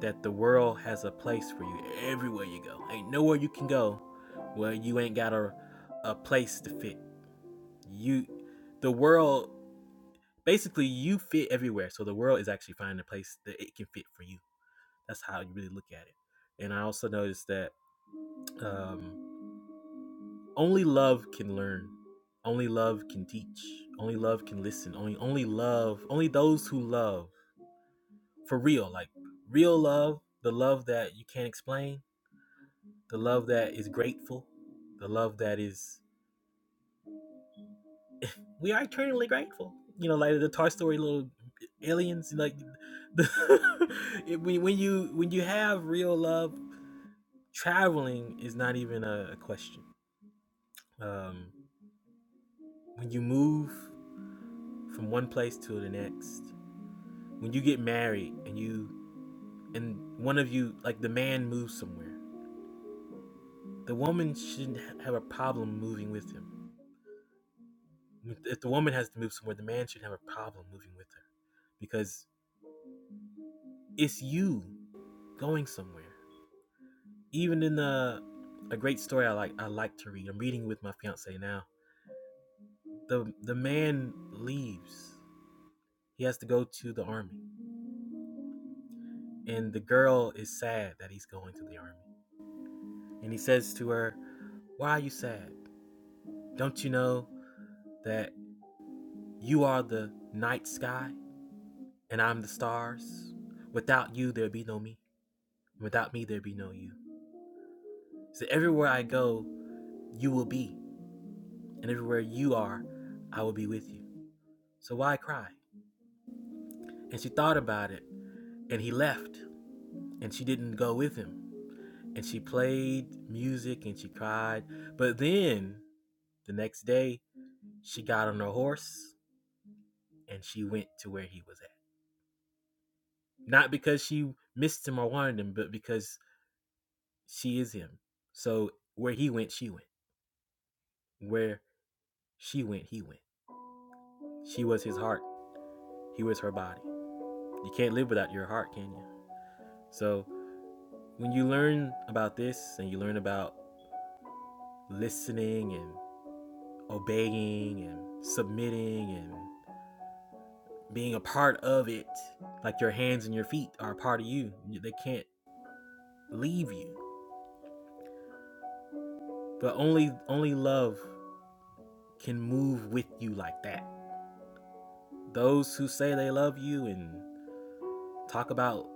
that the world has a place for you everywhere you go. Ain't nowhere you can go where you ain't got a a place to fit. You the world basically you fit everywhere. So the world is actually finding a place that it can fit for you. That's how you really look at it. And I also noticed that um, only love can learn. Only love can teach. Only love can listen. Only only love, only those who love for real, like real love, the love that you can't explain the love that is grateful, the love that is we are eternally grateful. You know, like the Toy Story little aliens, like the, [LAUGHS] when you when you have real love, traveling is not even a, question. Um, when you move from one place to the next, when you get married and you and one of you like the man moves somewhere, the woman shouldn't have a problem moving with him. If the woman has to move somewhere, the man shouldn't have a problem moving with her because it's you going somewhere. Even in the a great story I like I like to read. I'm reading with my fiance now. The the man leaves. He has to go to the army. And the girl is sad that he's going to the army. And he says to her, Why are you sad? Don't you know that you are the night sky and I'm the stars? Without you there'd be no me. Without me there'd be no you. So everywhere I go, you will be. And everywhere you are, I will be with you. So why cry? And she thought about it, and he left, and she didn't go with him. And she played music and she cried. But then the next day, she got on her horse and she went to where he was at. Not because she missed him or wanted him, but because she is him. So where he went, she went. Where she went, he went. She was his heart, he was her body. You can't live without your heart, can you? So when you learn about this and you learn about listening and obeying and submitting and being a part of it. Like your hands and your feet are a part of you. They can't leave you. But only only love can move with you like that. Those who say they love you and talk about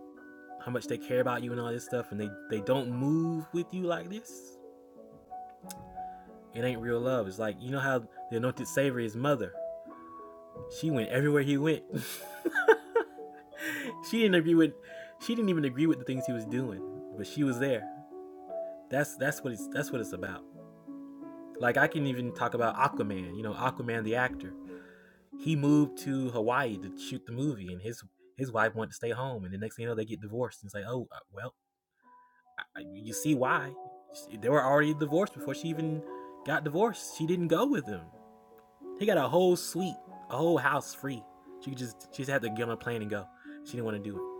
how much they care about you and all this stuff and they, they don't move with you like this, it ain't real love. It's like you know how the anointed savior is mother. She went everywhere he went. [LAUGHS] she didn't agree with she didn't even agree with the things he was doing, but she was there. That's that's what it's that's what it's about. Like I can even talk about Aquaman, you know, Aquaman the actor. He moved to Hawaii to shoot the movie and his his wife wanted to stay home and the next thing you know they get divorced. And it's like, "Oh, uh, well, I- you see why? They were already divorced before she even got divorced. She didn't go with him. They got a whole suite, a whole house free. She just she just had to get on a plane and go. She didn't want to do it.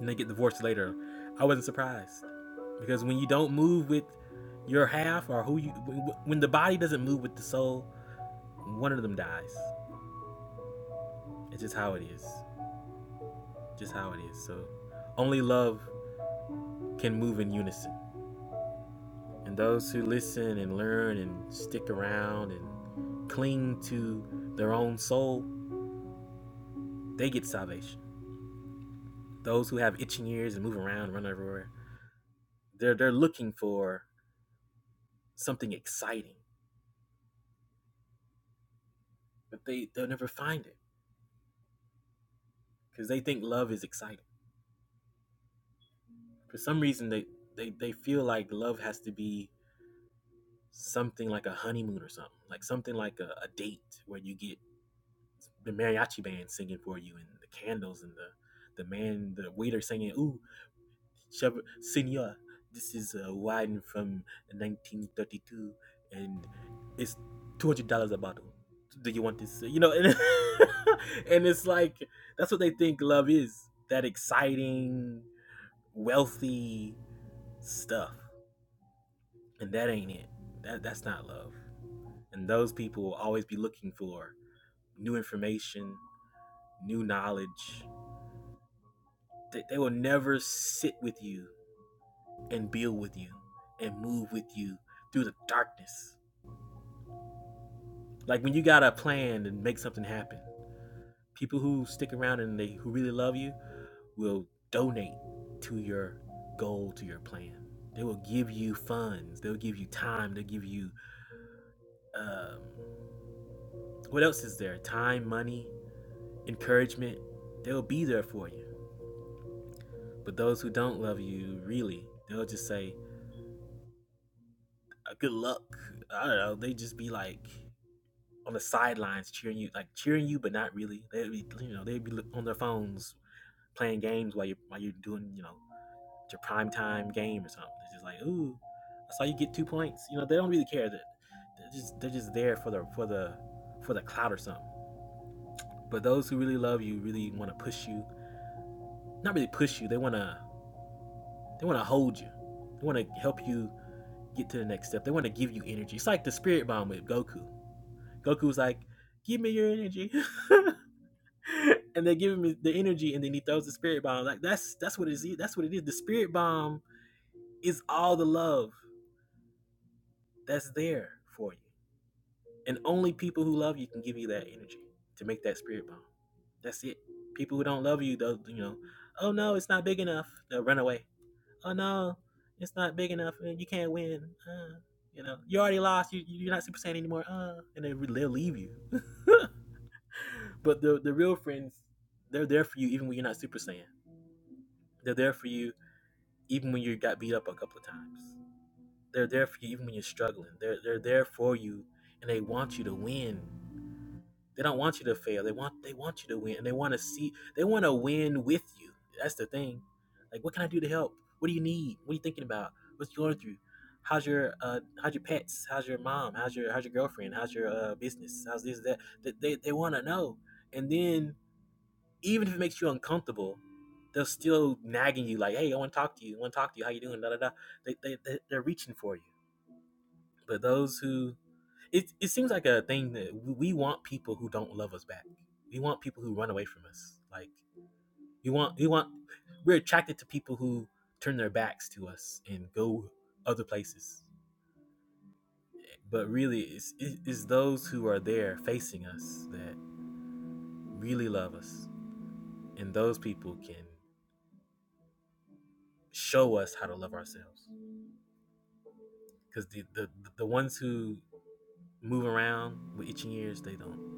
And they get divorced later. I wasn't surprised because when you don't move with your half or who you when the body doesn't move with the soul, one of them dies. It's just how it is. Just how it is. So only love can move in unison. And those who listen and learn and stick around and cling to their own soul, they get salvation. Those who have itching ears and move around, run everywhere, They're they're looking for something exciting, but they they'll never find it because they think love is exciting. For some reason, they they they feel like love has to be something like a honeymoon or something, like something like a, a date where you get the mariachi band singing for you and the candles and the the man the waiter singing ooh Chef- Senor, this is a wine from 1932 and it's $200 a bottle. Do you want this? uh, You know, and, [LAUGHS] and it's like, that's what they think love is that exciting, wealthy stuff. And that ain't it. That, that's not love. And those people will always be looking for new information, new knowledge. They, they will never sit with you and build with you and move with you through the darkness. Like when you got a plan and make something happen, people who stick around and they who really love you will donate to your goal, to your plan. They will give you funds. They'll give you time. They'll give you um, what else is there? Time, money, encouragement. They'll be there for you. But those who don't love you, really, they'll just say, uh, "Good luck." I don't know. They just be like, on the sidelines cheering you, like cheering you, but not really. They'd be, you know, they'd be on their phones playing games while you while you're doing, you know, your prime time game or something. It's just like, ooh, I saw you get two points. You know, they don't really care. That they're just they're just there for the for the for the clout or something. But those who really love you really want to push you. Not really push you. They wanna they wanna hold you. They wanna help you get to the next step. They wanna give you energy. It's like the spirit bomb with Goku. Goku's like, give me your energy. [LAUGHS] [LAUGHS] and they give him the energy, and then he throws the spirit bomb. Like that's that's what it is. That's what it is. The spirit bomb is all the love that's there for you, and only people who love you can give you that energy to make that spirit bomb. That's it. People who don't love you, though, you know, oh no, it's not big enough. They'll run away. Oh no, it's not big enough, and you can't win. Uh, you know, you already lost. You, you're not Super Saiyan anymore. Uh, and then they'll leave you. [LAUGHS] but the the real friends, they're there for you even when you're not Super Saiyan. They're there for you even when you got beat up a couple of times. They're there for you even when you're struggling. They're they're there for you and they want you to win. They don't want you to fail. They want they want you to win and they want to see they want to win with you. That's the thing. Like what can I do to help? What do you need? What are you thinking about? What's you going through? How's your uh how's your pets? How's your mom? How's your how's your girlfriend? How's your uh business? How's this that? They they, they want to know. And then even if it makes you uncomfortable, they're still nagging you like, "Hey, I want to talk to you. I want to talk to you. How you doing?" Da da da. They they they- are reaching for you. But those who it it seems like a thing that we want people who don't love us back. We want people who run away from us. Like we want we want we're attracted to people who turn their backs to us and go other places. But really, it's it- it's those who are there facing us that really love us, and those people can show us how to love ourselves. because the, the the ones who move around with itching ears they don't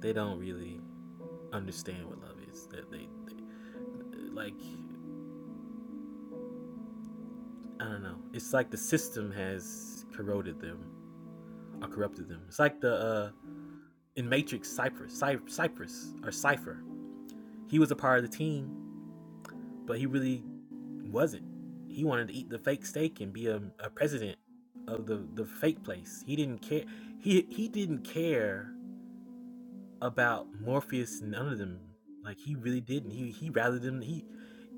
they don't really understand what love is that they, they they like i don't know it's like the system has corroded them or corrupted them it's like the uh in matrix cypress Cy- cypress or cypher he was a part of the team but he really wasn't he wanted to eat the fake steak and be a, a president of the the fake place he didn't care he he didn't care about Morpheus, and none of them. Like he really didn't. He he rather them. He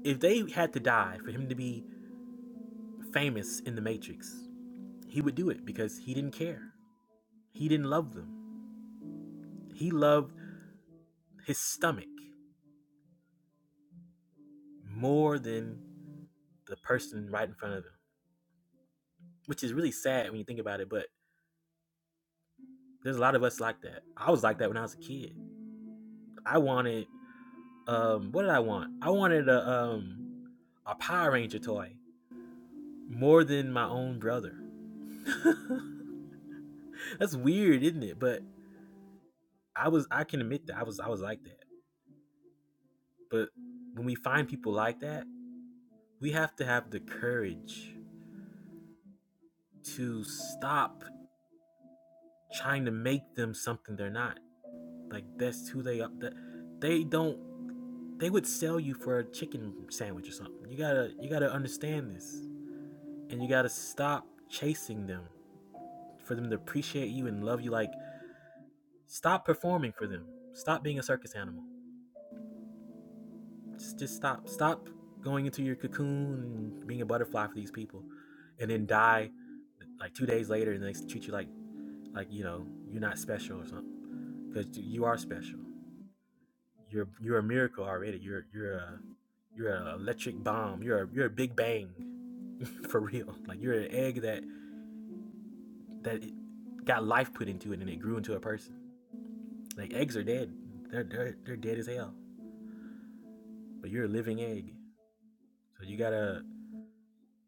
if they had to die for him to be famous in the Matrix, he would do it because he didn't care. He didn't love them. He loved his stomach more than the person right in front of him, which is really sad when you think about it. But there's a lot of us like that. I was like that when I was a kid. I wanted um what did I want? I wanted a um a Power Ranger toy more than my own brother. [LAUGHS] That's weird, isn't it? But I was I can admit that I was I was like that. But when we find people like that, we have to have the courage to stop trying to make them something they're not. Like that's who they are. That they don't. They would sell you for a chicken sandwich or something. You gotta you gotta understand this, and you gotta stop chasing them for them to appreciate you and love you. Like stop performing for them. Stop being a circus animal. Just, just stop. Stop going into your cocoon and being a butterfly for these people, and then die like two days later, and they treat you like like you know you're not special or something because you are special. You're you're a miracle already. You're you're a you're an electric bomb. You're a, you're a big bang [LAUGHS] for real. Like you're an egg that that got life put into it and it grew into a person. Like eggs are dead. They're they're, they're dead as hell. But you're a living egg. So you gotta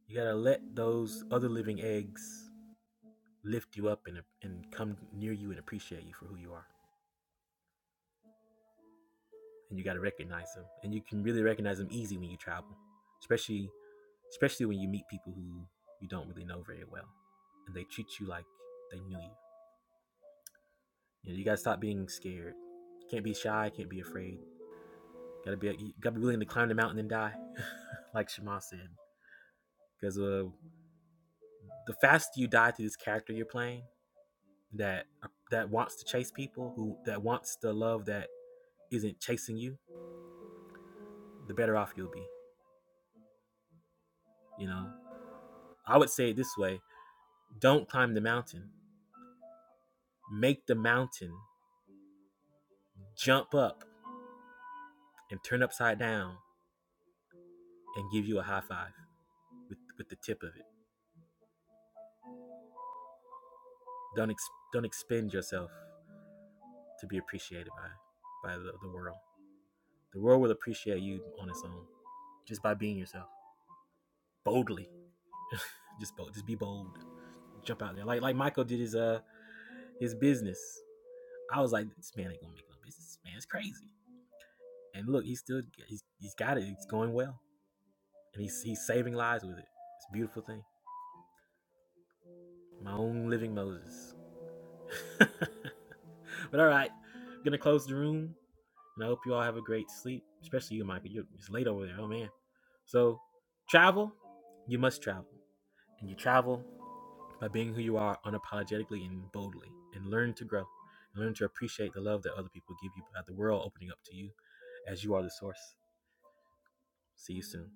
you gotta let those other living eggs lift you up and, and come near you and appreciate you for who you are. And you got to recognize them. And you can really recognize them easy when you travel, especially especially when you meet people who you don't really know very well. And they treat you like they knew you. You, know, you got to stop being scared. Can't be shy. Can't be afraid. Got to be got to be willing to climb the mountain and die, [LAUGHS] like Shema said. Because uh, the faster you die to this character you're playing, that that wants to chase people, who that wants the love that isn't chasing you, the better off you'll be. You know, I would say it this way don't climb the mountain, make the mountain jump up and turn upside down and give you a high five with, with the tip of it. Don't, ex- don't expend yourself to be appreciated by, by the, the world. The world will appreciate you on its own just by being yourself boldly. Just bold, just be bold. Jump out there like like Michael did his uh his business. I was like, this man ain't gonna make no business. This man is crazy. And look, he's still he's, he's got it. It's going well. and he's he's saving lives with it. It's a beautiful thing. My own living Moses. [LAUGHS] but all right, I'm gonna close the room, and I hope you all have a great sleep, especially you, Michael. You're it's late over there. Oh man. So travel, you must travel, and you travel by being who you are unapologetically and boldly, and learn to grow, and learn to appreciate the love that other people give you, by the world opening up to you, as you are the source. See you soon.